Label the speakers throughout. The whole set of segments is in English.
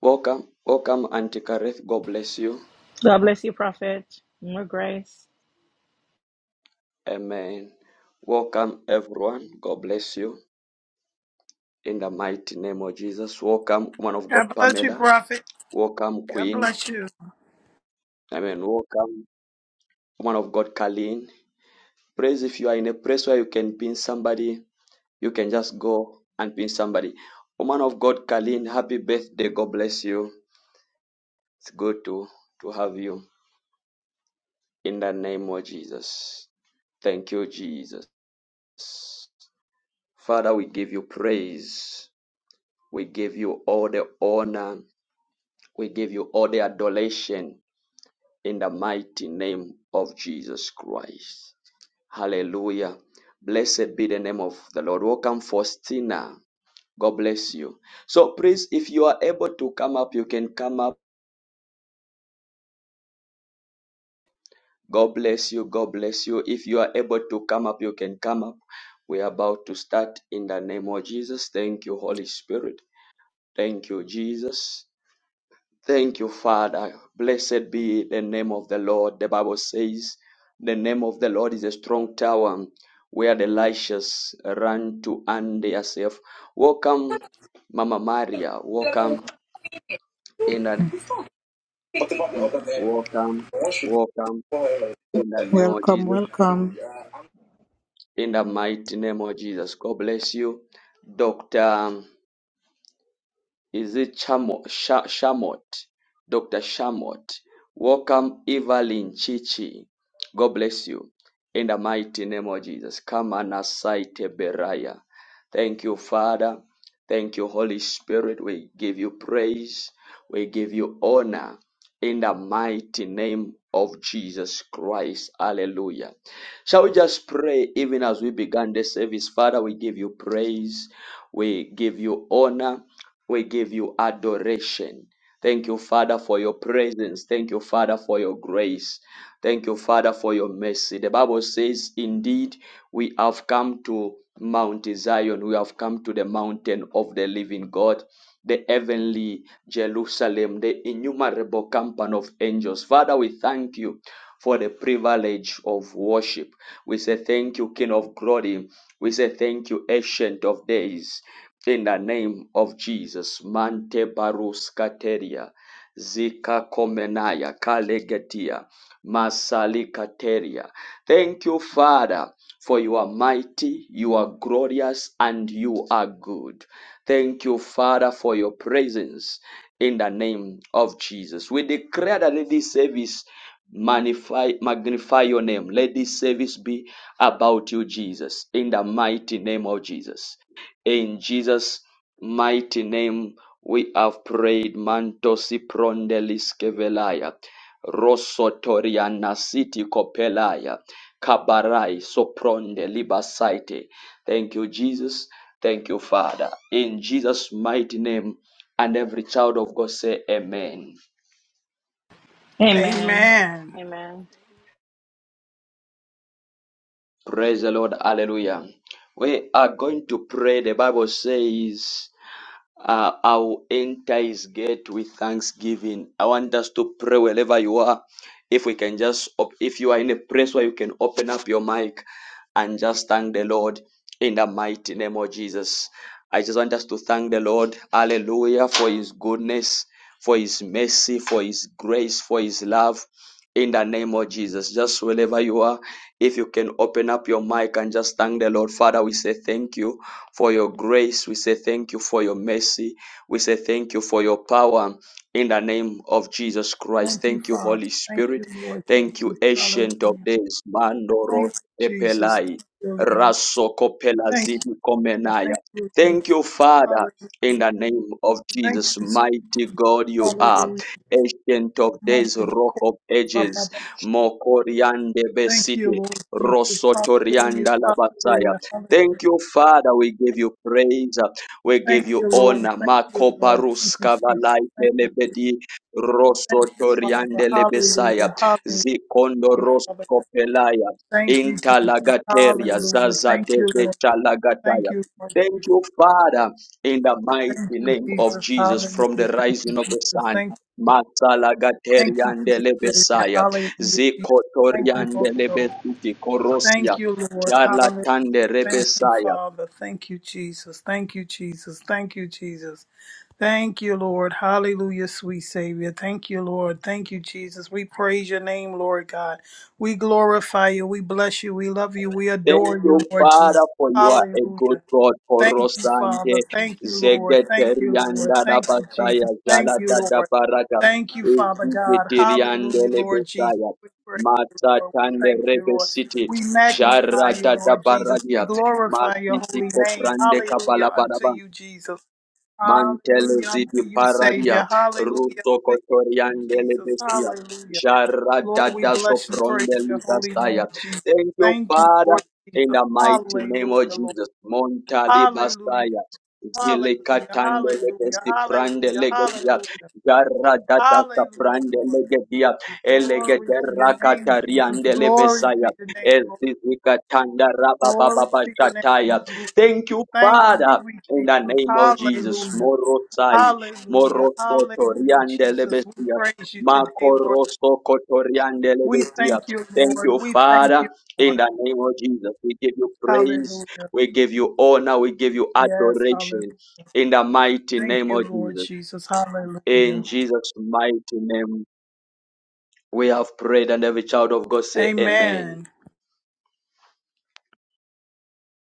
Speaker 1: Welcome, welcome, Auntie Kareth. God bless you.
Speaker 2: God bless you, Prophet. More grace.
Speaker 1: Amen. Welcome, everyone. God bless you. In the mighty name of Jesus. Welcome, woman of
Speaker 3: God
Speaker 1: God,
Speaker 3: bless you,
Speaker 1: Pamela.
Speaker 3: Prophet.
Speaker 1: Welcome,
Speaker 3: God
Speaker 1: Queen.
Speaker 3: bless you.
Speaker 1: Amen. Welcome, woman of God, Colleen. Praise if you are in a place where you can pin somebody, you can just go and pin somebody. Woman of God, Colleen, happy birthday. God bless you. It's good to, to have you. In the name of Jesus. Thank you, Jesus. Father, we give you praise. We give you all the honor. We give you all the adoration in the mighty name of Jesus Christ. Hallelujah. Blessed be the name of the Lord. Welcome, Faustina. God bless you. So, please, if you are able to come up, you can come up. God bless you. God bless you. If you are able to come up, you can come up. We are about to start in the name of Jesus. Thank you, Holy Spirit. Thank you, Jesus. Thank you, Father. Blessed be the name of the Lord. The Bible says, The name of the Lord is a strong tower where the righteous run to and they are safe. Welcome, Mama Maria. Welcome in the name. Welcome, welcome in the name of
Speaker 4: Welcome,
Speaker 1: Jesus.
Speaker 4: welcome.
Speaker 1: In the mighty name of Jesus. God bless you, Doctor. Is it Chamo- Sha- Shamot? Dr. Shamot. Welcome, Evelyn Chichi. God bless you. In the mighty name of Jesus. Come and asite beraya. Thank you, Father. Thank you, Holy Spirit. We give you praise. We give you honor. In the mighty name of Jesus Christ. Hallelujah. Shall we just pray even as we began the service? Father, we give you praise, we give you honor, we give you adoration. Thank you, Father, for your presence. Thank you, Father, for your grace. Thank you, Father, for your mercy. The Bible says, Indeed, we have come to Mount Zion. We have come to the mountain of the living God the heavenly Jerusalem, the innumerable company of angels. Father, we thank you for the privilege of worship. We say thank you, King of glory. We say thank you, Ancient of Days. In the name of Jesus, Mante Barus Kateria, Zika Komenaya, Kalegetia. Masalikateria. Thank you, Father, for you are mighty, you are glorious, and you are good. Thank you, Father, for your presence in the name of Jesus. We declare that let this service magnify, magnify your name. Let this service be about you, Jesus, in the mighty name of Jesus. In Jesus' mighty name, we have prayed. Mantosi prondelis kevelaya. Rosotoriana City Copelaya Kabarai Sopronde Libasaite. Thank you, Jesus. Thank you, Father. In Jesus' mighty name, and every child of God say Amen.
Speaker 2: Amen.
Speaker 3: Amen.
Speaker 2: Amen.
Speaker 1: Praise the Lord. Hallelujah. We are going to pray. The Bible says, uh, I will enter his gate with thanksgiving. I want us to pray wherever you are. If we can just, op- if you are in a place where you can open up your mic and just thank the Lord in the mighty name of Jesus. I just want us to thank the Lord, hallelujah, for his goodness, for his mercy, for his grace, for his love. In the name of Jesus, just wherever you are, if you can open up your mic and just thank the Lord. Father, we say thank you for your grace. We say thank you for your mercy. We say thank you for your power in the name of Jesus Christ.
Speaker 3: Thank you,
Speaker 1: Thank you,
Speaker 3: Father.
Speaker 1: Holy
Speaker 3: Thank
Speaker 1: Spirit.
Speaker 3: you, Lord
Speaker 1: Thank
Speaker 3: Jesus.
Speaker 1: you,
Speaker 3: Hallelujah.
Speaker 1: Ancient of Days, Mandoro
Speaker 3: Thank you, Jesus.
Speaker 1: Epelai,
Speaker 3: Thank you, Lord.
Speaker 1: Rasoko
Speaker 3: Thank you.
Speaker 1: Pelazidi
Speaker 3: Lord.
Speaker 1: Komenaya.
Speaker 3: Thank you, Lord.
Speaker 1: Thank you, Father, in
Speaker 3: Hallelujah.
Speaker 1: the name of
Speaker 3: Thank you.
Speaker 1: Jesus,
Speaker 3: Jesus.
Speaker 1: mighty God, you are
Speaker 3: Hallelujah.
Speaker 1: Ancient of Days,
Speaker 3: Wonderful
Speaker 1: Rock
Speaker 3: God.
Speaker 1: of
Speaker 3: Ba,
Speaker 1: Ages,
Speaker 3: ba, ba.
Speaker 1: Mokoriande
Speaker 3: Thank you,
Speaker 1: Besite,
Speaker 3: Lord Jesus. Hallelujah.
Speaker 1: Rosotorianda Labasaya.
Speaker 3: Hallelujah. Hallelujah.
Speaker 1: Thank you, Father. We give you praise. We give
Speaker 3: Thank you,
Speaker 1: you
Speaker 3: Lord.
Speaker 1: honor.
Speaker 3: Thank you,
Speaker 1: Mako
Speaker 3: Lord. Thank
Speaker 1: Barus
Speaker 3: you, Jesus.
Speaker 1: Kavalai
Speaker 3: Thank you, Jesus.
Speaker 1: Telebedi
Speaker 3: Thank you, Father.
Speaker 1: Rosotoriande
Speaker 3: Hallelujah.
Speaker 1: Lebesaya
Speaker 3: Hallelujah. Thank you, Father.
Speaker 1: zikondoroskopelaya
Speaker 3: Thank you, Jesus.
Speaker 1: interlagateria
Speaker 3: Hallelujah.
Speaker 1: zaza
Speaker 3: Thank you, Lord. Thank
Speaker 1: debetalagataya.
Speaker 3: you, Lord
Speaker 1: Thank
Speaker 3: Jesus.
Speaker 1: you, Father, in the mighty
Speaker 3: Thank you,
Speaker 1: name of
Speaker 3: Jesus.
Speaker 1: Jesus,
Speaker 3: Hallelujah.
Speaker 1: from the
Speaker 3: Thank you,
Speaker 1: rising of the
Speaker 3: Jesus.
Speaker 1: sun.
Speaker 3: Thank you, Jesus. Thank you, sweet Savior.
Speaker 1: Masalagateriandelebesaya,
Speaker 3: Hallelujah, Jesus. Thank you, Holy Ghost.
Speaker 1: Zikotoriandelebesiti Korosia,
Speaker 3: Thank you, Lord. Hallelujah. Thank you,
Speaker 1: Jarlatanderebesaya.
Speaker 3: Father. Thank you, Jesus. Thank you, Jesus. Thank you, Jesus. Thank you, Lord. Hallelujah, sweet Savior. Thank you, Lord. Thank you, Jesus. We praise your name, Lord God. We glorify you. We bless you. We love you. We adore
Speaker 1: Thank
Speaker 3: you,
Speaker 1: you,
Speaker 3: Lord
Speaker 1: Father,
Speaker 3: Jesus.
Speaker 1: for you are a good
Speaker 3: Hallelujah.
Speaker 1: God for
Speaker 3: Thank you, Father.
Speaker 1: Rosande,
Speaker 3: Thank you, Lord. Thank you, Lord.
Speaker 1: Zegeterianda,
Speaker 3: Thank you,
Speaker 1: Labasaya,
Speaker 3: Jesus.
Speaker 1: Jala,
Speaker 3: Thank you,
Speaker 1: Dada,
Speaker 3: Lord.
Speaker 1: Baraga,
Speaker 3: Thank you, Father God.
Speaker 1: Zegeterianda,
Speaker 3: Hallelujah, Lord Jesus.
Speaker 1: Lebesaya,
Speaker 3: We praise you, Lord. We
Speaker 1: Matatande,
Speaker 3: thank you,
Speaker 1: Rebe
Speaker 3: Lord.
Speaker 1: City,
Speaker 3: We magnify
Speaker 1: Jara,
Speaker 3: you,
Speaker 1: Dada,
Speaker 3: Lord Jesus. We
Speaker 1: Baragia,
Speaker 3: glorify your
Speaker 1: Matiti,
Speaker 3: holy name.
Speaker 1: Koprande,
Speaker 3: Hallelujah unto
Speaker 1: Kabala,
Speaker 3: you, Jesus.
Speaker 1: Mantele
Speaker 3: Hallelujah unto
Speaker 1: zidi
Speaker 3: you,
Speaker 1: paradia,
Speaker 3: Savior. Hallelujah
Speaker 1: ruto
Speaker 3: unto you,
Speaker 1: kotoriandele
Speaker 3: Jesus.
Speaker 1: bestia,
Speaker 3: Hallelujah.
Speaker 1: jara
Speaker 3: Lord, we
Speaker 1: dada
Speaker 3: bless and praise your
Speaker 1: soprondeli
Speaker 3: holy name,
Speaker 1: dasaya.
Speaker 3: Jesus.
Speaker 1: Thank you,
Speaker 3: Thank you,
Speaker 1: Father,
Speaker 3: Lord
Speaker 1: in
Speaker 3: Jesus.
Speaker 1: the mighty name
Speaker 3: Hallelujah,
Speaker 1: of
Speaker 3: Lord.
Speaker 1: Jesus. Montali
Speaker 3: Hallelujah.
Speaker 1: basaya. Zile
Speaker 3: Hallelujah.
Speaker 1: katande
Speaker 3: Hallelujah.
Speaker 1: legesti prande
Speaker 3: Hallelujah.
Speaker 1: legedia,
Speaker 3: Hallelujah.
Speaker 1: jara dada
Speaker 3: Hallelujah,
Speaker 1: saprande
Speaker 3: Lord.
Speaker 1: legedia,
Speaker 3: Glory to
Speaker 1: elegedera
Speaker 3: your name, Jesus.
Speaker 1: katariande
Speaker 3: Glory to
Speaker 1: lebesaya,
Speaker 3: your name, Lord.
Speaker 1: ezizikatanda
Speaker 3: Glory
Speaker 1: rabababa
Speaker 3: to your name,
Speaker 1: shataya.
Speaker 3: Lord.
Speaker 1: Thank you,
Speaker 3: Thank you,
Speaker 1: Father.
Speaker 3: sweet
Speaker 1: In the
Speaker 3: Jesus.
Speaker 1: name of Jesus,
Speaker 3: Hallelujah.
Speaker 1: Morosai,
Speaker 3: Hallelujah.
Speaker 1: Moroso
Speaker 3: Hallelujah,
Speaker 1: Toriande
Speaker 3: Jesus. We
Speaker 1: Lebesia,
Speaker 3: praise you today, Lord.
Speaker 1: Makoroso Kotoriande
Speaker 3: We
Speaker 1: Lebesia.
Speaker 3: thank you,
Speaker 1: Thank
Speaker 3: Lord.
Speaker 1: you,
Speaker 3: We thank
Speaker 1: Father.
Speaker 3: you,
Speaker 1: In
Speaker 3: Lord.
Speaker 1: the name of Jesus, we give you praise,
Speaker 3: Hallelujah.
Speaker 1: we give you honor, we give you
Speaker 3: Yes, hallelujah.
Speaker 1: adoration. In the mighty
Speaker 3: Thank
Speaker 1: name
Speaker 3: you,
Speaker 1: of
Speaker 3: Lord
Speaker 1: Jesus,
Speaker 3: Jesus.
Speaker 1: in
Speaker 3: Hallelujah.
Speaker 1: Jesus' mighty name, we have prayed, and every child of God say, Amen.
Speaker 3: Amen.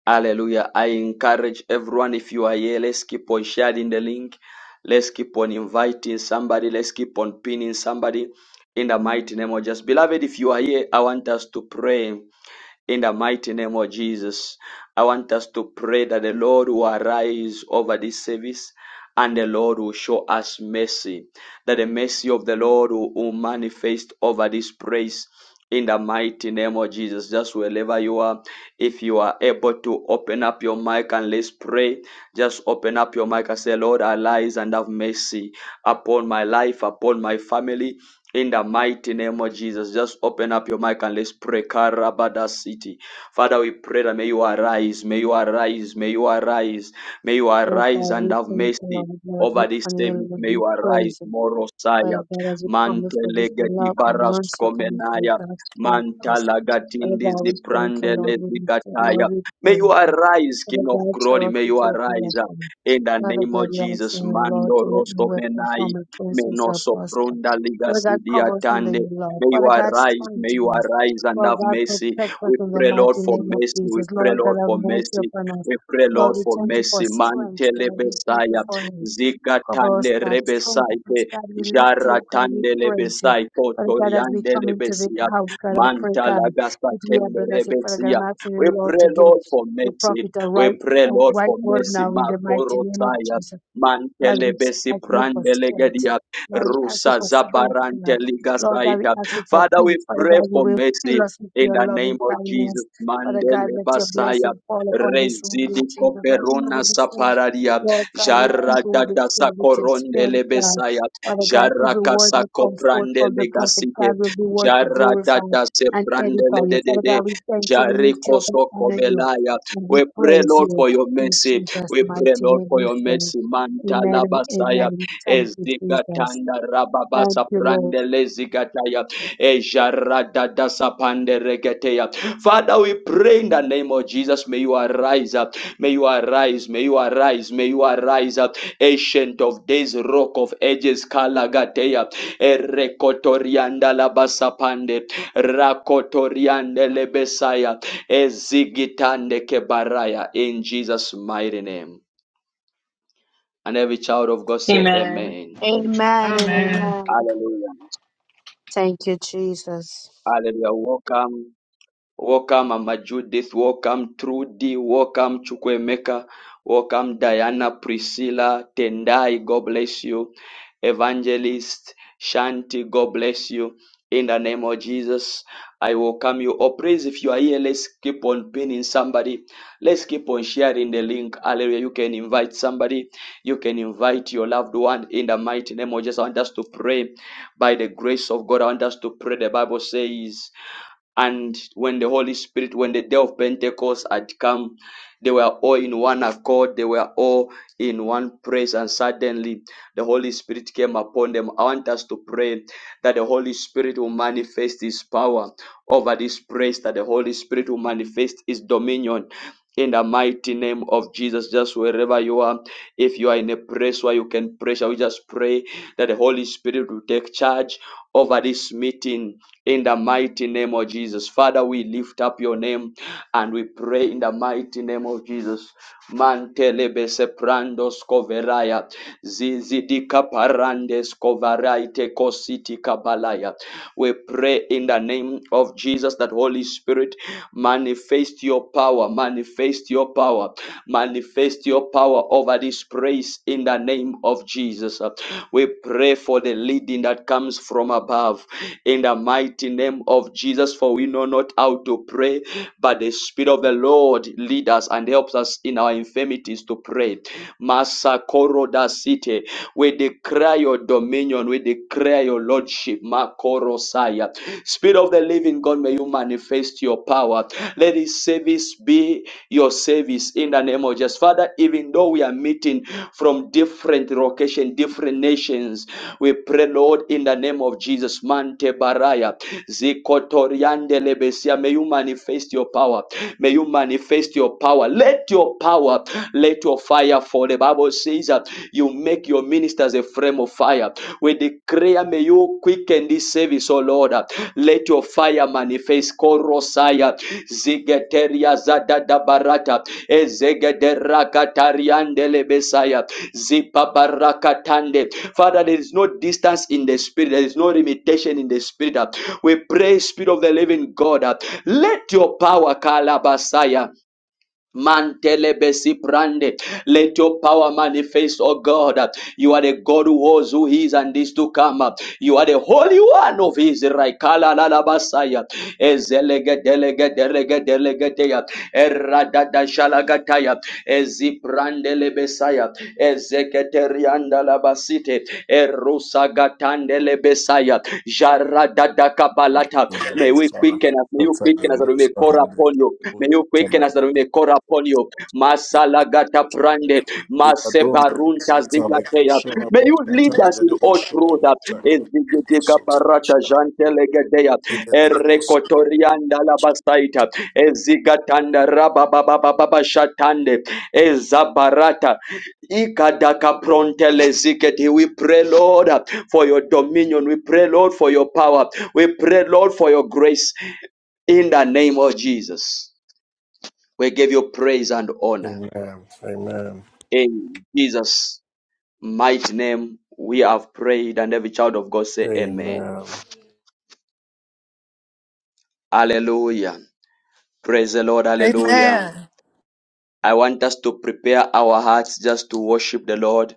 Speaker 1: Hallelujah. I encourage everyone, if you are here, let's keep on sharing the link. Let's keep on inviting somebody. Let's keep on pinning somebody in the mighty name of Jesus. Beloved, if you are here, I want us to pray. In the mighty name of Jesus, I want us to pray that the Lord will arise over this service and the Lord will show us mercy, that the mercy of the Lord will, will manifest over this praise. In the mighty name of Jesus, just wherever you are, if you are able to open up your mic and let's pray, just open up your mic and say, Lord, arise and have mercy upon my life, upon my family. In the mighty name of Jesus, just open up your mic and let's pray. Karabada city. Father, we pray that may you arise, may you arise, may you arise, may you
Speaker 5: Oh
Speaker 1: arise
Speaker 5: God,
Speaker 1: and
Speaker 5: we
Speaker 1: have
Speaker 5: thank you,
Speaker 1: mercy
Speaker 5: Lord, Lord,
Speaker 1: over
Speaker 5: we
Speaker 1: this
Speaker 5: honor you,
Speaker 1: service.
Speaker 5: Lord,
Speaker 1: May
Speaker 5: we
Speaker 1: you arise,
Speaker 5: praise you. Father
Speaker 1: Morosaya,
Speaker 5: God, as we come before this day,
Speaker 1: Mantelegati
Speaker 5: love and mercy upon us, Lord
Speaker 1: Barascomenaya,
Speaker 5: God, forgive us. Father
Speaker 1: Mantalagatindi
Speaker 5: God, we thank you, Lord, we lift you,
Speaker 1: Ziprandelezikataya.
Speaker 5: Lord, we
Speaker 1: May
Speaker 5: praise
Speaker 1: you
Speaker 5: you.
Speaker 1: arise, King
Speaker 5: Father
Speaker 1: of
Speaker 5: God,
Speaker 1: Glory,
Speaker 5: shower us
Speaker 1: may
Speaker 5: with
Speaker 1: you
Speaker 5: your
Speaker 1: arise uh,
Speaker 5: blessing.
Speaker 1: in the
Speaker 5: Father
Speaker 1: name
Speaker 5: God,
Speaker 1: of
Speaker 5: we ask you,
Speaker 1: Jesus,
Speaker 5: Lord, to
Speaker 1: Mando
Speaker 5: let the weapon
Speaker 1: Rostomenai.
Speaker 5: form against us or prosper.
Speaker 1: Menosopronda
Speaker 5: Father
Speaker 1: legacy
Speaker 5: God, cover us under
Speaker 1: diatande.
Speaker 5: your love.
Speaker 1: May you
Speaker 5: Father God,
Speaker 1: arise, may you
Speaker 5: strengthen us.
Speaker 1: arise and
Speaker 5: Lord
Speaker 1: have
Speaker 5: God,
Speaker 1: mercy.
Speaker 5: protect us
Speaker 1: We
Speaker 5: in the
Speaker 1: pray,
Speaker 5: mighty
Speaker 1: Lord, for
Speaker 5: name of
Speaker 1: mercy. We
Speaker 5: Jesus.
Speaker 1: pray,
Speaker 5: Lord God,
Speaker 1: Lord,
Speaker 5: have
Speaker 1: for
Speaker 5: mercy
Speaker 1: mercy.
Speaker 5: upon us.
Speaker 1: We pray, Lord,
Speaker 5: Lord, we
Speaker 1: for
Speaker 5: thank you for
Speaker 1: mercy.
Speaker 5: strength,
Speaker 1: Mantele
Speaker 5: God. We thank you
Speaker 1: besaya,
Speaker 5: for help us,
Speaker 1: zigatande
Speaker 5: that strengthen us,
Speaker 1: rebesaite,
Speaker 5: God. We lift you up, God. We
Speaker 1: jaratande
Speaker 5: praise you.
Speaker 1: lebesai,
Speaker 5: Father God, as we
Speaker 1: kotoriande
Speaker 5: come into the
Speaker 1: lebesia,
Speaker 5: house, God, I pray,
Speaker 1: mantala
Speaker 5: God, that we are
Speaker 1: gasatende
Speaker 5: blessed. Father God,
Speaker 1: rebesia.
Speaker 5: I'm asking you,
Speaker 1: We
Speaker 5: Lord,
Speaker 1: pray,
Speaker 5: to give
Speaker 1: Lord, for
Speaker 5: the
Speaker 1: mercy.
Speaker 5: prophet a
Speaker 1: We
Speaker 5: right,
Speaker 1: pray,
Speaker 5: a
Speaker 1: Lord,
Speaker 5: right
Speaker 1: for
Speaker 5: word
Speaker 1: mercy.
Speaker 5: now in the mighty name of
Speaker 1: Makorosaya,
Speaker 5: Jesus. God, we
Speaker 1: mantele
Speaker 5: just
Speaker 1: besi
Speaker 5: ask you for
Speaker 1: prandele
Speaker 5: strength. Lord, we ask you
Speaker 1: Rusa
Speaker 5: for strength,
Speaker 1: Zabarante
Speaker 5: God. Lord God, we
Speaker 1: Ligasaita.
Speaker 5: ask you for
Speaker 1: Father, we
Speaker 5: peace. Father
Speaker 1: pray
Speaker 5: God, you
Speaker 1: for
Speaker 5: will fill
Speaker 1: mercy.
Speaker 5: us with
Speaker 1: In
Speaker 5: your
Speaker 1: the name
Speaker 5: loving
Speaker 1: of Jesus,
Speaker 5: kindness. Father God,
Speaker 1: Mandele
Speaker 5: let your
Speaker 1: Basaya,
Speaker 5: blessing fall upon this room,
Speaker 1: Rezidi
Speaker 5: dear Jesus, like
Speaker 1: Koperona
Speaker 5: never before.
Speaker 1: Sapararia,
Speaker 5: Lord God, let
Speaker 1: Jara
Speaker 5: people will be
Speaker 1: Dadasa
Speaker 5: filled with your spirit,
Speaker 1: Korondele
Speaker 5: God.
Speaker 1: Besaya,
Speaker 5: Father God,
Speaker 1: Jara
Speaker 5: every word that
Speaker 1: Kasako
Speaker 5: comes forth from the
Speaker 1: Prandele
Speaker 5: prophet,
Speaker 1: Gasite,
Speaker 5: God, will be word to
Speaker 1: Jara
Speaker 5: glorify
Speaker 1: Dadase
Speaker 5: and edify
Speaker 1: Prandele
Speaker 5: you. Father
Speaker 1: Dedede,
Speaker 5: God, we thank you, we
Speaker 1: Jari
Speaker 5: lift you up, we
Speaker 1: Kosoko
Speaker 5: honor you,
Speaker 1: Belaya.
Speaker 5: and we
Speaker 1: We pray,
Speaker 5: praise
Speaker 1: Lord,
Speaker 5: you.
Speaker 1: for your
Speaker 5: In
Speaker 1: mercy.
Speaker 5: Jesus'
Speaker 1: We pray,
Speaker 5: mighty
Speaker 1: Lord,
Speaker 5: name
Speaker 1: for
Speaker 5: we
Speaker 1: your
Speaker 5: pray.
Speaker 1: mercy.
Speaker 5: Amen
Speaker 1: Mantala
Speaker 5: and
Speaker 1: Basaya.
Speaker 5: amen. Thank you, Jesus.
Speaker 1: Ezigatanda
Speaker 5: Thank
Speaker 1: rababasa
Speaker 5: you, Lord.
Speaker 1: prandele zigataya. Ejaradada sapande regeteya. Father, we pray in the name of Jesus. May you arise up. May you arise. May you arise. May you arise up. Ancient of days, rock of ages, kalagateya. Erekotorianda labasapande. Rakotoriande lebesaya. Ezigitande kebaraya. In Jesus' mighty name. And every child of God say,
Speaker 2: Amen.
Speaker 1: Amen.
Speaker 5: Amen and
Speaker 2: Amen.
Speaker 6: Amen.
Speaker 5: amen.
Speaker 1: Hallelujah.
Speaker 5: Thank you, Jesus.
Speaker 1: Hallelujah. Welcome. Welcome Mama Judith, welcome Trudy, welcome Chukwemeka, welcome Diana, Priscilla, Tendai, God bless you. Evangelist Shanti, God bless you. In the name of Jesus, I welcome you. Oh, praise if you are here, let's keep on pinning somebody. Let's keep on sharing the link. Hallelujah. You can invite somebody. You can invite your loved one in the mighty name of Jesus. I want us to pray by the grace of God. I want us to pray. The Bible says, and when the Holy Spirit, when the day of Pentecost had come, they were all in one accord, they were all in one praise, and suddenly the Holy Spirit came upon them. I want us to pray that the Holy Spirit will manifest His power over this praise, that the Holy Spirit will manifest His dominion in the mighty name of Jesus. Just wherever you are, if you are in a place where you can pray, shall we just pray that the Holy Spirit will take charge over this meeting in the mighty name of Jesus. Father, we lift up your name and we pray in the mighty name of Jesus. Mantelebese prandos koveraya, zizidika parandes kovaraite kositi kabalaya. We pray in the name of Jesus that Holy Spirit Manifest your power, manifest your power, manifest your power over this praise in the name of Jesus. We pray for the leading that comes from above in the mighty name of Jesus, for we know not how to pray, but the Spirit of the Lord leads us and helps us in our infirmities to pray. Masakoro da site. We declare your dominion. We declare your lordship. Makorosaya. Spirit of the living God, may you manifest your power. Let his service be your service in the name of Jesus. Father, even though we are meeting from different locations, different nations, we pray, Lord, in the name of Jesus. Mante Baraya. Zikotoriande Lebesia. May you manifest your power. May you manifest your power. Let your power, let your fire fall. The Bible says, you make your ministers a frame of fire. We declare, may you quicken this service, O Lord. Let your fire manifest. Korosaya, Zigeteria Zadada Barata, ezegedera Ezegederakatariandele Besaya, Zipabarakatande. Father, there is no distance in the spirit, there is no limitation in the spirit. We pray, Spirit of the Living God, let your power, Kalabasaya. Mantelebesi brande. Let your power manifest, oh God. You are the God who was, who is, and is to come. You are the Holy One of Israel. Kala la la basaya. Ezelege delege delege delege deya. Errada da shalagataya. Ezibrande lebesaya. Ezeketerianda la basite. Erusagatande lebesaya. Jarada kabalata. May we
Speaker 7: Mudagushara
Speaker 1: quicken us. May you
Speaker 7: Satale
Speaker 1: quicken us that we may
Speaker 7: Roska
Speaker 1: call
Speaker 7: Hande
Speaker 1: upon you. May you
Speaker 7: Satala
Speaker 1: quicken us that we may call upon you. Masalagata prande,
Speaker 7: Ikadona
Speaker 1: masebarunta
Speaker 7: Satale
Speaker 1: zigateya.
Speaker 7: Kushora
Speaker 1: May you lead
Speaker 7: Bukata
Speaker 1: us in
Speaker 7: Dede
Speaker 1: all
Speaker 7: Bushora
Speaker 1: truth.
Speaker 7: Butaka Dede
Speaker 1: Ezigidiga barata jantelegedeya. Erekotorianda labastaita. Ezigatanda rabababababa shatande. Ezabarata. Ikadaka prontele ziketi. We pray, Lord, for your dominion. We pray, Lord, for your power. We pray, Lord, for your grace. In the name of Jesus, we give you praise and honor.
Speaker 7: Amen Amen
Speaker 1: In Jesus' mighty name, we have prayed, and every child of God say amen.
Speaker 7: Amen
Speaker 1: Hallelujah. Praise the Lord. Hallelujah.
Speaker 3: Amen.
Speaker 1: I want us to prepare our hearts just to worship the Lord.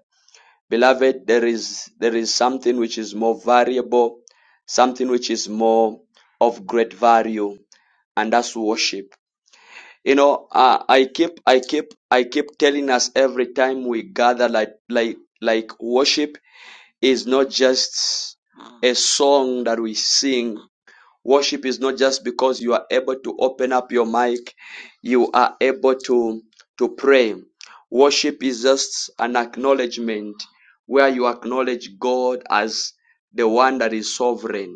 Speaker 1: Beloved, there is there is something which is more valuable, something which is more of great value, and that's worship. You know, uh, I keep I keep I keep telling us every time we gather like like like worship is not just a song that we sing. Worship is not just because you are able to open up your mic, you are able to, to pray. Worship is just an acknowledgement where you acknowledge God as the one that is sovereign.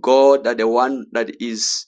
Speaker 1: God that the one that is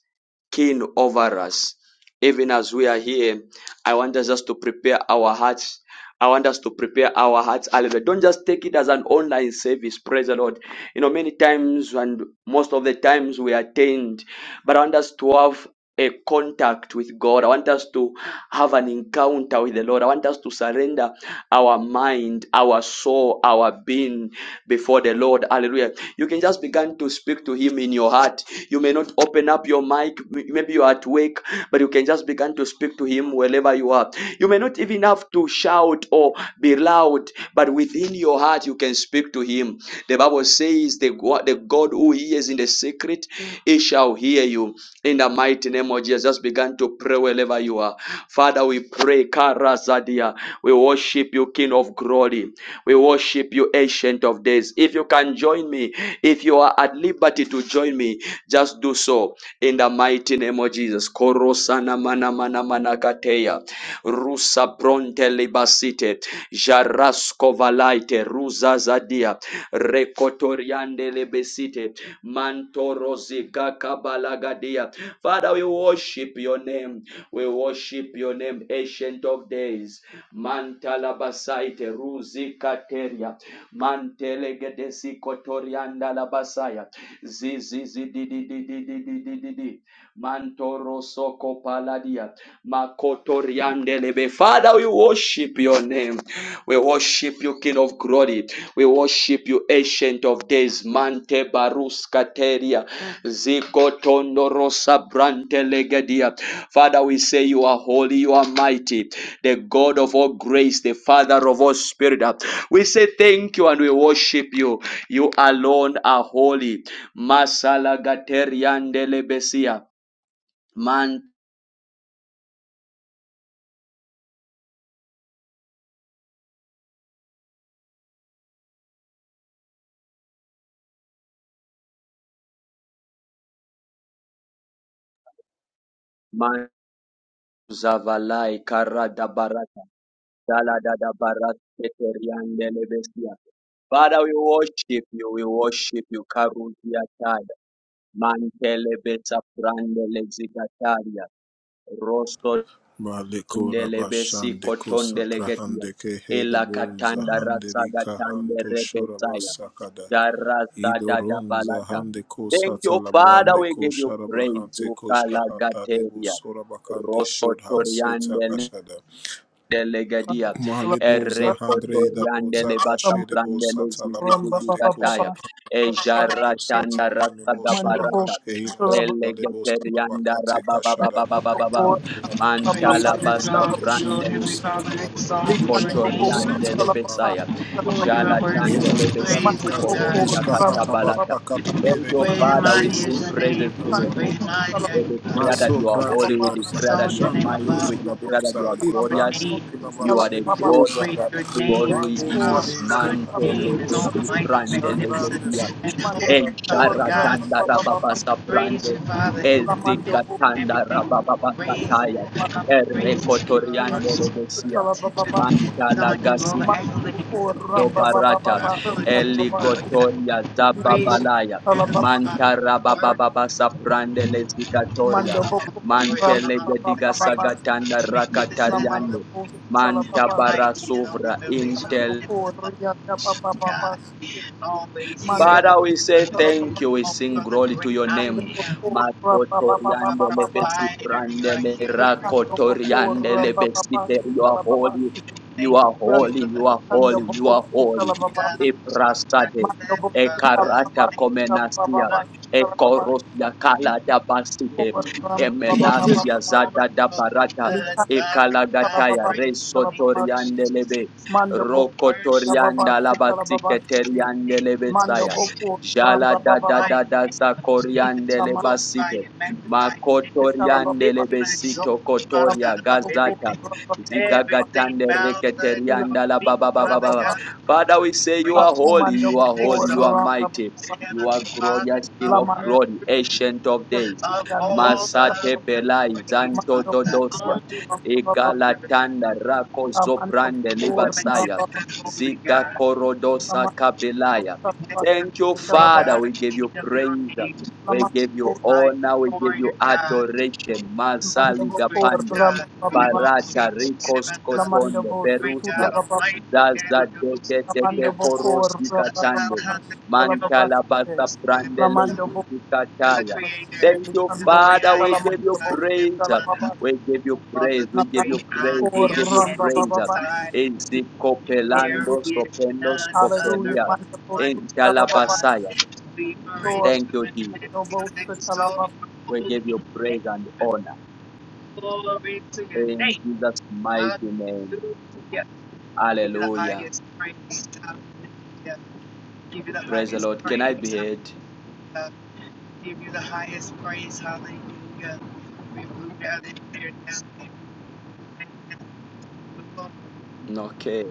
Speaker 1: king over us. Even as we are here, I want us just to prepare our hearts. I want us to prepare our hearts. Hallelujah. Don't just take it as an online service. Praise the Lord. You know, many times and most of the times we attend, but I want us to have a contact with God. I want us to have an encounter with the Lord. I want us to surrender our mind, our soul, our being before the Lord. Hallelujah. You can just begin to speak speak to Him in your heart. You may not open up your mic, maybe you're at work, but you can just begin to speak to Him wherever you are. You may not even have to shout or be loud, but within your heart, you can speak to Him. The Bible says, The, Go- the God who hears in the secret, He shall hear you. In the mighty name of Jesus, just begin to pray wherever you are. Father, we pray, Karazadia. We worship you, King of glory. We worship you, Ancient of Days. If you can join me, if you are at liberty to join me, just do so in the mighty name of Jesus. Korosana mana mana mana kateya. Rusa bronte libasite. Jarasko valaite. Ruza zadia. Rekotoriande lebesite. Mantorozi gakabalagadia. Father, we worship your name. We worship your name, Ancient of Days. Mantala basaite ruzi kateria. Mantele gedesi kotorianda la basaya. Zizi zidi di di di di di di di di. Mantoro soko paladia. Makotoriande lebe. Father, we worship your name. We worship you, King of glory. We worship you, ancient of days, Mante Baruska Teria, Zikotondorosa Brante Legadia. Father, we say you are holy, you are mighty, the God of all grace, the Father of all spirit. We say thank you and we worship you. You alone are holy. Masala Gateriande Lebesia. Man, man. Zavalai Karada barata. Father, we worship you, we worship you, Karudia Taya, Mantelebesa Brandelezigataria, Rostondelebesi
Speaker 7: Malikura Bashande
Speaker 1: Kotondelegetia,
Speaker 7: Kusatrahande Kehe de
Speaker 1: Ela Katanda
Speaker 7: Buzahande Rika
Speaker 1: Ratsagatande
Speaker 7: Handu Shora
Speaker 1: Rebetaya,
Speaker 7: Basakada Idoronza
Speaker 1: Darazadadabalata.
Speaker 7: hande ko
Speaker 1: Thank
Speaker 7: sata
Speaker 1: you, Father,
Speaker 7: labrande
Speaker 1: we
Speaker 7: ko
Speaker 1: give you praise,
Speaker 7: sharabahante koshka
Speaker 1: Ukala
Speaker 7: hata debo
Speaker 1: Gateria,
Speaker 7: sora bakande shod ha seta
Speaker 1: Rosotoriande
Speaker 7: kashada.
Speaker 1: Legadia,
Speaker 7: Malebo za handre idabo
Speaker 1: Erekotoriande
Speaker 7: za
Speaker 1: Levasa
Speaker 7: kashede bo
Speaker 1: Brandele
Speaker 7: sata labakande ko
Speaker 1: Zizigitaya,
Speaker 7: sata kashede ko sata
Speaker 1: Ejaratanda
Speaker 7: neme
Speaker 1: Rasta
Speaker 7: bo sora
Speaker 1: Gabarata,
Speaker 7: kashke hina zonda lebo sata
Speaker 1: Elegaterianda
Speaker 7: bakate kashada.
Speaker 1: Rababababababa,
Speaker 7: Mara lakata bo
Speaker 6: Praise
Speaker 1: Mantala
Speaker 6: and
Speaker 7: sata
Speaker 1: Basa
Speaker 7: na
Speaker 6: exalt
Speaker 7: ko
Speaker 6: you, O
Speaker 7: sharabo
Speaker 1: Brandele
Speaker 6: Heavenly Father.
Speaker 7: sata
Speaker 6: Exalt your name.
Speaker 1: Kotoriande
Speaker 7: labrande.
Speaker 1: Lebesaya,
Speaker 6: For you are worthy
Speaker 1: Jalatande
Speaker 7: Eva
Speaker 6: to be
Speaker 7: zonda
Speaker 3: Mando
Speaker 1: Lebesiki
Speaker 6: praised, O
Speaker 3: Boko
Speaker 7: kastere
Speaker 1: Korotia
Speaker 6: God.
Speaker 3: Ramba
Speaker 7: skahata
Speaker 1: Katabalata.
Speaker 7: basta
Speaker 3: Baba
Speaker 7: katale
Speaker 1: Thank
Speaker 7: ve
Speaker 1: you,
Speaker 3: Baba
Speaker 6: Great
Speaker 7: hira
Speaker 6: and
Speaker 1: Father. We
Speaker 7: boşe
Speaker 6: mighty is
Speaker 1: sing
Speaker 7: ko.
Speaker 6: your name,
Speaker 1: praises to your
Speaker 6: Lord.
Speaker 1: name.
Speaker 6: Great and mighty are
Speaker 1: We
Speaker 6: you, Father
Speaker 1: declare that
Speaker 7: Maso
Speaker 1: you
Speaker 6: God.
Speaker 1: are holy.
Speaker 7: kraje
Speaker 1: We
Speaker 7: bosa.
Speaker 1: declare that
Speaker 6: Exalt
Speaker 1: you
Speaker 6: your
Speaker 1: are
Speaker 7: Şambi
Speaker 6: name
Speaker 1: mighty.
Speaker 6: above.
Speaker 1: We
Speaker 7: kosu
Speaker 6: all.
Speaker 7: da
Speaker 1: declare that you
Speaker 7: bosa.
Speaker 1: are
Speaker 6: Your
Speaker 1: glorious.
Speaker 7: İtramne
Speaker 6: name
Speaker 7: suna
Speaker 1: You are the
Speaker 7: başeli
Speaker 6: is
Speaker 1: God
Speaker 7: boza
Speaker 6: great.
Speaker 7: da.
Speaker 6: Your
Speaker 1: who
Speaker 6: name
Speaker 1: always
Speaker 6: is
Speaker 1: is.
Speaker 7: Mango
Speaker 1: who
Speaker 6: powerful.
Speaker 1: is
Speaker 7: zaliz
Speaker 6: Your
Speaker 7: da
Speaker 1: mantele
Speaker 7: andere
Speaker 6: name is
Speaker 7: bosu.
Speaker 6: almighty,
Speaker 1: prande
Speaker 6: magnificent,
Speaker 7: Şatrande
Speaker 1: legetia
Speaker 7: su
Speaker 6: and
Speaker 7: su
Speaker 6: holy, Father
Speaker 1: enchara
Speaker 6: God.
Speaker 1: tanda rababa
Speaker 6: Praise
Speaker 1: saprande
Speaker 6: you, Father, in the midst
Speaker 3: Lamando
Speaker 6: of
Speaker 1: ezigatanda
Speaker 6: everything.
Speaker 1: rababa
Speaker 6: Raise
Speaker 1: sataya
Speaker 6: up, praise to your
Speaker 1: errekotoriande
Speaker 6: hearts,
Speaker 1: legesia
Speaker 6: to your attention. Telling you all
Speaker 1: mantala
Speaker 6: the accolades that we give
Speaker 1: Dobarata, barata
Speaker 6: our full attention, Father God.
Speaker 1: eligotoria
Speaker 6: Praise you,
Speaker 1: zababalaya
Speaker 6: Heavenly Father,
Speaker 1: mantara
Speaker 6: the word
Speaker 1: bababa saprande lezikatoria
Speaker 6: of all the glory, all the honor, and
Speaker 1: mantelegediga
Speaker 6: the praise.
Speaker 1: sagatanda
Speaker 6: You're magnificent in all the
Speaker 1: rakatariande
Speaker 3: Boko
Speaker 6: things. You're
Speaker 3: Salababa
Speaker 1: mantabara
Speaker 6: mighty in all the
Speaker 1: bara
Speaker 6: foundation.
Speaker 1: intel.
Speaker 6: And the
Speaker 3: Korea, da ba
Speaker 6: Lord, God, always here,
Speaker 3: Mando bo,
Speaker 1: Father,
Speaker 6: everywhere,
Speaker 1: we say
Speaker 6: Father
Speaker 3: shala
Speaker 6: God.
Speaker 3: ba
Speaker 6: You're
Speaker 1: thank
Speaker 3: ba,
Speaker 6: the
Speaker 1: you. We
Speaker 6: most,
Speaker 1: sing
Speaker 3: shit.
Speaker 1: glory to
Speaker 6: great
Speaker 1: your
Speaker 6: I
Speaker 3: Mando
Speaker 1: name.
Speaker 3: bo
Speaker 6: am
Speaker 3: kora, ba ba ba ba
Speaker 6: my
Speaker 3: ba
Speaker 1: Matotoriandele
Speaker 3: ba ba.
Speaker 6: provider, your
Speaker 1: besibrandele
Speaker 6: healer,
Speaker 3: Ikando bo
Speaker 6: Yeah,
Speaker 3: kora,
Speaker 1: rakotoriandele
Speaker 3: ba ba ba,
Speaker 1: besite. You are holy. You
Speaker 6: thank you
Speaker 1: are
Speaker 6: for your
Speaker 1: holy.
Speaker 6: blood,
Speaker 1: You are
Speaker 6: Jesus.
Speaker 1: holy. You are holy.
Speaker 6: God, I'm so concerned
Speaker 1: Eprasade.
Speaker 3: Mando
Speaker 6: that,
Speaker 3: bo, shit,
Speaker 6: Father
Speaker 3: shala
Speaker 6: God,
Speaker 3: ba ba,
Speaker 1: Ekarata
Speaker 6: thank
Speaker 3: shit,
Speaker 6: you
Speaker 3: shala ba ba
Speaker 1: komenasia.
Speaker 6: for
Speaker 3: ba, shit, shala ba ba.
Speaker 1: Ekorosia kala da basite.
Speaker 3: Kora,
Speaker 6: the Jesus
Speaker 1: Emenasia
Speaker 6: for your
Speaker 1: zada da barata.
Speaker 6: blood, Father God,
Speaker 1: Ekalagataya
Speaker 6: praise the name of
Speaker 1: resotoriandelebe.
Speaker 6: Jesus.
Speaker 3: Mando bo, shit, shala
Speaker 6: Worship
Speaker 3: ba
Speaker 1: Rokotorianda
Speaker 6: your
Speaker 1: labatiketeriande
Speaker 6: name,
Speaker 3: Mando
Speaker 1: lebesaya.
Speaker 3: bo
Speaker 6: Jesus.
Speaker 3: kora,
Speaker 1: Jala
Speaker 3: ba ba
Speaker 1: da da
Speaker 6: mighty
Speaker 1: da da
Speaker 6: name of Jesus,
Speaker 1: sakoriande
Speaker 6: glorify
Speaker 1: lebasite.
Speaker 6: and magnify your name
Speaker 3: La
Speaker 6: and
Speaker 3: comando
Speaker 1: Makotoriande
Speaker 6: lift you and exalt
Speaker 1: lebesito
Speaker 6: you, Father
Speaker 1: kotoria
Speaker 6: God, above
Speaker 1: gazata.
Speaker 6: everything. Everything
Speaker 1: Zigagatande
Speaker 6: bows at your
Speaker 1: reketerianda la
Speaker 6: feet,
Speaker 1: baba baba
Speaker 6: Father
Speaker 1: baba.
Speaker 6: God,
Speaker 1: Father,
Speaker 6: worship
Speaker 1: we say
Speaker 6: and
Speaker 1: you are
Speaker 6: praise
Speaker 1: holy,
Speaker 6: you
Speaker 1: you are
Speaker 6: and
Speaker 3: boko
Speaker 1: holy, you
Speaker 6: exalt
Speaker 1: are
Speaker 3: ramba
Speaker 1: mighty.
Speaker 3: baba
Speaker 6: you,
Speaker 1: You are
Speaker 6: Heavenly Father,
Speaker 1: glorious, King
Speaker 6: how
Speaker 3: la
Speaker 1: of
Speaker 3: mando
Speaker 1: glory,
Speaker 6: worthy
Speaker 1: ancient of days.
Speaker 6: of
Speaker 3: yando
Speaker 6: all of
Speaker 1: Masate
Speaker 6: the
Speaker 1: belai
Speaker 6: praise,
Speaker 1: zanto
Speaker 6: Father.
Speaker 3: mando
Speaker 1: dodosia.
Speaker 6: God. Only you
Speaker 3: boko ramba
Speaker 6: are
Speaker 1: Egalatanda rako
Speaker 3: baba la mando
Speaker 1: zobrande
Speaker 3: boko
Speaker 6: the
Speaker 3: ramba
Speaker 1: libasaya.
Speaker 3: baba
Speaker 6: magnificent holy
Speaker 1: Ziga
Speaker 6: God,
Speaker 3: la
Speaker 1: korodosa
Speaker 3: mando baba
Speaker 1: kabelaya.
Speaker 6: the magnificent
Speaker 1: Thank you,
Speaker 6: holy
Speaker 3: la baba
Speaker 1: Father. We
Speaker 6: God,
Speaker 1: give
Speaker 6: King
Speaker 1: you
Speaker 6: of your
Speaker 1: praise.
Speaker 6: age,
Speaker 3: la
Speaker 1: We
Speaker 3: mando
Speaker 1: give you
Speaker 6: my
Speaker 1: honor. We give
Speaker 6: warrior
Speaker 1: you
Speaker 6: God.
Speaker 1: adoration.
Speaker 3: mando
Speaker 1: Masali
Speaker 3: boko
Speaker 6: Great
Speaker 1: gapande.
Speaker 6: God,
Speaker 3: ramba
Speaker 6: in about
Speaker 1: Barata
Speaker 6: six, in
Speaker 1: rikos
Speaker 6: about
Speaker 3: la
Speaker 6: the
Speaker 3: mando
Speaker 1: kotonde.
Speaker 6: great
Speaker 1: Perusia.
Speaker 6: God
Speaker 3: boko
Speaker 6: Almighty, in
Speaker 1: Zaza
Speaker 6: about the books,
Speaker 1: dege
Speaker 3: Lamando
Speaker 1: dege
Speaker 3: boko
Speaker 1: korosi katande
Speaker 3: rabababa shukalababa
Speaker 1: Mantala
Speaker 3: shike.
Speaker 1: basa prandele
Speaker 3: Lamando boko
Speaker 1: zizi
Speaker 6: you're the
Speaker 1: kataya.
Speaker 3: rabababa
Speaker 6: Creator,
Speaker 3: shike.
Speaker 1: Thank you,
Speaker 6: you're the
Speaker 3: Likando
Speaker 6: great
Speaker 1: Father.
Speaker 3: shika
Speaker 6: I
Speaker 1: We
Speaker 6: am,
Speaker 1: give
Speaker 6: and
Speaker 3: lamando
Speaker 1: you
Speaker 6: I
Speaker 3: boko
Speaker 6: live
Speaker 3: shika
Speaker 1: praise.
Speaker 3: lababa.
Speaker 6: under
Speaker 1: We give you
Speaker 6: Father,
Speaker 1: praise.
Speaker 6: the
Speaker 1: We give you
Speaker 3: Lamando
Speaker 6: great I
Speaker 3: boko
Speaker 1: praise. We
Speaker 6: am,
Speaker 1: give you
Speaker 6: and
Speaker 1: praise.
Speaker 3: rabababa.
Speaker 6: beside me there
Speaker 1: Ezikopelando
Speaker 3: Hallelujah.
Speaker 6: is
Speaker 1: sopendo
Speaker 6: none other
Speaker 3: Hallelujah.
Speaker 1: skopelia.
Speaker 3: Mando boko
Speaker 6: Almighty
Speaker 1: In
Speaker 3: sita la lababa
Speaker 6: God.
Speaker 1: Dalabasaya.
Speaker 3: shike.
Speaker 6: That we praise
Speaker 3: Lord,
Speaker 1: Thank
Speaker 6: you
Speaker 1: you,
Speaker 6: and
Speaker 1: Jesus.
Speaker 6: lift
Speaker 3: mando
Speaker 6: you
Speaker 3: boko
Speaker 6: and
Speaker 3: sita la
Speaker 6: exalt your
Speaker 3: lababa.
Speaker 1: We give
Speaker 6: holy
Speaker 1: you praise
Speaker 6: name.
Speaker 1: and honor.
Speaker 6: Glory to your
Speaker 1: In
Speaker 6: name.
Speaker 1: Jesus' mighty
Speaker 6: Uh,
Speaker 1: name.
Speaker 6: do, Yeah. Give you the
Speaker 1: Hallelujah.
Speaker 6: highest praise. Hallelujah. Give you the
Speaker 1: Praise the
Speaker 6: highest
Speaker 1: Lord. Can I be
Speaker 6: praise. Hallelujah.
Speaker 1: heard?
Speaker 6: Give you the highest praise. Hallelujah. We move out of here now. Amen.
Speaker 1: Okay.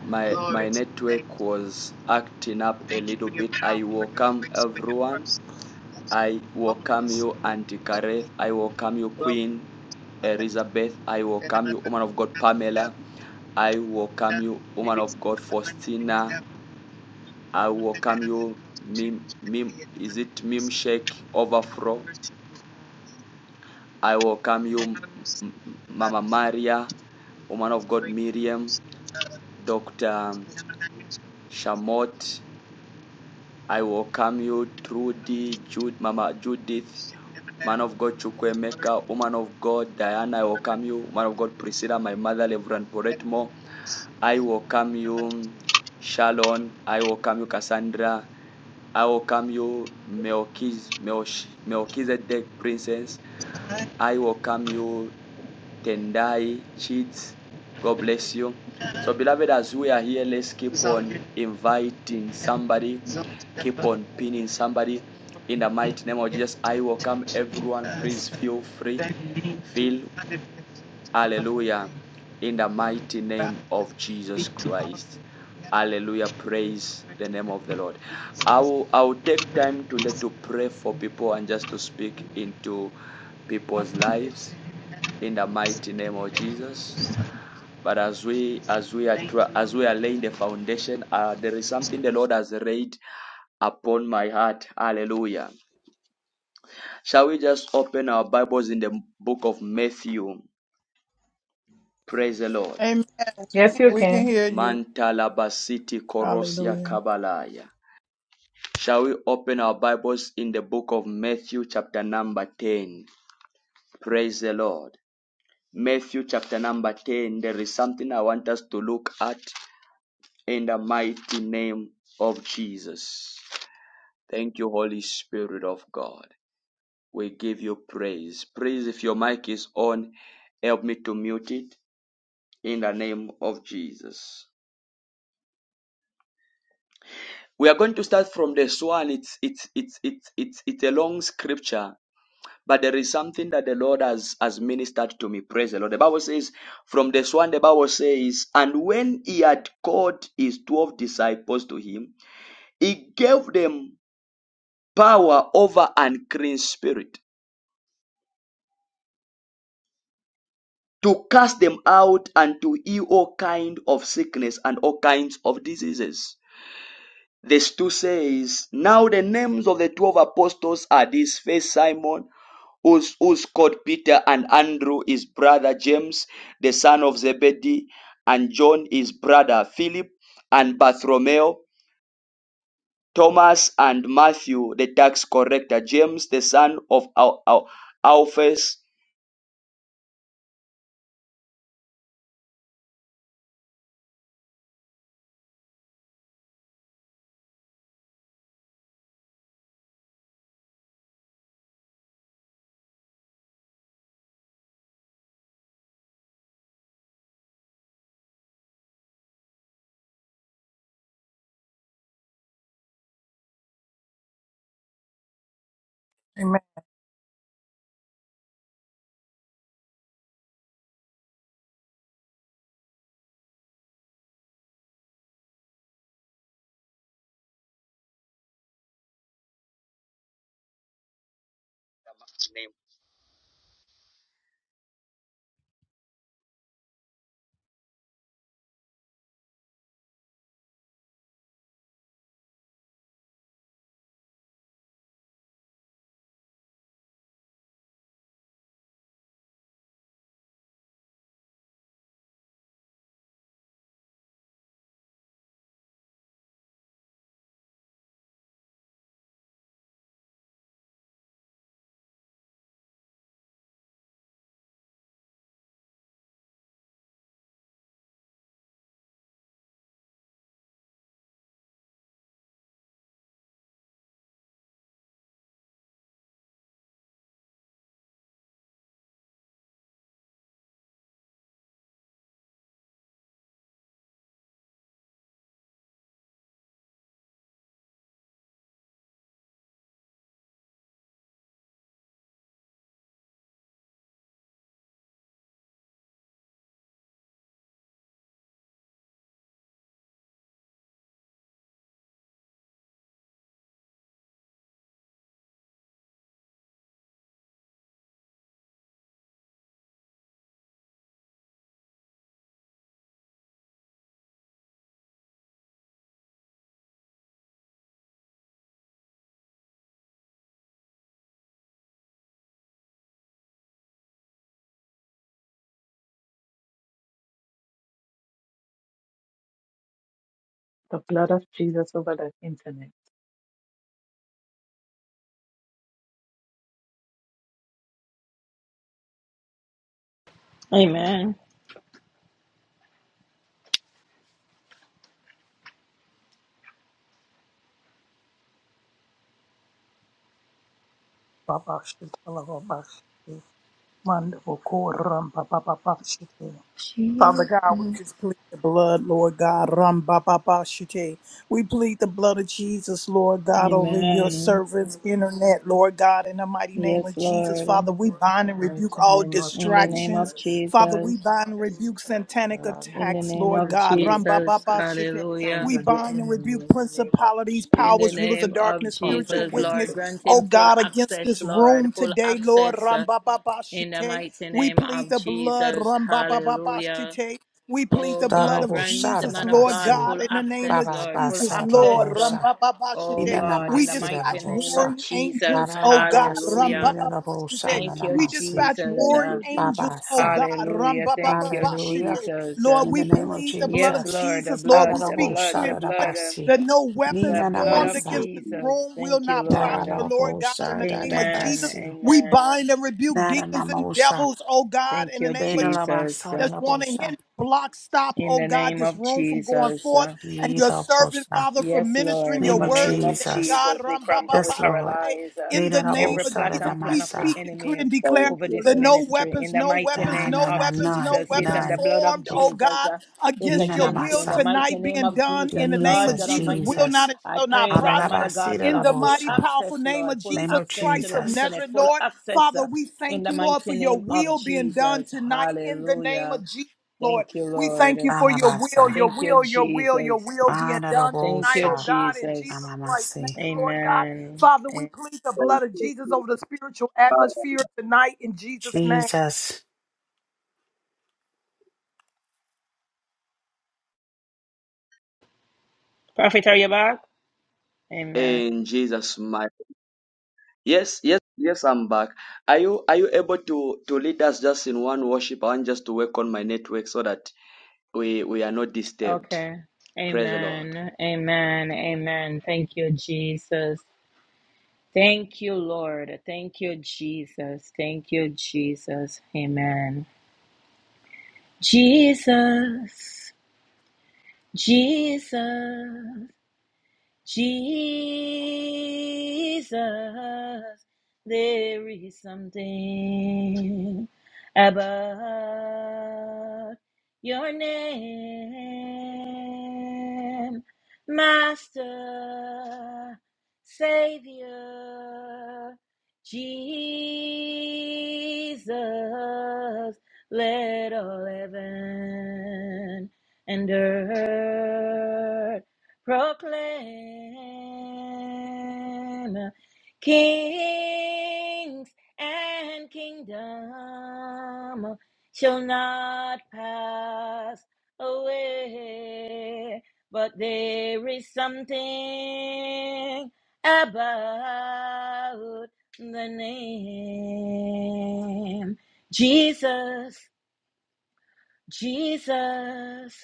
Speaker 1: My
Speaker 6: Glory
Speaker 1: my
Speaker 6: to the name.
Speaker 1: network was acting up a
Speaker 6: Thank you
Speaker 1: little
Speaker 6: for your
Speaker 1: bit.
Speaker 6: power,
Speaker 1: I
Speaker 6: for your
Speaker 1: welcome
Speaker 6: grace, for your
Speaker 1: everyone.
Speaker 6: mercy. That's
Speaker 1: I
Speaker 6: Holy
Speaker 1: welcome you,
Speaker 6: Spirit.
Speaker 1: Auntie Kareth. I welcome you,
Speaker 6: Welcome.
Speaker 1: Queen Elizabeth. I welcome you, woman of God, Pamela. I welcome you, woman of God, Faustina.
Speaker 6: Welcome.
Speaker 1: I welcome you, Mim, Mim, is it Mim Shake Overflow? I welcome you, Mama Maria, woman of God, Miriam, Dr. Shamot. I welcome you, Trudy, Jude, Mama Judith. Man of God Chukwemeka, woman of God Diana, I welcome you. Man of God Priscilla, my mother, Reverend Poretmo, I welcome you. Shalon, I welcome you. Cassandra, I welcome you. Melchiz, Melch- Melchizedek Princess, I welcome you. Tendai, Chids, God bless you. So, beloved, as we are here, let's keep
Speaker 6: So
Speaker 1: on
Speaker 6: you
Speaker 1: inviting
Speaker 6: can
Speaker 1: somebody, keep
Speaker 6: so
Speaker 1: on pinning somebody. In the
Speaker 6: many
Speaker 1: mighty name of Jesus, I
Speaker 6: to
Speaker 1: welcome
Speaker 6: keep
Speaker 1: everyone. Please
Speaker 6: us
Speaker 1: feel free
Speaker 6: that need to
Speaker 1: Feel
Speaker 6: contribution to the Lord,
Speaker 1: hallelujah
Speaker 6: they
Speaker 1: in the mighty
Speaker 6: bow that
Speaker 1: name of
Speaker 6: be
Speaker 1: Jesus
Speaker 6: to all
Speaker 1: Christ.
Speaker 6: together
Speaker 1: Hallelujah. Praise the name of the Lord.
Speaker 6: for
Speaker 1: I
Speaker 6: Jesus.
Speaker 1: will, I will take time today
Speaker 6: Praise
Speaker 1: to pray for people and just to speak into people's lives in the mighty name of Jesus. But as we as we are
Speaker 6: Thank you,
Speaker 1: as we are laying the foundation, uh, there is something the Lord has laid upon my heart. Hallelujah. Shall we just open our Bibles in the book of Matthew? Praise the Lord.
Speaker 3: Amen.
Speaker 8: Yes, you
Speaker 9: Yes,
Speaker 3: We can
Speaker 8: can.
Speaker 3: hear you.
Speaker 1: Mantalabasiti Korosia
Speaker 3: Hallelujah.
Speaker 1: Kabalaya. Shall we open our Bibles in the book of Matthew, chapter number 10? Praise the Lord. Matthew, chapter number 10. There is something I want us to look at in the mighty name of Jesus. Thank you, Holy Spirit of God. We give you praise. Praise if your mic is on, help me to mute it in the name of Jesus. We are going to start from the swan. It's it's it's it's it's it's a long scripture, but there is something that the Lord has has ministered to me. Praise the Lord. The Bible says, from the swan, the Bible says, and when he had called his twelve disciples to him, he gave them power over an unclean spirit to cast them out and to heal all kind of sickness and all kinds of diseases. This 2 says, Now the names of the twelve apostles are this first Simon. who's, who's called Peter and Andrew, his brother James, the son of Zebedee, and John, his brother Philip, and Bartholomew, Thomas and Matthew, the tax collector, James, the son of Al- Al- Alphaeus.
Speaker 3: Amen.
Speaker 10: His name
Speaker 8: The blood of Jesus over the internet.
Speaker 2: Amen.
Speaker 3: Baba shika lababa shike. Mando boko rabababa shike. Father
Speaker 2: Jesus.
Speaker 3: God, we just plead the blood, Lord God. Ram ba ba ba shite. We plead the blood of Jesus, Lord God, over your
Speaker 2: Amen.
Speaker 3: servants, internet, Lord God, in the mighty name of
Speaker 2: Yes,
Speaker 3: Jesus.
Speaker 2: Lord. In
Speaker 3: Father, we
Speaker 8: In
Speaker 3: bind
Speaker 8: the
Speaker 3: and rebuke
Speaker 8: mighty
Speaker 3: all
Speaker 8: name of
Speaker 2: the name
Speaker 3: distractions.
Speaker 2: of
Speaker 8: Jesus.
Speaker 3: Father, we
Speaker 2: Jesus.
Speaker 3: bind and
Speaker 8: Yes,
Speaker 3: rebuke satanic
Speaker 8: God.
Speaker 2: In the
Speaker 3: attacks,
Speaker 2: name
Speaker 8: We
Speaker 3: Lord
Speaker 2: of
Speaker 3: God.
Speaker 8: reveal
Speaker 3: Ram ba ba
Speaker 2: Jesus.
Speaker 3: ba
Speaker 8: the
Speaker 3: shite.
Speaker 8: plans
Speaker 2: Hallelujah.
Speaker 3: We
Speaker 8: of the
Speaker 3: bind and
Speaker 8: enemy
Speaker 3: rebuke
Speaker 8: in the name of
Speaker 3: principalities,
Speaker 2: In
Speaker 8: Jesus.
Speaker 2: the
Speaker 3: powers, rulers of
Speaker 2: name of
Speaker 3: darkness,
Speaker 8: Come up
Speaker 3: spiritual
Speaker 2: Jesus,
Speaker 8: against
Speaker 2: Lord.
Speaker 8: it.
Speaker 3: wickedness,
Speaker 2: Grant
Speaker 3: oh
Speaker 2: him full
Speaker 3: God, against
Speaker 2: access,
Speaker 3: this
Speaker 2: Lord.
Speaker 3: room
Speaker 2: Full
Speaker 3: today, Lord.
Speaker 2: access
Speaker 3: Ram
Speaker 2: uh,
Speaker 3: ba ba ba
Speaker 2: in the
Speaker 3: shite.
Speaker 2: mighty
Speaker 3: We
Speaker 2: name
Speaker 3: plead
Speaker 2: of
Speaker 3: the blood.
Speaker 2: Jesus. Hallelujah.
Speaker 3: Rambababashite. We plead
Speaker 2: Oh
Speaker 3: the blood
Speaker 2: God,
Speaker 3: of
Speaker 2: grant
Speaker 11: Dalobosa
Speaker 2: the
Speaker 11: da
Speaker 3: Jesus,
Speaker 11: da
Speaker 2: man of
Speaker 3: Lord
Speaker 2: God
Speaker 11: basi,
Speaker 3: God,
Speaker 2: full
Speaker 3: in the name
Speaker 2: access,
Speaker 3: of
Speaker 11: baba
Speaker 2: Lord, full
Speaker 3: Jesus,
Speaker 11: basa da
Speaker 2: access,
Speaker 3: Lord.
Speaker 2: uh,
Speaker 11: bosa,
Speaker 2: oh
Speaker 3: Rambababashite.
Speaker 11: ina na
Speaker 2: God,
Speaker 3: We
Speaker 2: in the
Speaker 11: masi da da
Speaker 2: mighty
Speaker 3: dispatch
Speaker 2: name
Speaker 11: bosa,
Speaker 2: of
Speaker 3: warring
Speaker 2: Jesus.
Speaker 3: angels,
Speaker 11: ara
Speaker 3: oh
Speaker 11: la
Speaker 3: God.
Speaker 11: basi
Speaker 2: Hallelujah.
Speaker 11: da la bosa
Speaker 3: Rambababashite.
Speaker 11: na
Speaker 2: Thank
Speaker 11: na
Speaker 2: you,
Speaker 3: We
Speaker 11: masi,
Speaker 3: dispatch
Speaker 2: Jesus.
Speaker 1: Thank
Speaker 3: warring
Speaker 2: Uh,
Speaker 1: you, Jesus.
Speaker 11: baba
Speaker 3: angels, oh
Speaker 11: sa.
Speaker 3: God.
Speaker 2: hallelujah. Thank you,
Speaker 3: Rambababashite.
Speaker 11: Hallelujah.
Speaker 2: Jesus. Uh,
Speaker 3: Lord,
Speaker 11: In
Speaker 3: we
Speaker 11: the name of
Speaker 3: plead the blood
Speaker 2: yes,
Speaker 3: of
Speaker 11: Jesus,
Speaker 2: Lord, the
Speaker 3: Jesus, Lord.
Speaker 2: blood,
Speaker 11: bada
Speaker 3: We
Speaker 11: da
Speaker 2: the
Speaker 3: speak,
Speaker 2: blood,
Speaker 3: decree,
Speaker 11: bosa
Speaker 2: the
Speaker 3: and
Speaker 11: da da
Speaker 3: declare
Speaker 2: blood, uh,
Speaker 11: basi,
Speaker 3: that no weapons
Speaker 2: the
Speaker 11: nina na
Speaker 2: blood
Speaker 1: Thank
Speaker 3: formed
Speaker 2: of
Speaker 11: masa,
Speaker 1: you,
Speaker 3: against this
Speaker 1: Jesus.
Speaker 2: Jesus.
Speaker 3: room will
Speaker 2: Thank you,
Speaker 3: not
Speaker 11: da
Speaker 2: Lord.
Speaker 3: prosper,
Speaker 2: Uh,
Speaker 11: la
Speaker 3: Lord God, in
Speaker 11: bosa
Speaker 3: the
Speaker 11: da
Speaker 3: name
Speaker 11: da
Speaker 3: of
Speaker 2: amen.
Speaker 3: Jesus.
Speaker 11: basi,
Speaker 3: We
Speaker 2: Amen.
Speaker 3: bind and rebuke
Speaker 11: na na na
Speaker 3: demons and
Speaker 11: mosa,
Speaker 3: devils, oh God,
Speaker 2: Thank
Speaker 3: in the
Speaker 2: you,
Speaker 11: de
Speaker 3: name of
Speaker 11: da
Speaker 3: Jesus.
Speaker 11: la
Speaker 2: Jesus.
Speaker 11: basa da
Speaker 2: Uh,
Speaker 3: That's
Speaker 11: da
Speaker 3: want to hinder,
Speaker 11: bosa,
Speaker 3: block, stop,
Speaker 2: in
Speaker 3: oh
Speaker 2: the
Speaker 3: God,
Speaker 2: name
Speaker 3: this
Speaker 2: of
Speaker 3: room from going
Speaker 2: Jesus.
Speaker 3: forth
Speaker 2: Uh,
Speaker 3: and your
Speaker 11: ida
Speaker 3: servant,
Speaker 11: bosa.
Speaker 3: Father, from
Speaker 2: Yes,
Speaker 3: ministering
Speaker 2: Lord, in
Speaker 3: your
Speaker 11: Name
Speaker 2: the
Speaker 11: of
Speaker 3: word
Speaker 2: name of
Speaker 3: today,
Speaker 11: Jesus.
Speaker 3: God.
Speaker 2: Jesus, we
Speaker 3: Ram, ba,
Speaker 2: cramp
Speaker 3: ba,
Speaker 2: and we
Speaker 11: Yes,
Speaker 3: ba,
Speaker 11: Lord.
Speaker 3: today.
Speaker 2: paralyze uh,
Speaker 3: In the
Speaker 11: Nina
Speaker 3: name
Speaker 11: rabo
Speaker 2: every
Speaker 3: of
Speaker 2: plot
Speaker 11: sara
Speaker 3: Jesus,
Speaker 2: and
Speaker 3: we
Speaker 2: plan of the
Speaker 11: ramasa.
Speaker 3: speak, decree,
Speaker 2: enemy
Speaker 3: and declare
Speaker 1: Thank
Speaker 2: over
Speaker 1: you,
Speaker 2: this
Speaker 3: that
Speaker 1: Lord.
Speaker 3: no
Speaker 2: ministry.
Speaker 3: weapons,
Speaker 2: In the
Speaker 3: no
Speaker 2: mighty
Speaker 3: weapons,
Speaker 11: Ah,
Speaker 2: name
Speaker 11: na,
Speaker 3: no
Speaker 11: na,
Speaker 2: of
Speaker 3: weapons,
Speaker 11: none,
Speaker 3: no
Speaker 2: Jesus,
Speaker 3: weapons
Speaker 2: Satan, the
Speaker 11: none.
Speaker 2: blood of
Speaker 3: formed,
Speaker 11: Bef-
Speaker 3: oh
Speaker 2: Jesus
Speaker 3: God,
Speaker 2: uh, is
Speaker 3: against
Speaker 11: Nina
Speaker 3: your
Speaker 2: against you.
Speaker 3: will
Speaker 2: In the
Speaker 11: namasa.
Speaker 2: mighty
Speaker 3: tonight
Speaker 2: name
Speaker 3: being
Speaker 2: of
Speaker 3: done in
Speaker 2: Jesus,
Speaker 3: the name
Speaker 2: Lord
Speaker 3: of
Speaker 11: Jesus,
Speaker 2: God
Speaker 3: Jesus will
Speaker 2: Almighty,
Speaker 3: not
Speaker 11: Jesus.
Speaker 3: and
Speaker 2: I
Speaker 3: shall not
Speaker 2: pray that the man
Speaker 3: prosper
Speaker 2: of God
Speaker 11: Halalabasira
Speaker 2: will
Speaker 3: in
Speaker 2: have
Speaker 3: the
Speaker 2: full
Speaker 3: mighty,
Speaker 11: rabosa.
Speaker 3: powerful
Speaker 2: access,
Speaker 3: name of
Speaker 2: Lord, full
Speaker 11: Name
Speaker 3: Jesus
Speaker 11: of
Speaker 2: access
Speaker 3: Christ
Speaker 2: to the
Speaker 3: of
Speaker 11: Jesus.
Speaker 2: internet,
Speaker 3: Nazareth,
Speaker 2: full
Speaker 3: Lord.
Speaker 2: access
Speaker 3: Father,
Speaker 2: uh,
Speaker 3: we
Speaker 2: in
Speaker 3: thank
Speaker 2: the
Speaker 3: you, Lord, for
Speaker 2: mighty
Speaker 3: your
Speaker 2: name of
Speaker 3: will being done
Speaker 2: Jesus.
Speaker 3: tonight in the name of
Speaker 2: Hallelujah.
Speaker 3: Jesus,
Speaker 2: Thank
Speaker 3: Lord.
Speaker 2: you,
Speaker 3: We thank you
Speaker 2: Lord.
Speaker 3: for your will,
Speaker 11: Anabasa.
Speaker 3: your
Speaker 2: Thank you,
Speaker 3: will, your will, your
Speaker 2: Jesus.
Speaker 3: will being done
Speaker 2: Thank
Speaker 3: tonight,
Speaker 2: you,
Speaker 3: oh
Speaker 11: Anarabosa.
Speaker 3: God, in Jesus
Speaker 2: Jesus.
Speaker 3: Christ's
Speaker 11: Amamasi.
Speaker 3: name, Lord God.
Speaker 2: Amen.
Speaker 3: Father, we
Speaker 2: A-
Speaker 3: plead the blood
Speaker 1: Thank
Speaker 3: of
Speaker 1: you,
Speaker 3: Jesus
Speaker 1: Jesus.
Speaker 3: over the spiritual atmosphere tonight in Jesus' name.
Speaker 11: Jesus.
Speaker 2: Prophet, are you back? Amen.
Speaker 1: In Jesus' mighty. Yes, yes, yes, I'm back. Are you are you able to to lead us just in one worship? I want just to work on my network so that we we are not disturbed.
Speaker 2: Okay.
Speaker 1: Praise the Lord.
Speaker 2: Amen. Amen. Amen. Thank you, Jesus. Thank you, Lord. Thank you, Jesus. Thank you, Jesus. Amen. Jesus. Jesus. Jesus, there is something about your name, Master, Savior, Jesus, let all heaven and earth proclaim kings and kingdom shall not pass away but there is something about the name jesus jesus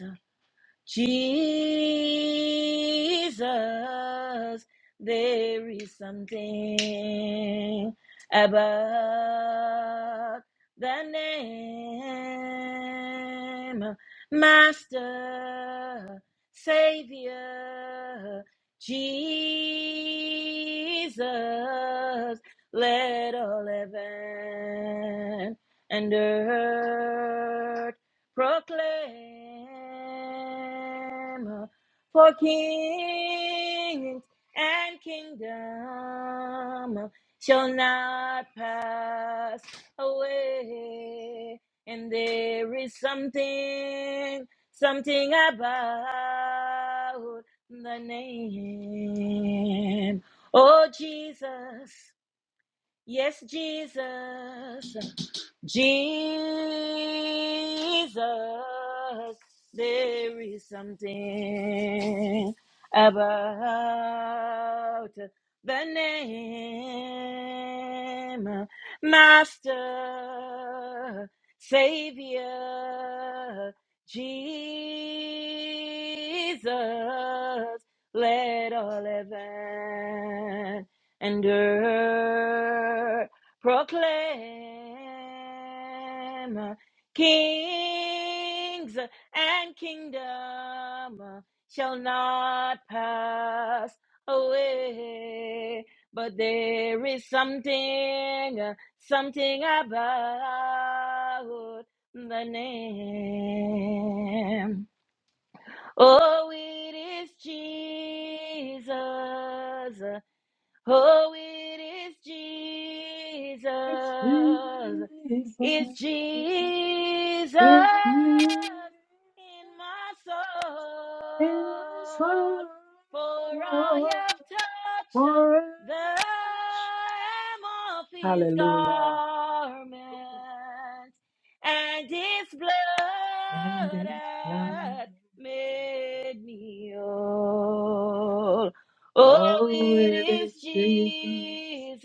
Speaker 2: Jesus, there is something about the name, Master, Savior, Jesus. Let all heaven and earth proclaim for kings and kingdom shall not pass away. And there is something, something about the name. Oh, Jesus. Yes, Jesus. Jesus, there is something about the name Master, Savior, Jesus. Let all heaven and earth proclaim kings and kingdom shall not pass away but there is something something about the name oh it is jesus Oh, it is Jesus.
Speaker 8: It's Jesus.
Speaker 2: It's Jesus
Speaker 8: It's Jesus
Speaker 2: in my soul.
Speaker 8: in my soul.
Speaker 2: For I have touched
Speaker 8: For a
Speaker 2: the
Speaker 8: touch.
Speaker 2: hem of his
Speaker 8: Hallelujah.
Speaker 2: garment, and his blood
Speaker 8: And his blood.
Speaker 2: hath made me whole. Oh,
Speaker 8: Oh,
Speaker 2: it
Speaker 8: it
Speaker 2: is
Speaker 8: is Jesus.
Speaker 2: Jesus.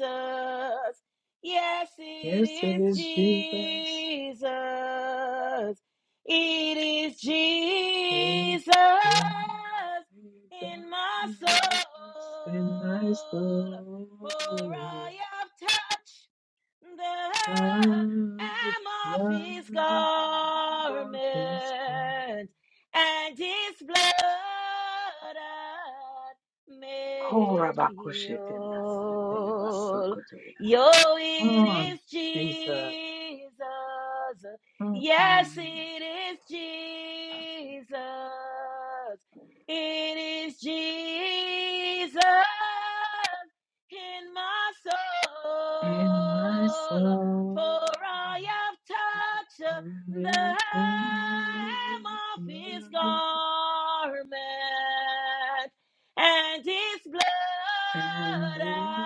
Speaker 2: Yes,
Speaker 8: Yes, it
Speaker 2: it is
Speaker 8: is Jesus.
Speaker 2: Jesus. It is
Speaker 8: It's
Speaker 2: Jesus
Speaker 8: Jesus.
Speaker 2: in my soul.
Speaker 8: in my
Speaker 2: For
Speaker 8: soul
Speaker 2: I have touched the hem
Speaker 8: touch
Speaker 2: of
Speaker 8: the
Speaker 2: his
Speaker 8: mountains.
Speaker 2: garment and his blood hath
Speaker 8: Oh,
Speaker 2: made me
Speaker 8: Rabakoshete Nasate
Speaker 2: whole.
Speaker 8: Basokotoya.
Speaker 2: Yo, it
Speaker 8: Mm,
Speaker 2: is
Speaker 8: Jesus.
Speaker 2: Jesus. Yes,
Speaker 8: Mm-mm.
Speaker 2: it is Jesus. It is Jesus in my
Speaker 8: In my
Speaker 2: soul,
Speaker 8: soul,
Speaker 2: for I have
Speaker 8: I
Speaker 2: touched the
Speaker 8: lift up
Speaker 2: hem of his garment, and his blood
Speaker 8: and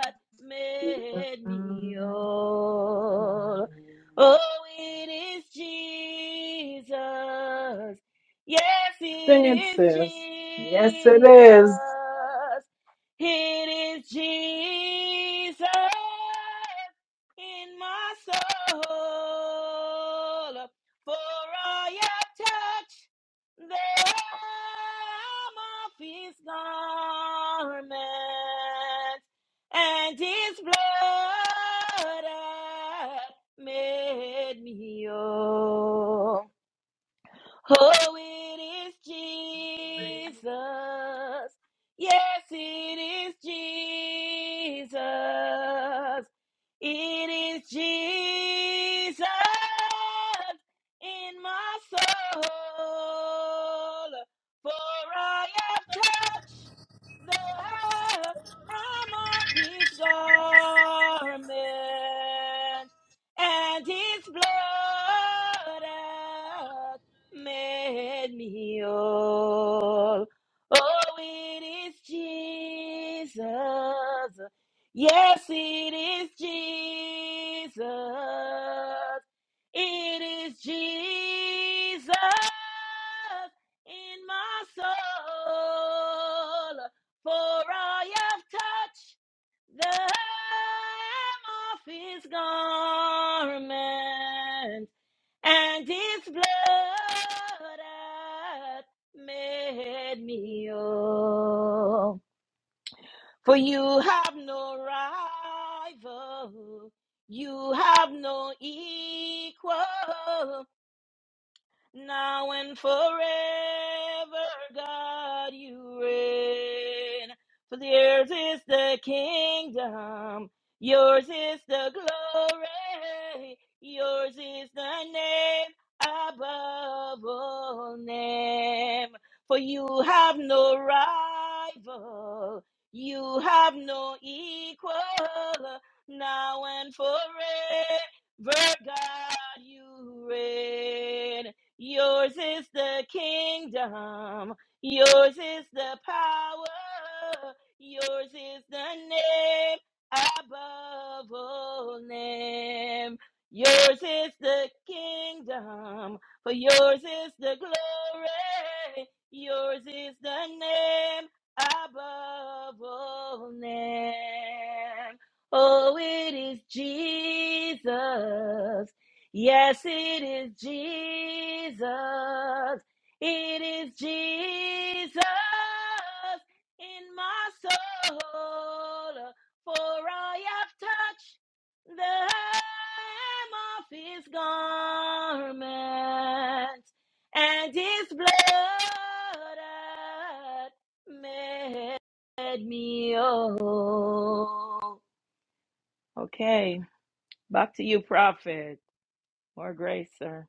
Speaker 2: hath made me whole. Oh, it is Jesus. Yes, it
Speaker 8: sing it,
Speaker 2: is
Speaker 8: sis. Yes, it
Speaker 2: Jesus.
Speaker 8: is.
Speaker 2: It is Jesus in my soul, for I have touched the hem of his garment, and his blood hath made me whole. Oh, it is Jesus. Yes, it is Jesus. It is Jesus in my soul. For I have touched the hem of his garment and his blood made me whole. Oh, it is Jesus. Yes, it is Jesus. It is Jesus in my soul. For I have touched the hem of his garment. And his blood hath made me whole. For you have no rival, you have no equal now and forever, God, you reign. For yours is the kingdom, yours is the glory, yours is the name above all name. For you have no rival, you have no equal, now and forever, God, you reign. Yours is the kingdom. Yours is the power. Yours is the name above all name. Yours is the kingdom. For yours is the glory. Yours is the name above all name. Oh, it is Jesus. Yes, it is Jesus. It is Jesus in my soul. For I have touched the hem of his garment and his blood hath made me whole. Okay, back to you, prophet. More grace, sir.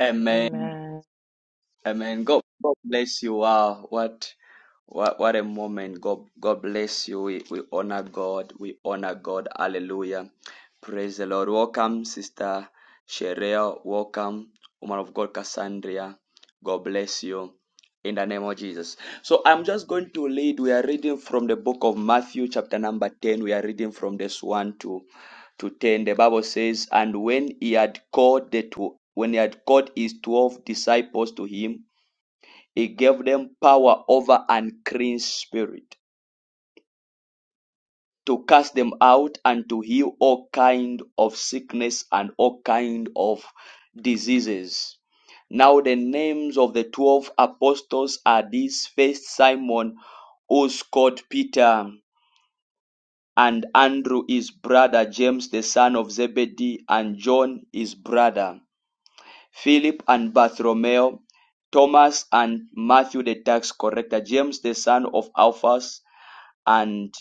Speaker 1: Amen.
Speaker 2: Amen.
Speaker 1: Amen. God, God bless you. Wow, what What, what a moment. God, God bless you. We, we honor God. We honor God. Hallelujah. Praise the Lord. Welcome, Sister Sherelle. Welcome, woman of God, Cassandra. God bless you in the name of Jesus. So I'm just going to lead. We are reading from the book of Matthew, chapter number 10. We are reading from this 1 to, to 10. The Bible says, And when he had called the two, when he had called his twelve disciples to him, he gave them power over unclean spirit to cast them out and to heal all kind of sickness and all kind of diseases. Now the names of the twelve apostles are these first Simon, who's called Peter, and Andrew his brother, James the son of Zebedee, and John his brother, Philip and Bartholomew, Thomas and Matthew the tax collector, James the son of Alphaeus. and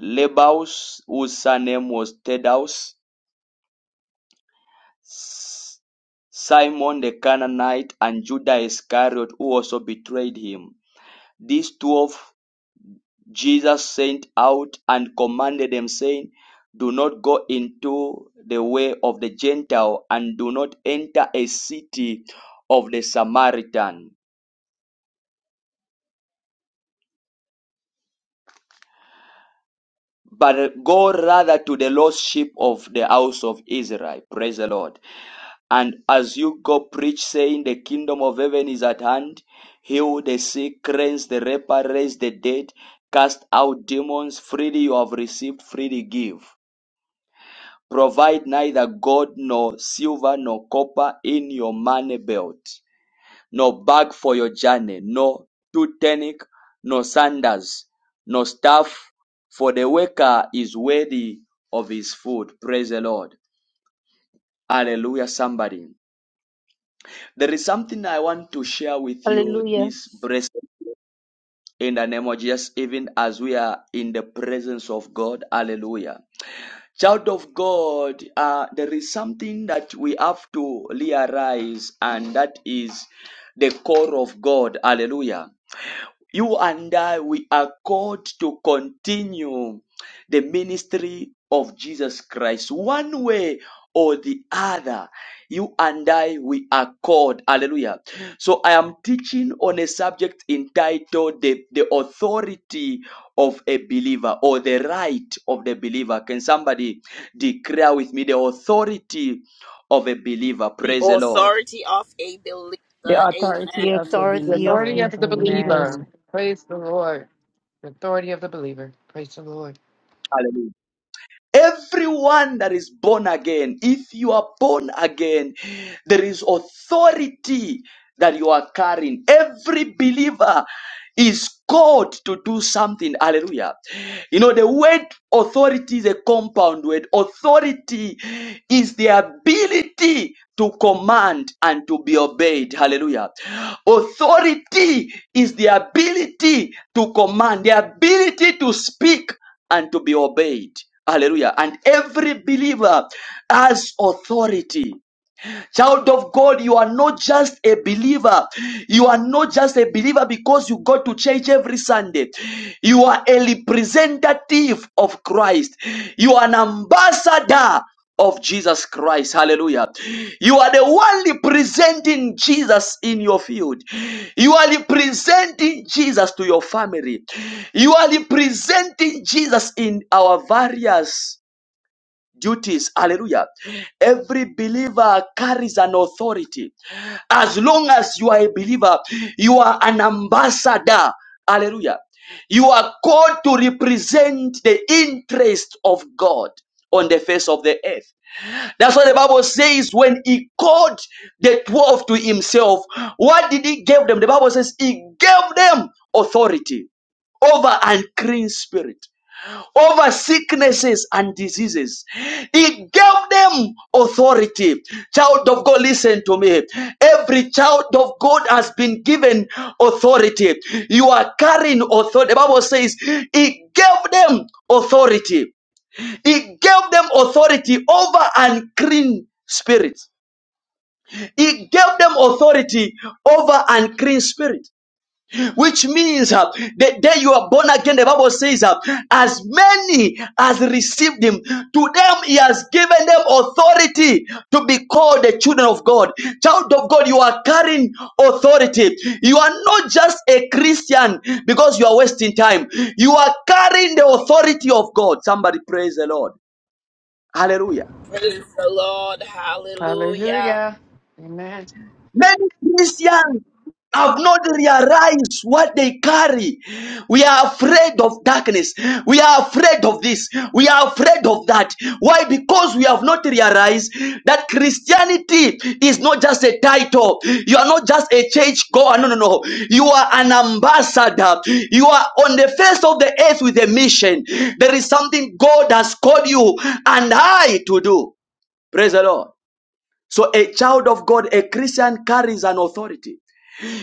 Speaker 1: Lebaus, whose surname was Thaddeus, Simon the Canaanite, and Judas Iscariot, who also betrayed him. These twelve Jesus sent out and commanded them, saying, Do not go into the way of the Gentile, and do not enter a city of the Samaritan, but go rather to the lost sheep of the house of Israel. Praise the Lord. And as you go, preach, saying, The kingdom of heaven is at hand. Heal the sick, cleanse the leper, raise the dead, cast out demons. Freely you have received, freely give. Provide neither gold nor silver nor copper in your money belt, nor bag for your journey, nor tunic, nor sandals, nor staff, for the worker is worthy of his food. Praise the Lord. Hallelujah, somebody. There is something I want to share with you
Speaker 5: Hallelujah.
Speaker 1: this blessing in the name of Jesus, even as we are in the presence of God. Hallelujah. Child of God, uh, there is something that we have to realize, and that is the core of God. Hallelujah. You and I, we are called to continue the ministry of Jesus Christ. One way or the other, you and I, we are called. Hallelujah. So I am teaching on a subject entitled the, the authority of a believer or the right of the believer. Can somebody declare with me the authority of a believer?
Speaker 12: The
Speaker 1: Praise the Lord.
Speaker 12: authority of a
Speaker 2: The
Speaker 12: believer. Amen.
Speaker 5: The
Speaker 2: authority of the
Speaker 6: The
Speaker 5: authority of
Speaker 6: authority
Speaker 2: believer.
Speaker 5: the
Speaker 6: of the
Speaker 5: believers.
Speaker 6: believer.
Speaker 2: Amen.
Speaker 6: Praise the Lord. The authority of the believer. Praise the Lord.
Speaker 1: Hallelujah. Everyone that is born again, if you are born again, there is authority that you are carrying. Every believer is called to do something. Hallelujah. You know, the word authority is a compound word. Authority is the ability to command and to be obeyed. Hallelujah. Authority is the ability to command, the ability to speak and to be obeyed. Hallelujah. And every believer has authority. Child of God, you are not just a believer. You are not just a believer because you go to church every Sunday. You are a representative of Christ. You are an ambassador of Jesus Christ. Hallelujah. You are the one representing Jesus in your field. You are representing Jesus to your family. You are representing Jesus in our various duties. Hallelujah. Every believer carries an authority. As long as you are a believer, you are an ambassador. Hallelujah. You are called to represent the interest of God on the face of the earth. That's what the Bible says when he called the 12 to himself. What did he give them? The Bible says he gave them authority over unclean spirit over sicknesses and diseases. He gave them authority. Child of God, listen to me. Every child of God has been given authority. You are carrying authority. The Bible says he gave them authority. He gave them authority over unclean spirits. He gave them authority over unclean spirits which means uh, the day you are born again, the Bible says, uh, as many as received him, to them he has given them authority to be called the children of God. Child of God, you are carrying authority. You are not just a Christian because you are wasting time. You are carrying the authority of God. Somebody praise the Lord. Hallelujah.
Speaker 12: Praise the Lord. Hallelujah.
Speaker 6: Hallelujah. Amen.
Speaker 1: Many Christians have not realized what they carry. We are afraid of darkness. We are afraid of this. We are afraid of that. Why? Because we have not realized that Christianity is not just a title. You are not just a church goer. No, no, no. You are an ambassador. You are on the face of the earth with a mission. There is something God has called you and I to do. Praise the Lord. So a child of God, a Christian carries an authority.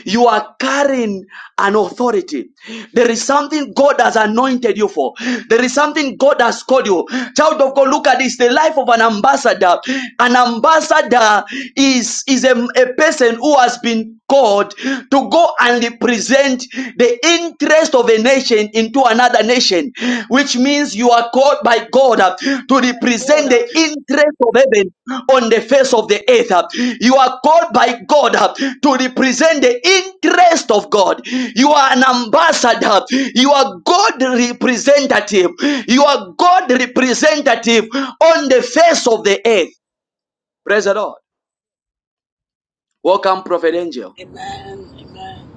Speaker 1: You are carrying an authority. There is something God has anointed you for. There is something God has called you. Child of God, look at this. The life of an ambassador. An ambassador is, is a, a person who has been called to go and represent the interest of a nation into another nation which means you are called by God uh, to represent
Speaker 13: God
Speaker 1: the interest of heaven on the face of the earth. uh. You are called by God uh, to represent the interest of God. You are an ambassador. You are God representative. You are God representative on the face of the earth. Praise the Lord. Welcome, Prophet Angel.
Speaker 12: Amen. Amen.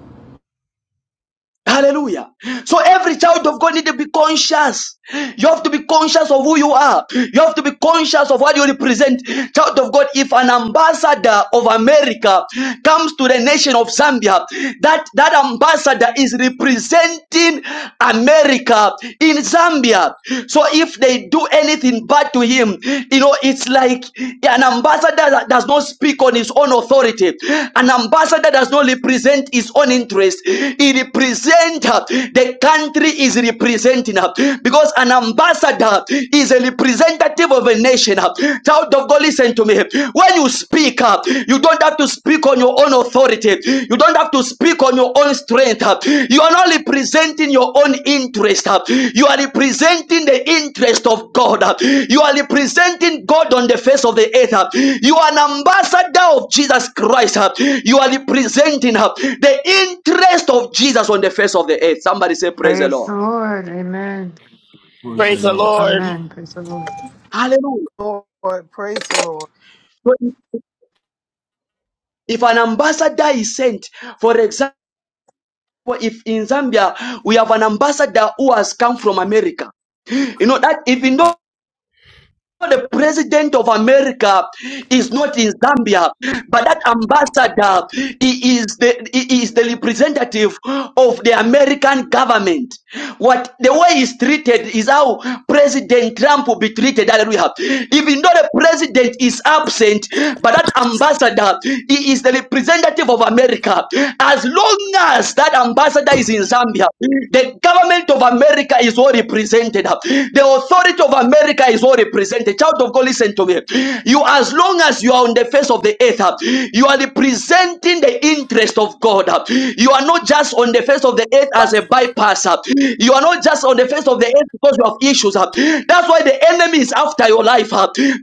Speaker 1: Hallelujah. So every child of God need to be conscious. You have to be conscious of who you are. You have to be conscious of what you represent. Child of God, if an ambassador of America comes to the nation of Zambia, that, that ambassador is representing America in Zambia. So if they do anything coming back to him. You know, it's like an ambassador that does not speak on his own authority. An ambassador does not represent his own interest. He represents the country is representing uh, because an ambassador is a representative of a nation. uh. Child of God, listen to me. When you speak, uh, you don't have to speak on your your own authority. You don't have to speak on your own strength. You are not representing your own interest. You are representing the interest of God. You are representing God on the face of the earth. You are an ambassador of Jesus Christ. You are representing the interest of Jesus on the face of the earth. Somebody say, Praise the
Speaker 6: Praise the
Speaker 1: Lord.
Speaker 6: Lord. Amen.
Speaker 12: Praise the
Speaker 7: koça.
Speaker 12: Lord.
Speaker 6: Amen. Praise the Lord.
Speaker 1: Hallelujah.
Speaker 3: Lord, praise the Lord.
Speaker 1: So If an ambassador is sent, for example, if in Zambia we have an ambassador who has come from America, you know that even though the president of America is not in Zambia, but that ambassador he is the he is the representative of the American government. What the way he's treated is how President Trump will be treated. Hallelujah. Even though the president is absent, but that ambassador he is the representative of America. As long as that ambassador is in Zambia, the the government of America is well represented. The authority of America is well represented. Child of God, listen to me. You, as long as you are on the face of the earth, you are representing the interest of God. You are not just on the face of the earth as a bypasser. You are not just on the face of the earth because you have issues. That's why the enemy is after your life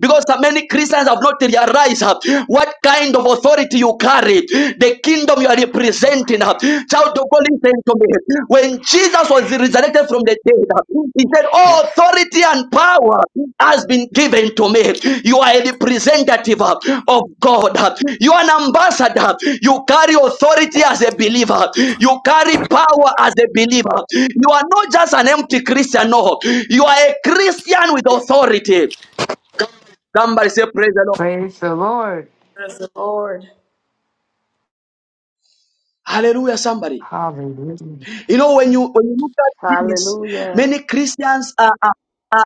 Speaker 1: because many Christians have not realized what kind of authority you carry carry the kingdom you are representing. uh, Child of God, listen to me. When Jesus was resurrected from the dead, uh, he said, All authority and power has been given to me. You are a representative uh, of God. You are an ambassador. You carry authority as a believer. You carry power as a believer. You are not just an empty Christian. No, you are a Christian with authority. Somebody say, Praise the Lord.
Speaker 6: Praise the Lord.
Speaker 12: Praise the Lord.
Speaker 1: Hallelujah, somebody.
Speaker 6: Hallelujah.
Speaker 1: You know, when you when you look at this,
Speaker 12: Hallelujah.
Speaker 1: many Christians are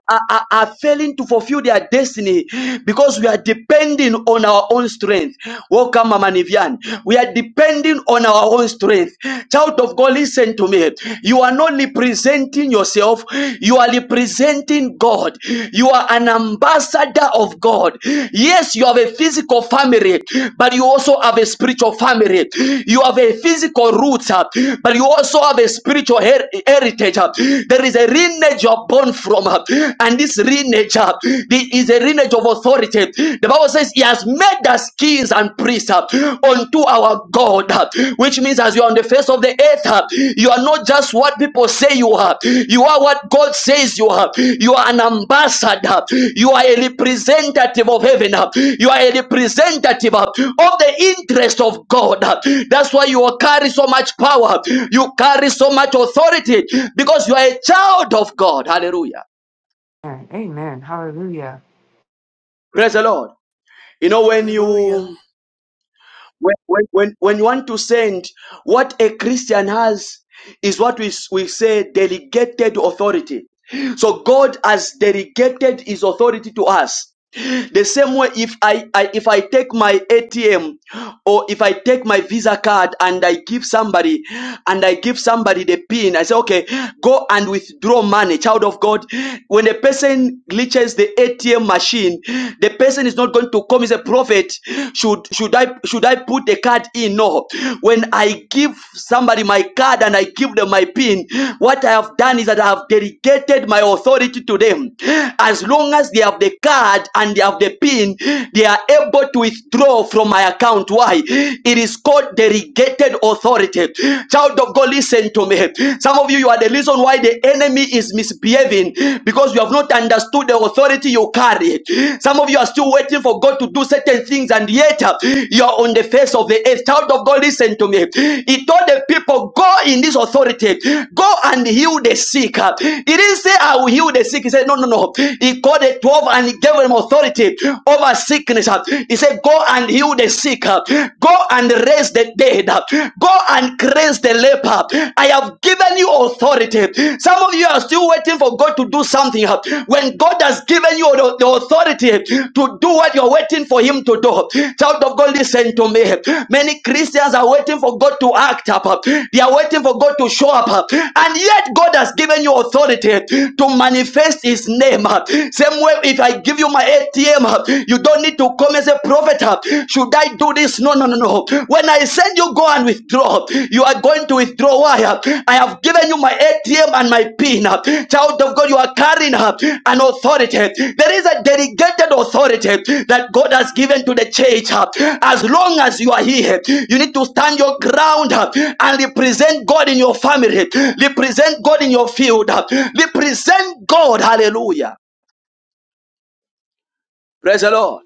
Speaker 1: are, are, are failing to fulfill their destiny because we are depending on our own strength. Welcome, Mama Nivian. We are depending on our own strength. Child of God, listen to me. You are not representing yourself, you are representing God. You are an ambassador of God. Yes, you have a physical family, but you also have a spiritual family. You have a physical roots, uh, but you also have a spiritual her- heritage. uh. There is a lineage you are born from. uh and this renature this is a lineage of authority the bible says he has made us kings and priests uh, unto our god uh, which means as you are on the face of the earth uh, you are not just what people say you are you are what god says you are you are an ambassador you are a representative of heaven uh, you are a representative uh, of the interest of god uh. that's why you carry so much power you carry so much authority because you are a child of god hallelujah
Speaker 6: Amen. Hallelujah.
Speaker 1: Praise the Lord. You know, when
Speaker 3: Hallelujah.
Speaker 1: you when when when when you want to send, what a Christian has is what we s- we say delegated authority. So God has delegated His authority to us. The same way, if I, I if I take my ATM or if I take my Visa card and I give somebody and I give somebody the pin, I say, okay, go and withdraw money, child of God. When a person glitches the ATM machine in. The person is not going to come as a prophet. Should should I should I put the card in? No. When I give somebody my card and I give them my pin, what I have done is that I have delegated my authority to them. As long as they have the card and they have the pin, they are able to withdraw from my account. Why? It is called delegated authority. Child of God, listen to me. Some of you, you are the reason why the enemy enemy is misbehaving because you have not understood the authority you carry. Some of you are still waiting for God to do certain things, and yet uh, you are on the face of the earth. Child of God, listen to me. He told the people, Go in this authority, go and heal the sick. Uh, He didn't say, I will heal the sick. He said, No, no, no. He called the 12 and he gave them authority over sickness. Uh, He said, Go and heal the sick, Uh, go and raise the dead, Uh, go and cleanse the leper. I have given you authority. Some of you are still waiting for God to do something. When God has given you the authority to do what you're waiting for Him to do, child of God, listen to me. Many Christians are waiting for God to act up. They are waiting for God to show up. And yet, God has given you authority to manifest His name. Same way, if I give you my ATM, you don't need to come as a prophet better. Should I do this? No, no, no, no. When I send you, go and withdraw. You are going to withdraw. Why? I have given you my ATM and my PIN. Child of God, you are carrying uh, an authority. There is a delegated authority that God has given to the church. uh. As long as you are here, you need to stand your ground uh, and represent God in your family, represent God in your field, uh, represent God. Hallelujah. Praise the Lord.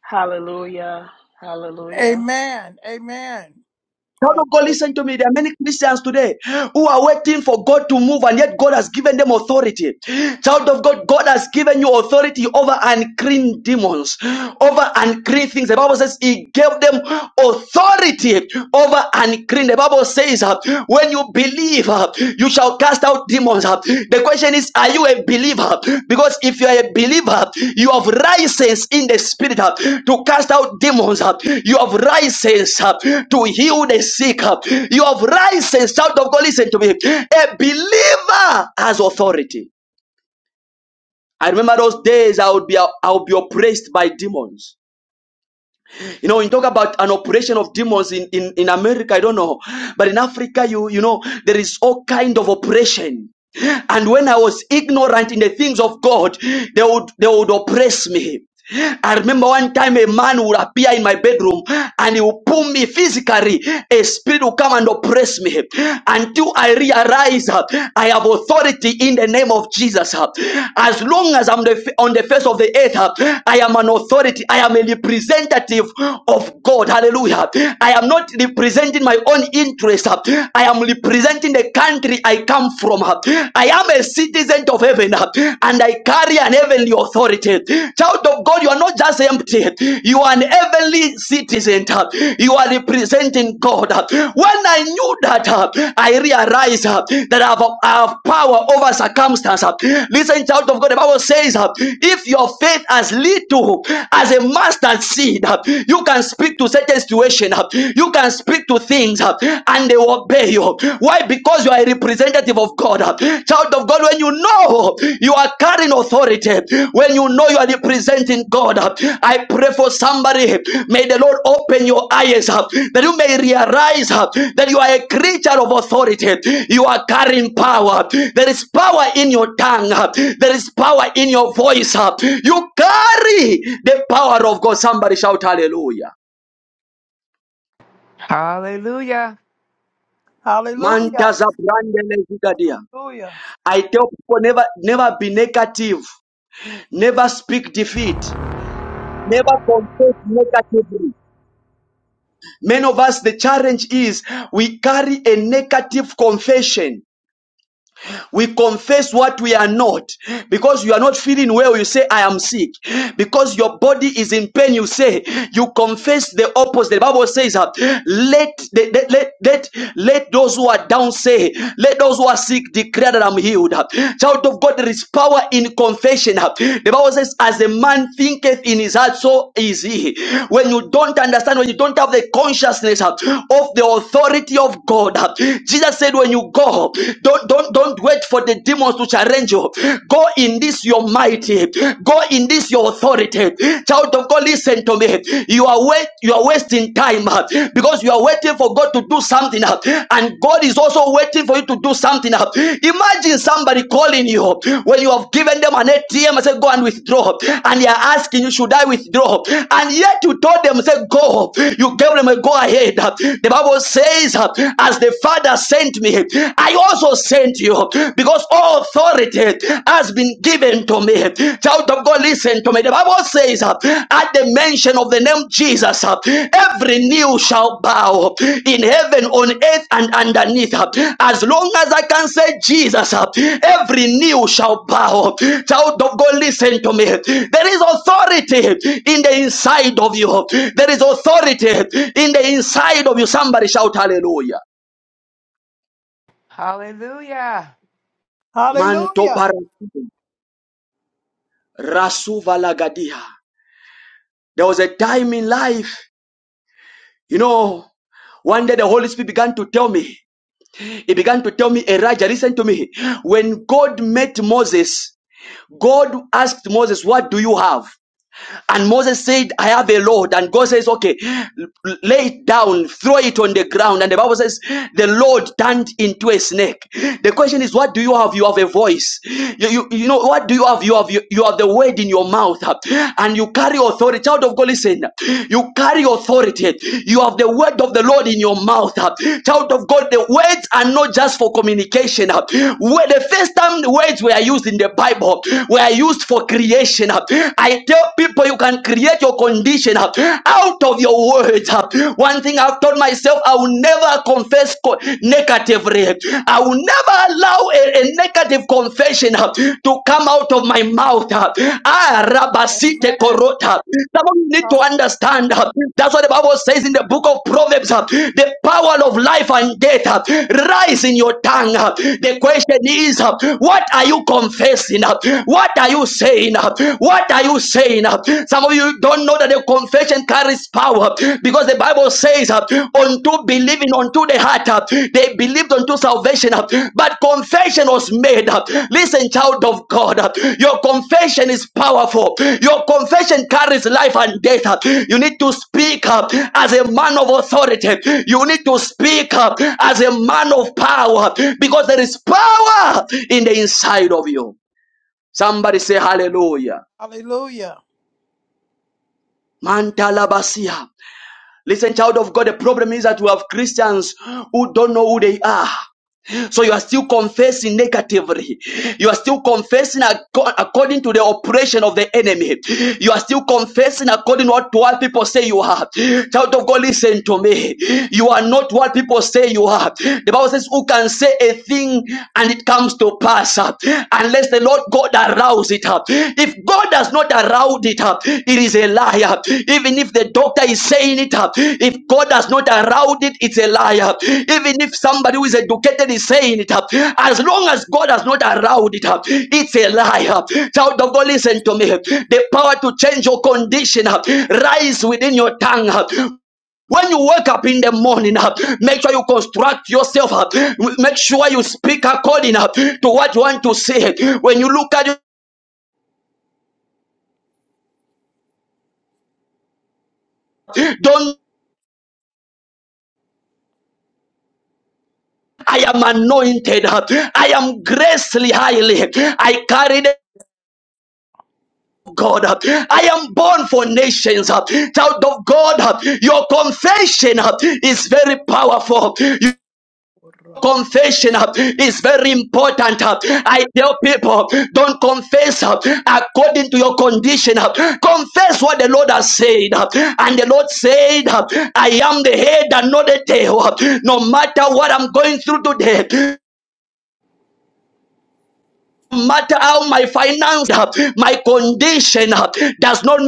Speaker 12: Hallelujah. Hallelujah.
Speaker 3: Amen. Amen.
Speaker 1: Child of God, listen to me. There are many Christians today who are waiting for God to move, and yet God has given them authority. Child of God, God has given you authority over unclean demons, over unclean things. The Bible says He gave them authority over unclean. The Bible says uh, when you believe, you shall cast out demons. The question is, are you a believer? Because if you are a believer, you have license in the spirit to cast out demons. You have license to heal the sick. You have license. Child of God, listen to me. A believer has authority. I remember those days I would be I would be oppressed by demons. You know, when you talk about an operation of demons in, in, in America, I don't know. But in Africa, you you know, there is all kind of operation. And when I was ignorant in the things of God, they would they would oppress me. I remember one time a man would appear in my bedroom and he would pull me physically. A spirit would come and oppress me until I realize uh, I have authority authority in the name of Jesus. uh. As long as I'm the, on the face of the earth, uh, I am an authority. I am a representative of God. Hallelujah. I am not representing my own interest. uh. I am representing the country I come from. uh. I am a citizen of heaven uh, and I carry an heavenly authority. Child of God, you are not just empty, you are an heavenly British citizen. uh, You are representing God. uh. When I knew that, uh, I realized uh, that I have, I have power over circumstances. Listen, child of God, the Bible says, uh, if your faith as little as a mustard seed, uh, you can speak to certain situation. uh, You can speak to things, uh, and they will obey you. Why? Because you are a representative of God. uh. Child of God, when you know you are carrying authority, when you know you are representing God, I pray for somebody. May the Lord open your eyes up that you may realize uh, that you are a creature of authority. You are carrying power. There is power in your tongue. uh, There is power in your voice. uh, You carry the power of God. Somebody shout hallelujah.
Speaker 6: Yeah.
Speaker 1: Manta
Speaker 3: Hallelujah.
Speaker 1: za brande lezigadia.
Speaker 3: Hallelujah.
Speaker 1: I tell people never never be negative, never speak defeat. Never confess negatively. Many of us, the challenge is we carry a negative confession we confess what we are not. Because you are not feeling well, you say, I am sick. Because your body is in pain, you say, you confess the opposite. The Bible says, uh, let, the, let, let, let, let those who are down say, let those who are sick declare that I'm healed. Child of God, there is power in confession. The Bible says, as a man thinketh in his heart, so is he. When you don't understand, when you don't have the consciousness uh, of the authority of God, uh, Jesus said, when you go, don't, don't, don't wait for the demons to challenge you. Go in this your mighty. Go in this your authority. Child of God, listen to me. You are wait, you are wasting time uh, because you are waiting for God to do something, uh, and God is also waiting for you to do something. uh. Imagine somebody calling you when you have given them an ATM and say, "Go and withdraw," and they are asking you, "Should I withdraw?" And yet you told them, "Say go." You gave them a go ahead. The Bible says, uh, "As the Father says." sent me, I also sent you because all authority has been given to me. Child of God, listen to me. The Bible says, uh, at the mention of the name Jesus, uh, every knee shall bow in heaven, on earth, and underneath. uh, As long as I can say Jesus, uh, every knee shall bow. Child of God, listen to me. There is authority in the inside of you. There is authority in the inside of you. Somebody shout hallelujah.
Speaker 6: Hallelujah.
Speaker 3: Hallelujah.
Speaker 1: Manto Barasuva Lagadia. There was a time in life, you know, one day the Holy Spirit began to tell me, He began to tell me, Elijah, listen to me. When God met Moses, God asked Moses, What do you have? And Moses said, I have a load. And God says, Okay, lay it down, throw it on the ground. And the Bible says, The Lord turned into a snake. The question is, What do you have? You have a voice. You, you, you know, what do you have? You have you, you have the word in your mouth. And you carry authority. Child of God, listen. You carry authority. You have the word of the Lord in your mouth. Child of God, the words are not just for communication. Where the first time the words were used in the Bible were used for creation. I tell people you can create your condition out of your words. One thing I've told myself, I will never confess co- negatively. I will never allow a, a negative confession uh, to come out of my mouth. uh. Ah, rabasite
Speaker 3: Amen.
Speaker 1: korota. Some of you need to
Speaker 3: Hallelujah.
Speaker 1: understand. uh, That's what the Bible says in the book of Proverbs. uh, The power of life and death rise in your tongue. uh. The question is, uh, what are you confessing? uh? What are you are you saying? What are you saying? Some of you don't know that the confession carries power because the Bible says, unto believing unto the heart, they believed unto salvation, but confession was made. Listen, child of God, your confession is powerful. Your confession carries life and death. You need to speak up as a man of authority. You need to speak up as a man of power because there is power in the inside of you. Somebody say hallelujah.
Speaker 3: Hallelujah.
Speaker 1: Mantalabasia. Listen, child of God, the problem is that we have Christians who don't know who they are. So you are still confessing negatively. You are still confessing acco- according to the operation of the enemy. You are still confessing according what, to what people say you are. Child of God, listen to me. You are not what people say you are. The Bible says, Who can say a thing and it comes to pass unless the Lord God arouse it up. If God has not allowed it up, it is a liar. Even if the doctor is saying it up, if God has not allowed it, it's a liar. Even if somebody who is educated is saying it up, as long as God has not allowed it up, it's a liar. Child of God, listen to me. The power to change your condition uh, rise within your tongue. uh. When you wake up in the morning, uh, make sure you construct yourself up. Make sure you speak according uh, to what you want to say. When you look at it, don't I am anointed. I am gracefully highly. I carry the God, I am born for nations. Child of God, your confession is very powerful. Your Confession uh,
Speaker 3: Urabababashite.
Speaker 1: is very important. Uh, I tell people don't confess uh, according to your condition. Uh, Confess what the Lord has said. Uh, And the Lord said, uh, I am the head and not the tail. Uh, No matter what I'm going through today, matter how my finance, uh, my condition uh, does not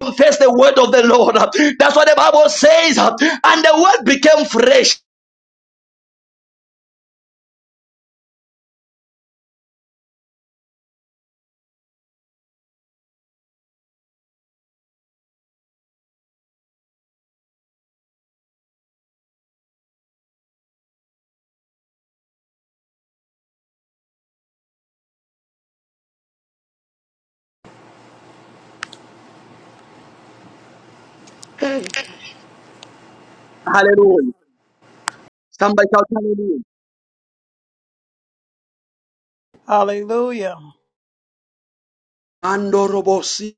Speaker 1: confess the word of the Lord. uh, That's what the Bible says. uh, And the word became fresh. Hallelujah. Somebody shout hallelujah.
Speaker 3: Hallelujah.
Speaker 1: Andorobosi.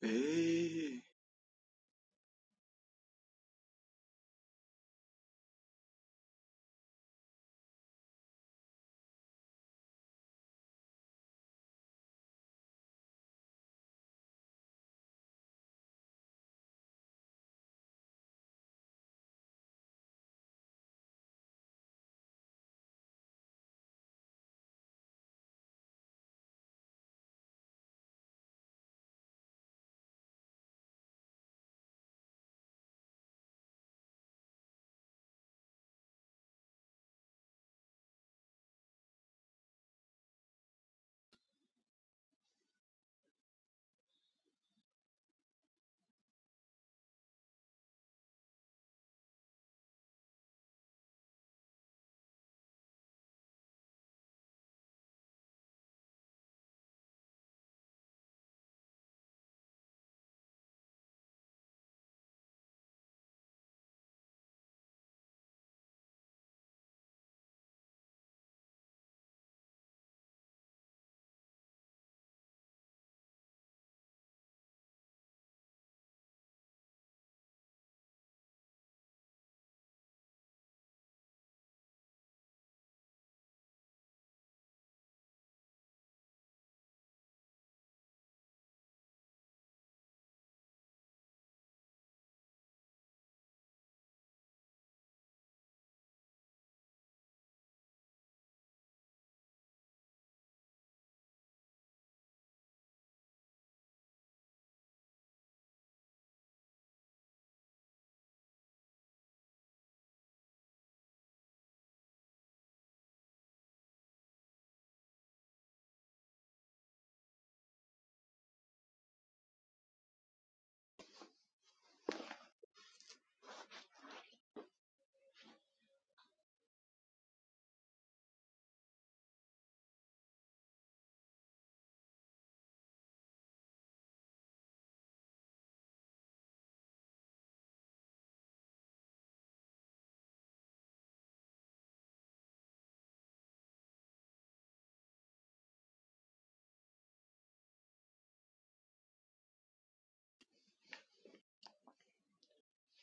Speaker 1: Hey.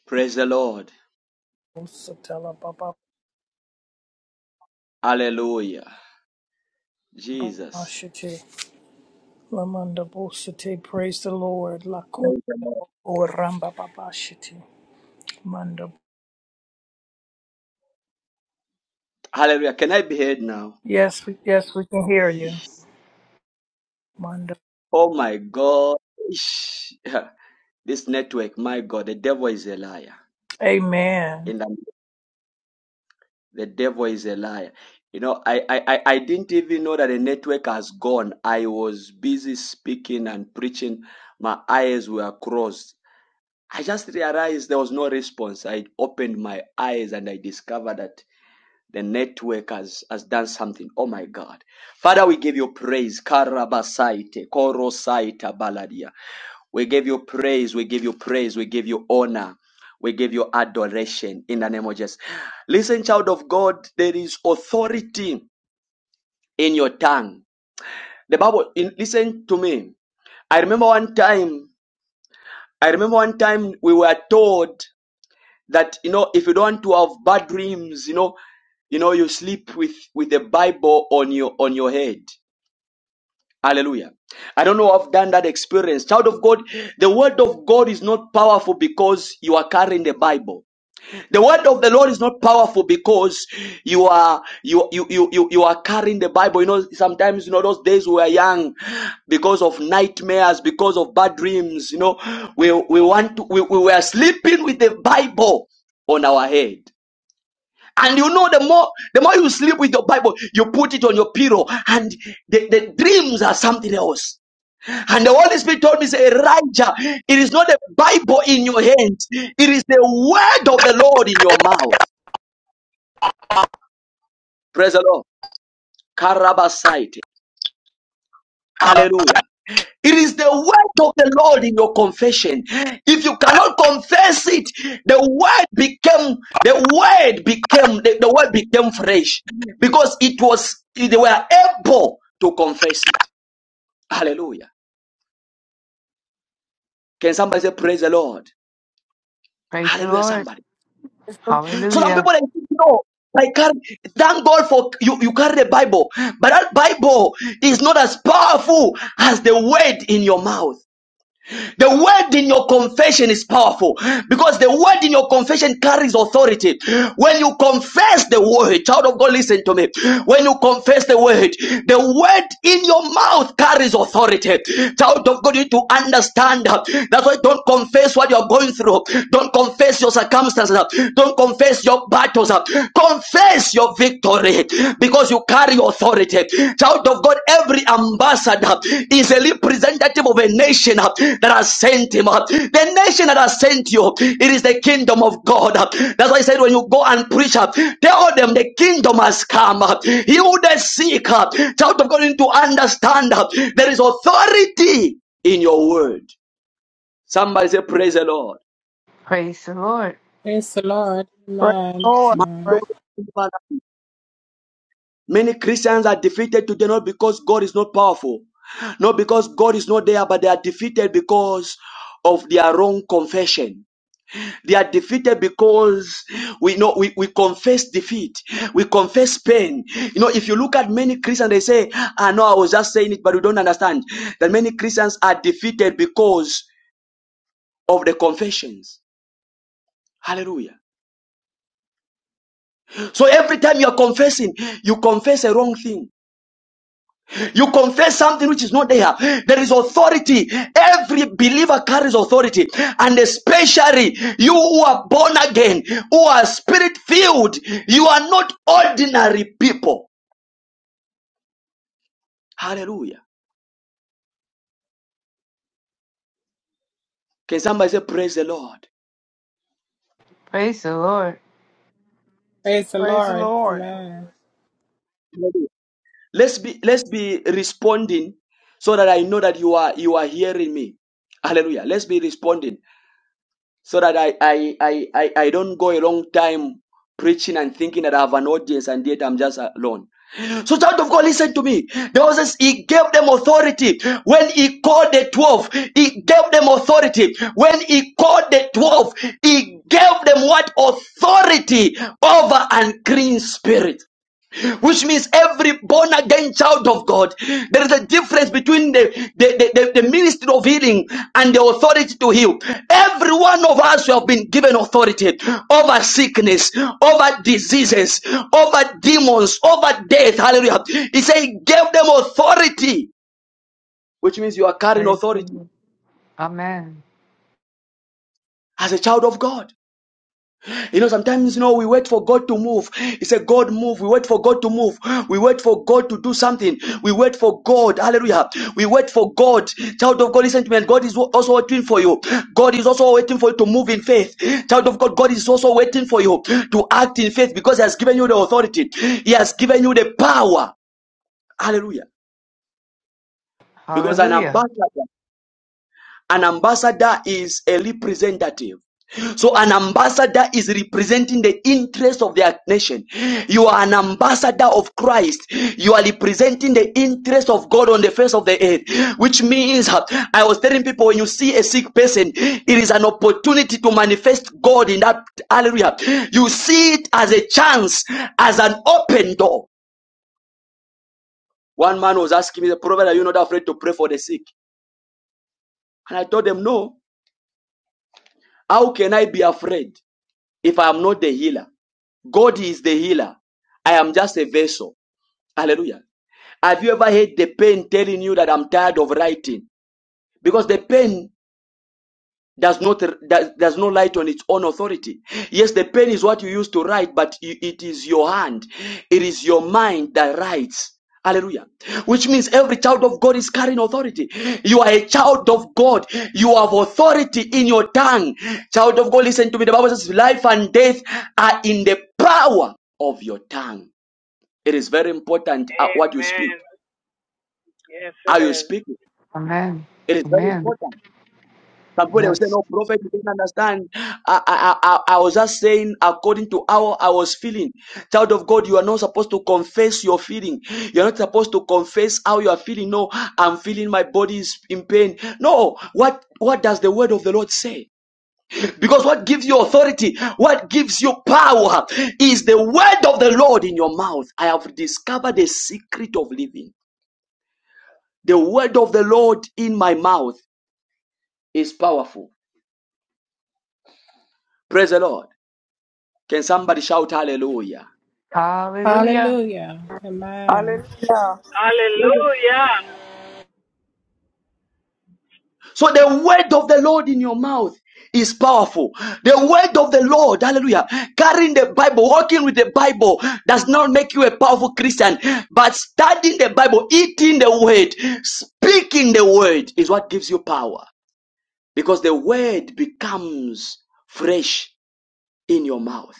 Speaker 1: Praise the Lord.
Speaker 3: Usatalabababashite.
Speaker 1: Hallelujah. Jesus.
Speaker 3: Lamandabusite. Praise the Lord. Lakum- Urambababashite. Manda-
Speaker 1: Hallelujah. Can I be heard now?
Speaker 3: Yes, we, yes, we can hear you. Manda.
Speaker 1: Oh my God. This network, my God, the devil is a liar.
Speaker 3: Amen.
Speaker 1: In the. The devil is a liar. You know, I, I, I I didn't even know that the network has gone. I was busy speaking and preaching. My eyes were crossed. I just realized there was no response. I opened my eyes and I discovered that the network has, has done something. Oh my God. Father, we give you praise. Karabasaite, korosaita baladia. We give you praise. We give you praise. We give you honor. We give you adoration in the name of Jesus. Listen, child of God, there is authority in your tongue. The Bible, in, listen to me. I remember one time, I remember one time we were told that, you know, if you don't want to have bad dreams, you know, you know, you sleep with, with the Bible on your, on your head. Hallelujah. I don't know if I've done that experience. Child of God, the word of God is not powerful because you are carrying the Bible. The word of the Lord is not powerful because you are you you you you, you are carrying the Bible. You know, sometimes you know those days we were young because of nightmares, because of bad dreams, you know. We we want to, we, we were sleeping with the Bible on our head. And you know, the more the more you sleep with your Bible, you put it on your pillow, and the, the dreams are something else. And the Holy Spirit told me, say, Elijah, it is not a Bible in your hands. It is the word of the Lord in your mouth. Praise the Lord. Karabasaite. Hallelujah. It is the word of the Lord in your confession. If you cannot confess it, the word became the word became the, the word became fresh because it was they were able to confess it. Hallelujah. Can somebody say praise the Lord?
Speaker 6: Praise the
Speaker 1: Hallelujah,
Speaker 6: Lord.
Speaker 1: somebody.
Speaker 3: Praise the
Speaker 1: So some
Speaker 6: Hallelujah.
Speaker 1: people they think, no, I can't thank God for you, you carry the Bible. But that Bible is not as powerful as the word in your mouth. The word in your confession is powerful because the word in your confession carries authority. When you confess the word, child of God, listen to me. When you confess the word, the word in your mouth carries authority. Child of God, you need to understand that. That's why don't confess what you're going through. Don't confess your circumstances. Don't confess your battles. Confess your victory because you carry authority. Child of God, every ambassador is a representative of a nation uh, that has sent him. uh. The nation that has sent you, it is the kingdom of God. uh. That's why I said when you go and preach, uh, tell them the kingdom has come. uh. He who the seek, uh, child of God, you need to understand uh, there is authority in your word. Somebody say, Praise the Lord.
Speaker 6: Praise the Lord.
Speaker 14: Praise the Lord.
Speaker 3: Praise the
Speaker 14: Amen.
Speaker 3: Lord.
Speaker 14: Amen.
Speaker 3: Praise,
Speaker 1: Many Christians are defeated today not because God is not powerful, not because God is not there, but they are defeated because of their wrong confession. They are defeated because we know we, we confess defeat, we confess pain. You know, if you look at many Christians, they say, I know I was just saying it, but we don't understand that many Christians are defeated because of the confessions. Hallelujah. So every time you are confessing, you confess a wrong thing. You confess something which is not there. There is authority. Every believer carries authority. And especially you who are born again, who are spirit filled, you are not ordinary people. Hallelujah. Can somebody say, Praise the Lord?
Speaker 6: Praise the Lord.
Speaker 14: Praise the
Speaker 3: praise the
Speaker 14: Lord.
Speaker 3: Lord.
Speaker 14: Amen.
Speaker 1: Hallelujah. Let's be let's be responding so that I know that you are you are hearing me. Hallelujah. Let's be responding. so that I, I, I, I, I don't go a long time preaching and thinking that I have an audience and yet I'm just alone. So, child of God, listen to me. There was this, he gave them authority when he called the 12. He gave them authority when he called the 12. He gave them what authority over unclean spirits which means every born again child of God. There is a difference between the, the, the, the, the ministry of healing and the authority to heal. Every one of us have been given authority over sickness, over diseases, over demons, over death. Hallelujah. He said he gave them authority, which means you are carrying
Speaker 6: Praise the
Speaker 1: authority
Speaker 6: Lord. Amen.
Speaker 1: as a child of God. You know, sometimes, you know, we wait for God to move. It's a God move. We wait for God to move. We wait for God to do something. We wait for God. Hallelujah. We wait for God. Child of God, listen to me. God is also waiting for you. God is also waiting for you to move in faith. Child of God, God is also waiting for you to act in faith because He has given you the authority. He has given you the power. Hallelujah. Because an
Speaker 6: Hallelujah.
Speaker 1: ambassador An ambassador is a representative. So an ambassador is representing the interest of their nation. You are an ambassador of Christ. You are representing the interest of God on the face of the earth, which means uh, I was telling people when you see a sick person, it is an opportunity to manifest God in that area. You see it as a chance, as an open door. One man was asking me, the prophet, are you not afraid to pray for the sick? And I told them, no. How can I be afraid? if I am not the healer. God is the healer. I am just a vessel. Hallelujah. Have you ever had the pain telling you that I'm tired of writing? Because the pain does not does, does not light on its own authority yes the pen is what you use to write but it is your hand it is your mind that writes hallelujah which means every child of god is carrying authority you are a child of god you have authority in your tongue child of god listen to me the bible says life and death are in the power of your tongue it is very important at what you speak
Speaker 8: Amen. Yes,
Speaker 1: How
Speaker 8: it
Speaker 1: you
Speaker 8: is.
Speaker 1: speaking
Speaker 6: Amen.
Speaker 1: it is very
Speaker 6: Amen.
Speaker 1: important Somebody was saying,
Speaker 6: Yes.
Speaker 1: "No, prophet, you don't understand." I, I, I, I was just saying, according to how I was feeling. Child of God, you are not supposed to confess your feeling. You're not supposed to confess how you are feeling. No, I'm feeling my body is in pain. No, what what does the word of the Lord say? Because what gives you authority, what gives you power, is the word of the Lord in your mouth. I have discovered the secret of living. The word of the Lord in my mouth is powerful. Praise the Lord. Can somebody shout hallelujah?
Speaker 6: Hallelujah.
Speaker 14: Hallelujah. Amen.
Speaker 15: Hallelujah.
Speaker 8: Hallelujah.
Speaker 1: So the word of the Lord in your mouth is powerful. The word of the Lord, hallelujah, carrying the Bible, walking with the Bible does not make you a powerful Christian, but studying the Bible, eating the word, speaking the word is what gives you power because the word becomes fresh in your mouth.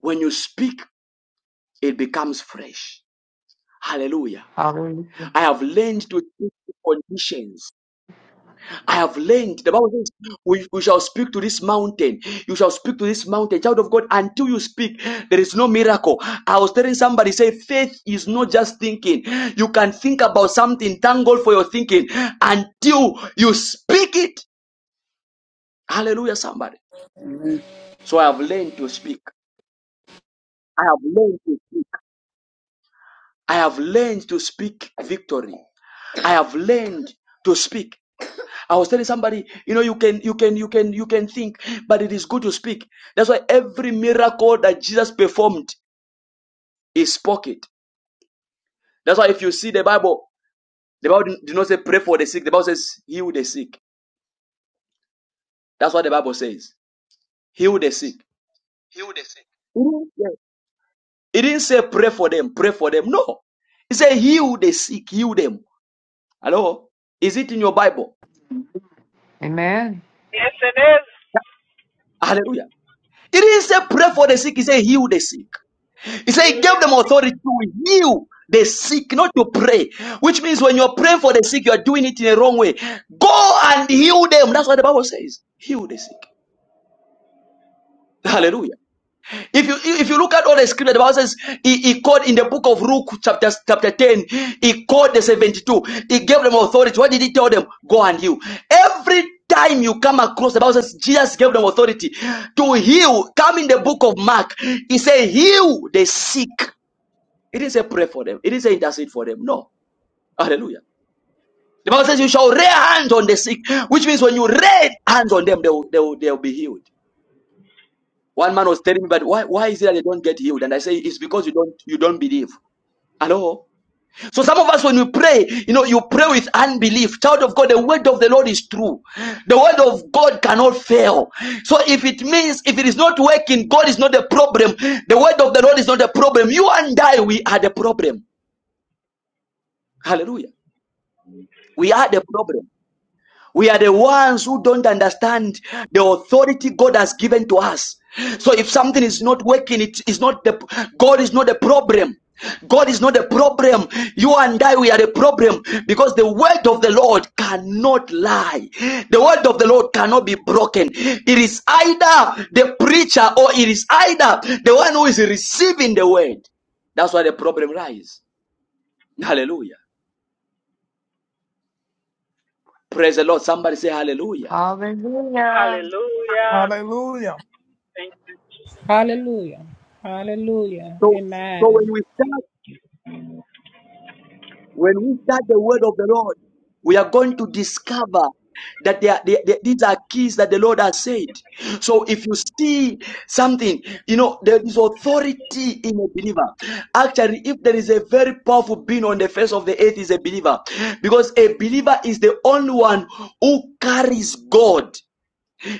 Speaker 1: When you speak, it becomes fresh. Hallelujah.
Speaker 6: Hallelujah.
Speaker 1: I have learned to speak to conditions. I have learned. The Bible says, we, we shall speak to this mountain. You shall speak to this mountain. Child of God, until you speak, there is no miracle. I was telling somebody, say, faith is not just thinking. You can think about something, thank God for your thinking, until you speak it. Hallelujah, somebody. So I have learned to speak. I have learned to, I have learned to speak victory. I have learned to speak. I was telling somebody, you know, you can, you can, you can, you can think, but it is good to speak. That's why every miracle that Jesus performed, he spoke it. That's why if you see the Bible, the Bible did not say pray for the sick. The Bible says heal the sick. That's what the Bible says. Heal the sick.
Speaker 10: is Hildeseth.
Speaker 1: Mhm. Yeah. It didn't say pray for them, pray for them. No. It said heal the sick, heal them. Hello? Is it in your Bible?
Speaker 6: Amen.
Speaker 8: Yes, it is.
Speaker 1: Hallelujah. It didn't say pray for the sick. It said heal the sick. He said, He
Speaker 8: Yield
Speaker 1: gave them
Speaker 8: them.
Speaker 1: authority to heal the sick, not to pray. Which means when you're praying for the sick, you're doing it in a wrong way. Go and heal them. That's what the Bible says. Heal the sick. Hallelujah. If you if you look at all the scripture, the Bible says he, he called in the book of Luke, chapter, chapter 10, he called the 72. He gave them authority. What did he tell them? Go and heal. Every time you come across the Bible says Jesus gave them authority to heal. Come in the book of Mark. He said, heal the sick. It didn't say pray for them. It didn't say intercede for them. No. Hallelujah. The Bible says you shall lay hands on the sick, which means when you lay hands on them, they will, they will, they will be healed. One man was telling me, but why, why is it that they don't get healed? And I say, it's because you don't, you don't believe. Hello? So some of us, when we pray, you know, you pray with unbelief. Child of God, the word of the Lord is true. The word of God cannot fail. So if it means, if it is not working, God is not the problem. The word of the Lord is not the problem. You and I, we are the problem. Hallelujah. We are the problem. We are the ones who don't understand the authority God has given to us. So if something is not working, it is not the God is not the problem. God is not the problem. You and I, we are the problem because the word of the Lord cannot lie. The word of the Lord cannot be broken. It is either the preacher or it is either the one who is receiving the word. That's why the problem lies. Hallelujah. Praise the Lord. Somebody say hallelujah.
Speaker 6: Hallelujah.
Speaker 8: Hallelujah.
Speaker 3: Hallelujah.
Speaker 8: Thank you,
Speaker 14: Hallelujah. Hallelujah.
Speaker 1: So, so when
Speaker 14: Amen.
Speaker 1: we When we study the word of the Lord, we are going to discover that they are, they, they- these are keys that the Lord has said. So if you see something, you know, there is authority in a believer. Actually, if there is a very powerful being on the face of the earth is a believer because a believer is the only one who carries God.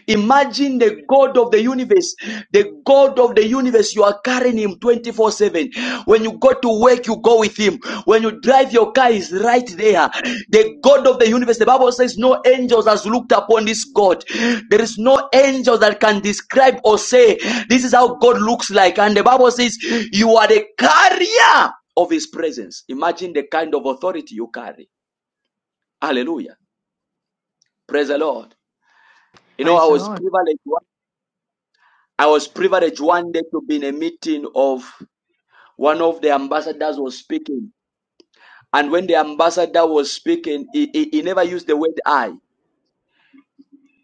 Speaker 1: Imagine the God of the universe, the God of the universe. You are carrying Him 24 7. When you go to work, you go with Him. When you drive your car, is right there. The God of the universe. The Bible says, No angels has looked upon this God. There is no angel that can describe or say, This is how God looks like. And the Bible says, You are the carrier of His presence. Imagine the kind of authority you carry. Hallelujah. Praise the Lord. You know, I
Speaker 6: Praise the
Speaker 1: was
Speaker 6: Lord.
Speaker 1: privileged I was privileged one day to be in a meeting of one of the ambassadors was speaking. And when the ambassador was speaking, he, he, he never used the word I.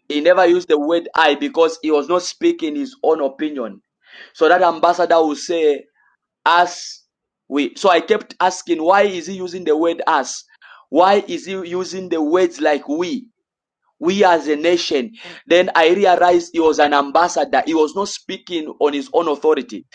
Speaker 1: He never used the word I because he was not speaking his own opinion. So that ambassador will say, us, we. So I kept asking, why is he using the word us? Why is he using the words like we? we as a nation. Then I realized he was an ambassador. He was not speaking on his own authority.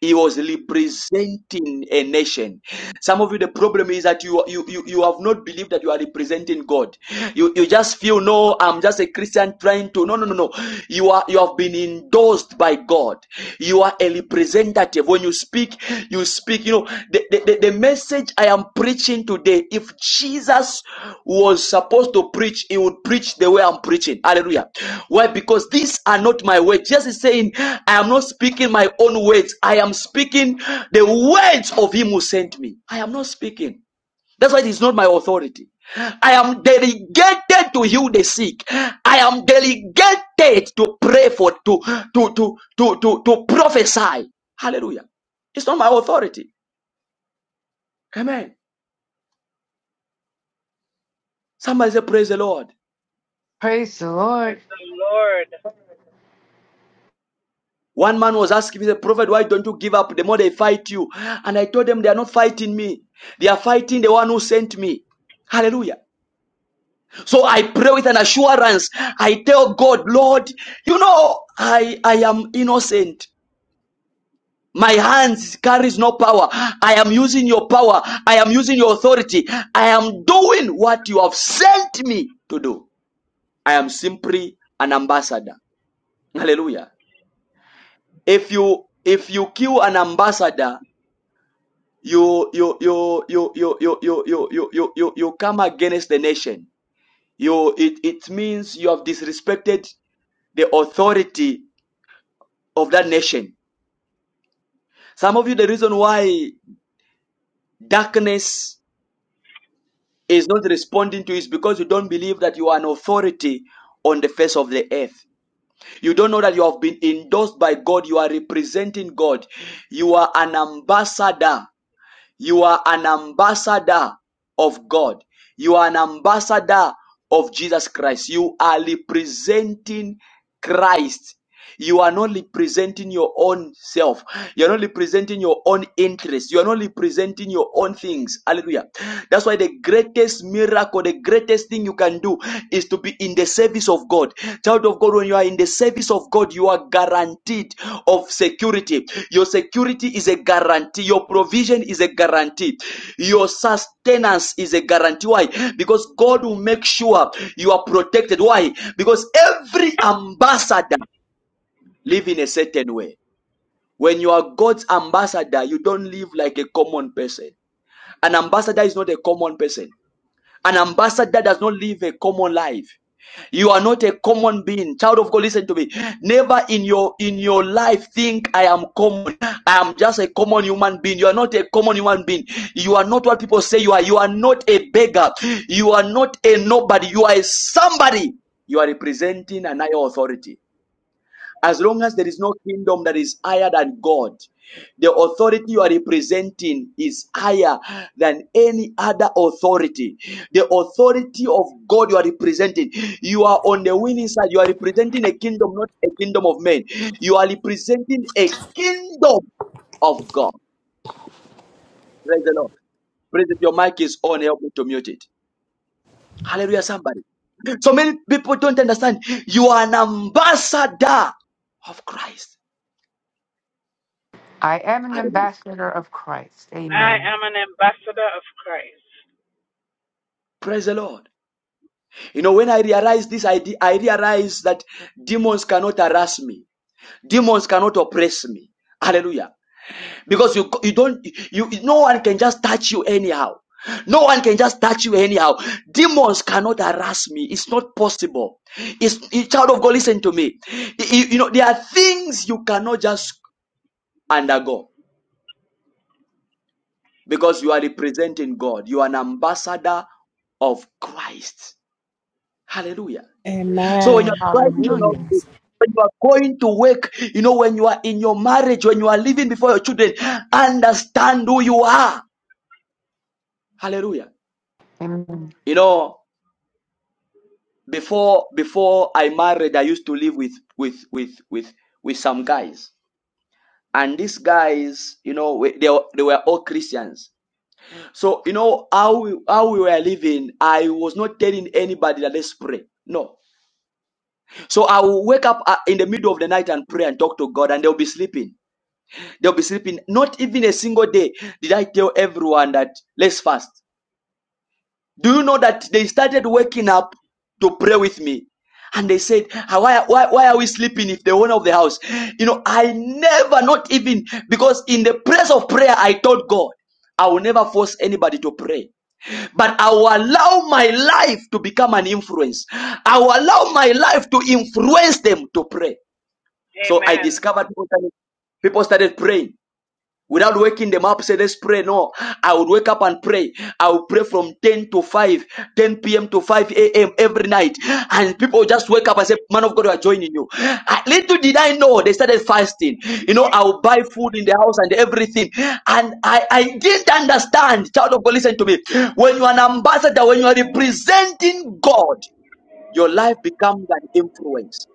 Speaker 1: He was representing a nation. Some of you, the problem is that you you you, you have not believed that you are representing God. You you just feel no, I'm just a Christian trying to no no no no. You are you have been endorsed by God. You. You are a representative. When you speak, you speak. You know, the, the, the, message I am preaching today, if Jesus was supposed to preach, he would preach the way I'm preaching. Hallelujah. Why? Because these are not my words. Jesus is saying, I am not speaking my own words. I am speaking the words of him who sent me. I am not speaking. That's why it is not my authority. I am delegated to heal the sick. I am delegated to pray for, to, to, to, to, to, to prophesy. Hallelujah. It's not my authority. Amen. Somebody say, Praise the Lord.
Speaker 6: Praise the Lord.
Speaker 8: praise the Lord.
Speaker 1: One man was asking me, the prophet, why don't you give up? The more they fight you. And I told them, they are not fighting me. They are fighting the one who sent me. Hallelujah. So I pray with an assurance. I tell God, Lord, you know, I, I am innocent. My hands carries no power. I am using your power. I am using your authority. I am doing what you have sent me to do. I am simply an ambassador. Hallelujah. If you if you kill an ambassador, you you you you you you you you you you, you, you come against the nation. You it, it means you have disrespected the authority of that nation. Some of you the reason why darkness is not responding to is because you don't believe that you are an authority on the face of the earth. You don't know that you have been endorsed by God. You are representing God. You are an ambassador. You are an ambassador of God. You are an ambassador of Jesus Christ. You are representing Christ. You are not representing your own self. You are not representing your own interests. You are not representing your own things. Hallelujah. That's why the greatest miracle, the greatest thing you can do is to be in the service of God. Child of God, when you are in the service of God, you are guaranteed of security. Your security is a guarantee. Your provision is a guarantee. Your sustenance is a guarantee. Why? Because God will make sure you are protected. Why? Because every ambassador live in a certain way. When you are God's ambassador, you don't live like a common person. An ambassador is not a common person. An ambassador does not live a common life. You are not a common being. Child of God, listen to me. Never in your in your life think I am common. I am just a common human being. You are not a common human being. You are not what people say you are. You are not a beggar. You are not a nobody. You are a somebody. You are representing an higher authority. As long as there is no kingdom that is higher than God, the authority you are representing is higher than any other authority. The authority of God you are representing. You are on the winning side. You are representing a kingdom, not a kingdom of men. You are representing a kingdom of God. Praise the Lord. Praise if your mic is on, help me to mute it. Hallelujah, somebody. So many people don't understand. You are an ambassador of Christ.
Speaker 6: I am an
Speaker 1: Hallelujah.
Speaker 6: ambassador of Christ.
Speaker 8: I
Speaker 6: Amen.
Speaker 8: am an ambassador of Christ.
Speaker 1: Praise the Lord. You know, when I realized this, I, de- I realized that demons cannot harass me. Demons cannot oppress me. Hallelujah. Because you, you don't, you, no one can just touch you anyhow. No one can just touch you anyhow. Demons cannot harass me. It's not possible. It's, it- child of God, listen to me. you you know, there are things you cannot just undergo because you are representing God. You are an ambassador of Christ. Hallelujah. So when you're
Speaker 14: Amen. I'm an
Speaker 1: driving, when you're
Speaker 6: Hallelujah.
Speaker 14: ambassador.
Speaker 1: when you are going to work, you know, when you are in your marriage, when you are living before your children, understand who you are. Hallelujah.
Speaker 6: Amen.
Speaker 1: You know, before before I married, I used to live with with with with with some guys, and these guys, you know, we- they were- they were all Christians. So you know how we, how we were living. I was not telling anybody that let's pray. No. So I will wake up uh, in the middle of the night and pray and talk to God, and they'll be sleeping. They'll be sleeping. Not even a single day did I tell everyone that let's fast. Do you know that they started waking up to pray with me? And they said, "Ah, why, why, why are we sleeping if the owner of the house? You know, I never, not even, because in the place of prayer, I told God, I will never force anybody to pray. But I will allow my life to become an influence. I will allow my life to influence them to pray. So I
Speaker 8: Amen.
Speaker 1: discovered people started, people started praying without waking them up say let's pray no i would wake up and pray i would pray from 10 to 5, 10 p.m to 5 a.m every night and people just wake up and say man of god we are joining you I, little did i know they started fasting you know i would buy food in the house and everything and i i didn't understand child of god listen to me when you're an ambassador when you are representing god your life becomes an influence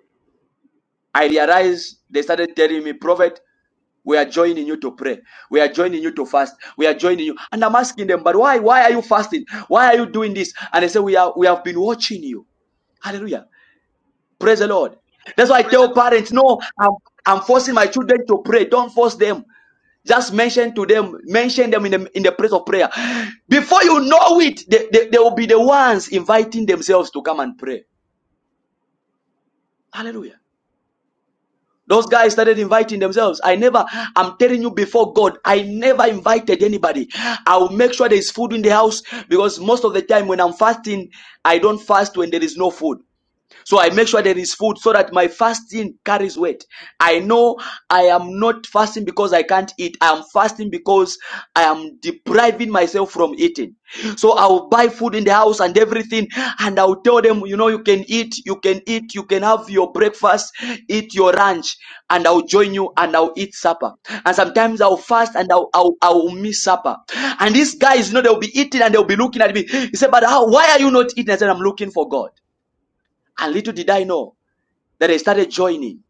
Speaker 1: i realized they started telling me prophet we are joining you to pray. We are joining you to fast. We are joining you. And I'm asking them, but why? Why are you fasting? Why are you doing this? And they say, we are we have been watching you. Hallelujah. Praise the Lord. That's why I
Speaker 10: Praise the
Speaker 1: tell
Speaker 10: Lord.
Speaker 1: parents, no, I'm I'm forcing my children to pray. Don't force them. Just mention to them, mention them in the in the place of prayer. Before you know it, they, they, they will be the ones inviting themselves to come and pray. Hallelujah. Those guys started inviting themselves. I never, I'm telling you before God, I never invited anybody. I will make sure there is food in the house because most of the time when I'm fasting, I don't fast when there is no food. So I make sure there is food so that my fasting carries weight. I know I am not fasting because I can't eat. I am fasting because I am depriving myself from eating. So I'll buy food in the house and everything, and I'll tell them, you know, you can eat, you can eat, you can have your breakfast, eat your lunch, and I'll join you and I'll eat supper. And sometimes I'll fast and I'll, I'll, I'll miss supper. And these guys, you know, they'll be eating and they'll be looking at me. He said, but how, why are you not eating? I said, I'm looking for God. And little did I know that they started joining.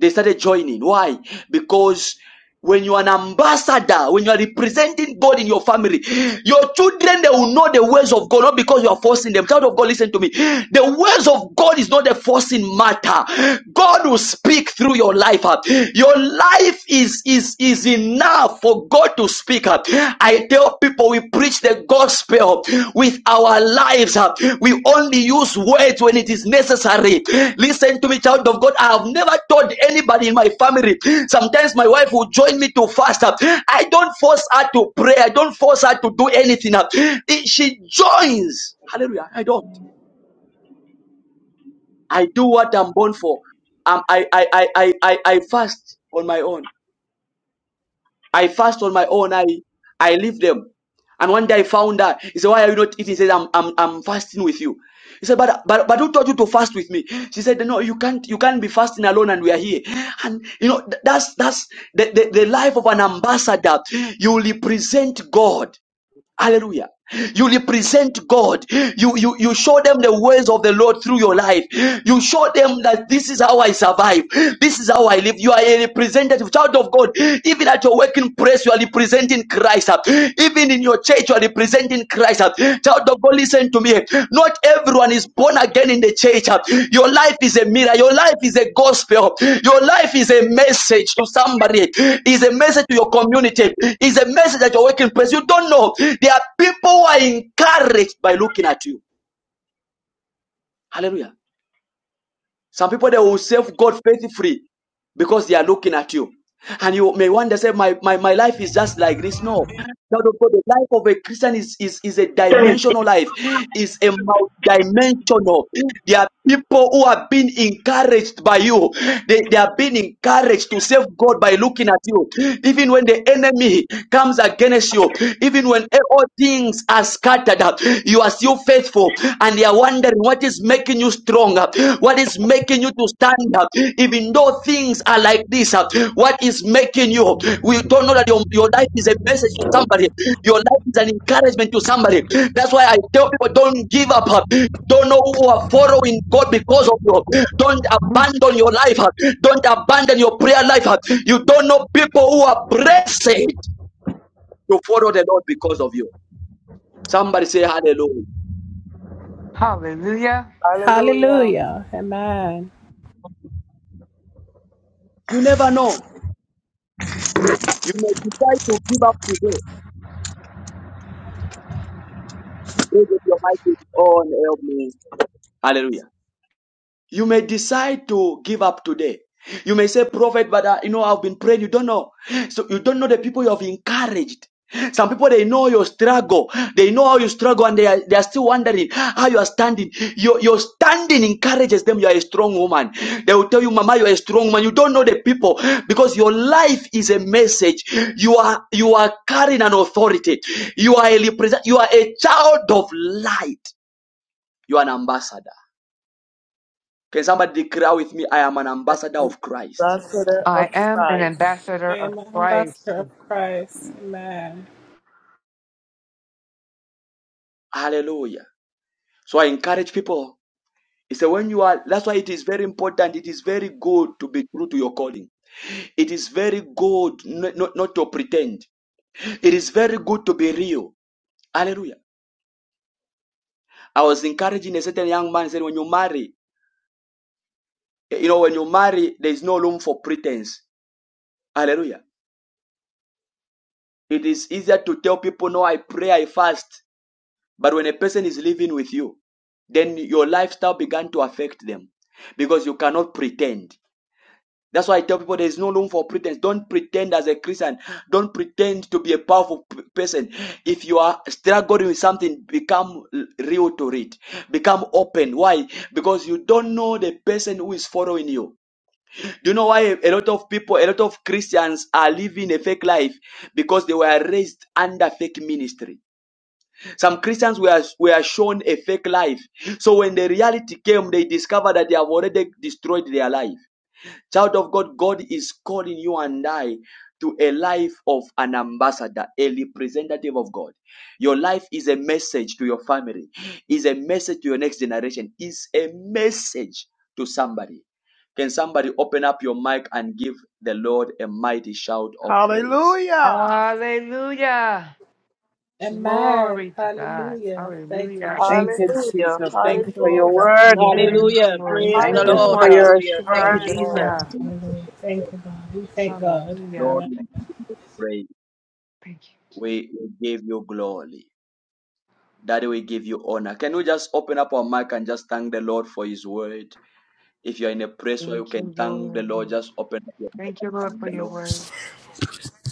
Speaker 1: They started joining. Why? Because when you are an ambassador, when you are representing God in your family, your children they will know the ways of God, not because you are forcing them. Child of God, listen to me. The ways of God is not a forcing matter. God will speak through your life. Your life is is is enough for God to speak. I tell people we preach the gospel with our lives. uh, We only use words when it is necessary. Listen to me, child of God. I have never told anybody in my family. Sometimes my wife will join me to fast. uh, I don't force her to pray. I don't force her to do anything. uh, She joins. Hallelujah. I don't. I do what I'm born for. Um, I, I, I, I, I I fast on my own. I fast on my own. I I leave them. And one day I found her. He said, Why are you not eating? He said, I'm I'm, I'm fasting with you. He said, but, but but who taught you to fast with me? She said, No, you can't you can't be fasting alone and we are here. And you know, th- that's that's the, the, the life of an ambassador. You will represent God. Hallelujah. You represent God. You, you, you show them the ways of the Lord through your life. You show them that this is how I survive. This is how I live. You are a representative child of God. Even at your working place, you are representing Christ. Even in your church, you are representing Christ. Child of God, listen to me. Not everyone is born again in the church. Your life is a mirror. Your life is a gospel. Your life is a message to somebody. Is a message to your community. Is a message at your working place. You don't know. There are people who are encouraged by looking at you. Hallelujah. Some people they will serve God faithfully because they are looking at you. And you may wonder, say, my, my, my life is just like this. No. Child of God, the life of a Christian is, is, is a dimensional life, is a multidimensional. There are people who are being encouraged by you. They, they are being encouraged to serve God by looking at you. Even when the enemy comes against you, even when all things are scattered, up, you are still faithful and they are wondering what is making you stronger, what is making you to stand up, even though things are like this. uh, What is making you? We don't know that your, your life is a message to somebody, your life is an encouragement to somebody. That's why I tell people don't give up. uh, Don't know who are following God because of you. Don't abandon your life. uh, Don't abandon your prayer life. uh. You don't know people who are blessed to follow the Lord because of you. Somebody say hallelujah.
Speaker 6: Hallelujah.
Speaker 15: Hallelujah.
Speaker 14: Hallelujah. Amen.
Speaker 1: You never know. You may decide to give up today. Raise up your mic and say, oh, help me. Hallelujah. You may decide to give up today. You may say, Prophet, but uh, you know, I've been praying. You don't know. So you don't know the people you have encouraged. Some people they know your struggle, they know how you struggle, and they are, they are still wondering how you are standing. Your, your standing encourages them. You are a strong woman. They will tell you, Mama, you are a strong woman. You don't know the people because your life is a message. You are you are carrying an authority. You are a represent. You are a child of light. You are an ambassador. Can somebody declare with me, I am an ambassador of Christ?
Speaker 15: Ambassador of
Speaker 6: I am an
Speaker 15: Christ.
Speaker 14: I
Speaker 6: ambassador of
Speaker 14: am an ambassador
Speaker 6: Christ.
Speaker 14: of Christ. Amen.
Speaker 1: Hallelujah. So I encourage people. It's that when you are, that's why it is very important. It is very good to be true to your calling. It is very good not, not, not to pretend. It is very good to be real. Hallelujah. I was encouraging a certain young man, said, when you marry, you know, when you marry, there is no room for pretense. Hallelujah. It is easier to tell people, no, I pray, I fast. But when a person is living with you, then your lifestyle began to affect them because you cannot pretend. That's why I tell people there is no room for pretense. Don't pretend as a Christian. Don't pretend to be a powerful p- person. If you are struggling with something, become l- real to it. Become open. Why? Because you don't know the person who is following you. Do you know why a a lot of people, a lot of Christians are living a fake life? Because they were raised under fake ministry some Christians were, were shown a fake life. So when the reality came, they discovered that they have already destroyed their life. Child of God, God is calling you and I to a life of an ambassador, a representative of God. Your life is a message to your family, is a message to your next generation, is a message to somebody. Can somebody open up your mic and give the Lord a mighty shout of praise?
Speaker 3: Hallelujah.
Speaker 6: Hallelujah.
Speaker 14: Amen.
Speaker 6: Glory to God.
Speaker 14: Hallelujah. Thank you,
Speaker 6: Hallelujah.
Speaker 8: Thank you,
Speaker 14: Jesus.
Speaker 15: Hallelujah.
Speaker 8: Jesus. Thank you
Speaker 14: Thank you,
Speaker 8: for your
Speaker 15: Hallelujah.
Speaker 14: Lord.
Speaker 8: word.
Speaker 6: Thank
Speaker 14: Amen.
Speaker 6: you,
Speaker 16: Hallelujah.
Speaker 6: Lord
Speaker 14: Thank
Speaker 16: Praise the
Speaker 8: Thank
Speaker 14: you,
Speaker 8: you
Speaker 16: Lord.
Speaker 6: God.
Speaker 14: Jesus.
Speaker 8: for
Speaker 15: Hallelujah.
Speaker 8: your
Speaker 16: Hallelujah. Thank
Speaker 14: Thank
Speaker 16: you,
Speaker 14: you,
Speaker 8: assurance.
Speaker 15: Lord,
Speaker 16: Jesus.
Speaker 14: Father.
Speaker 6: Hallelujah.
Speaker 14: Hallelujah. Thank you, God. We thank God.
Speaker 6: Hallelujah.
Speaker 1: Lord,
Speaker 14: amen.
Speaker 1: we give you praise.
Speaker 6: Thank you.
Speaker 1: We we give you glory. Daddy, we give you honor. Can we just open up our mic and just thank the Lord for His word? If you're in a place where you
Speaker 6: Thank
Speaker 1: can
Speaker 6: you,
Speaker 1: thank the
Speaker 6: Lord.
Speaker 1: Lord, just open up your mic
Speaker 6: Thank you, Lord,
Speaker 1: and thank
Speaker 6: for
Speaker 1: the
Speaker 6: your
Speaker 1: Lord.
Speaker 6: word.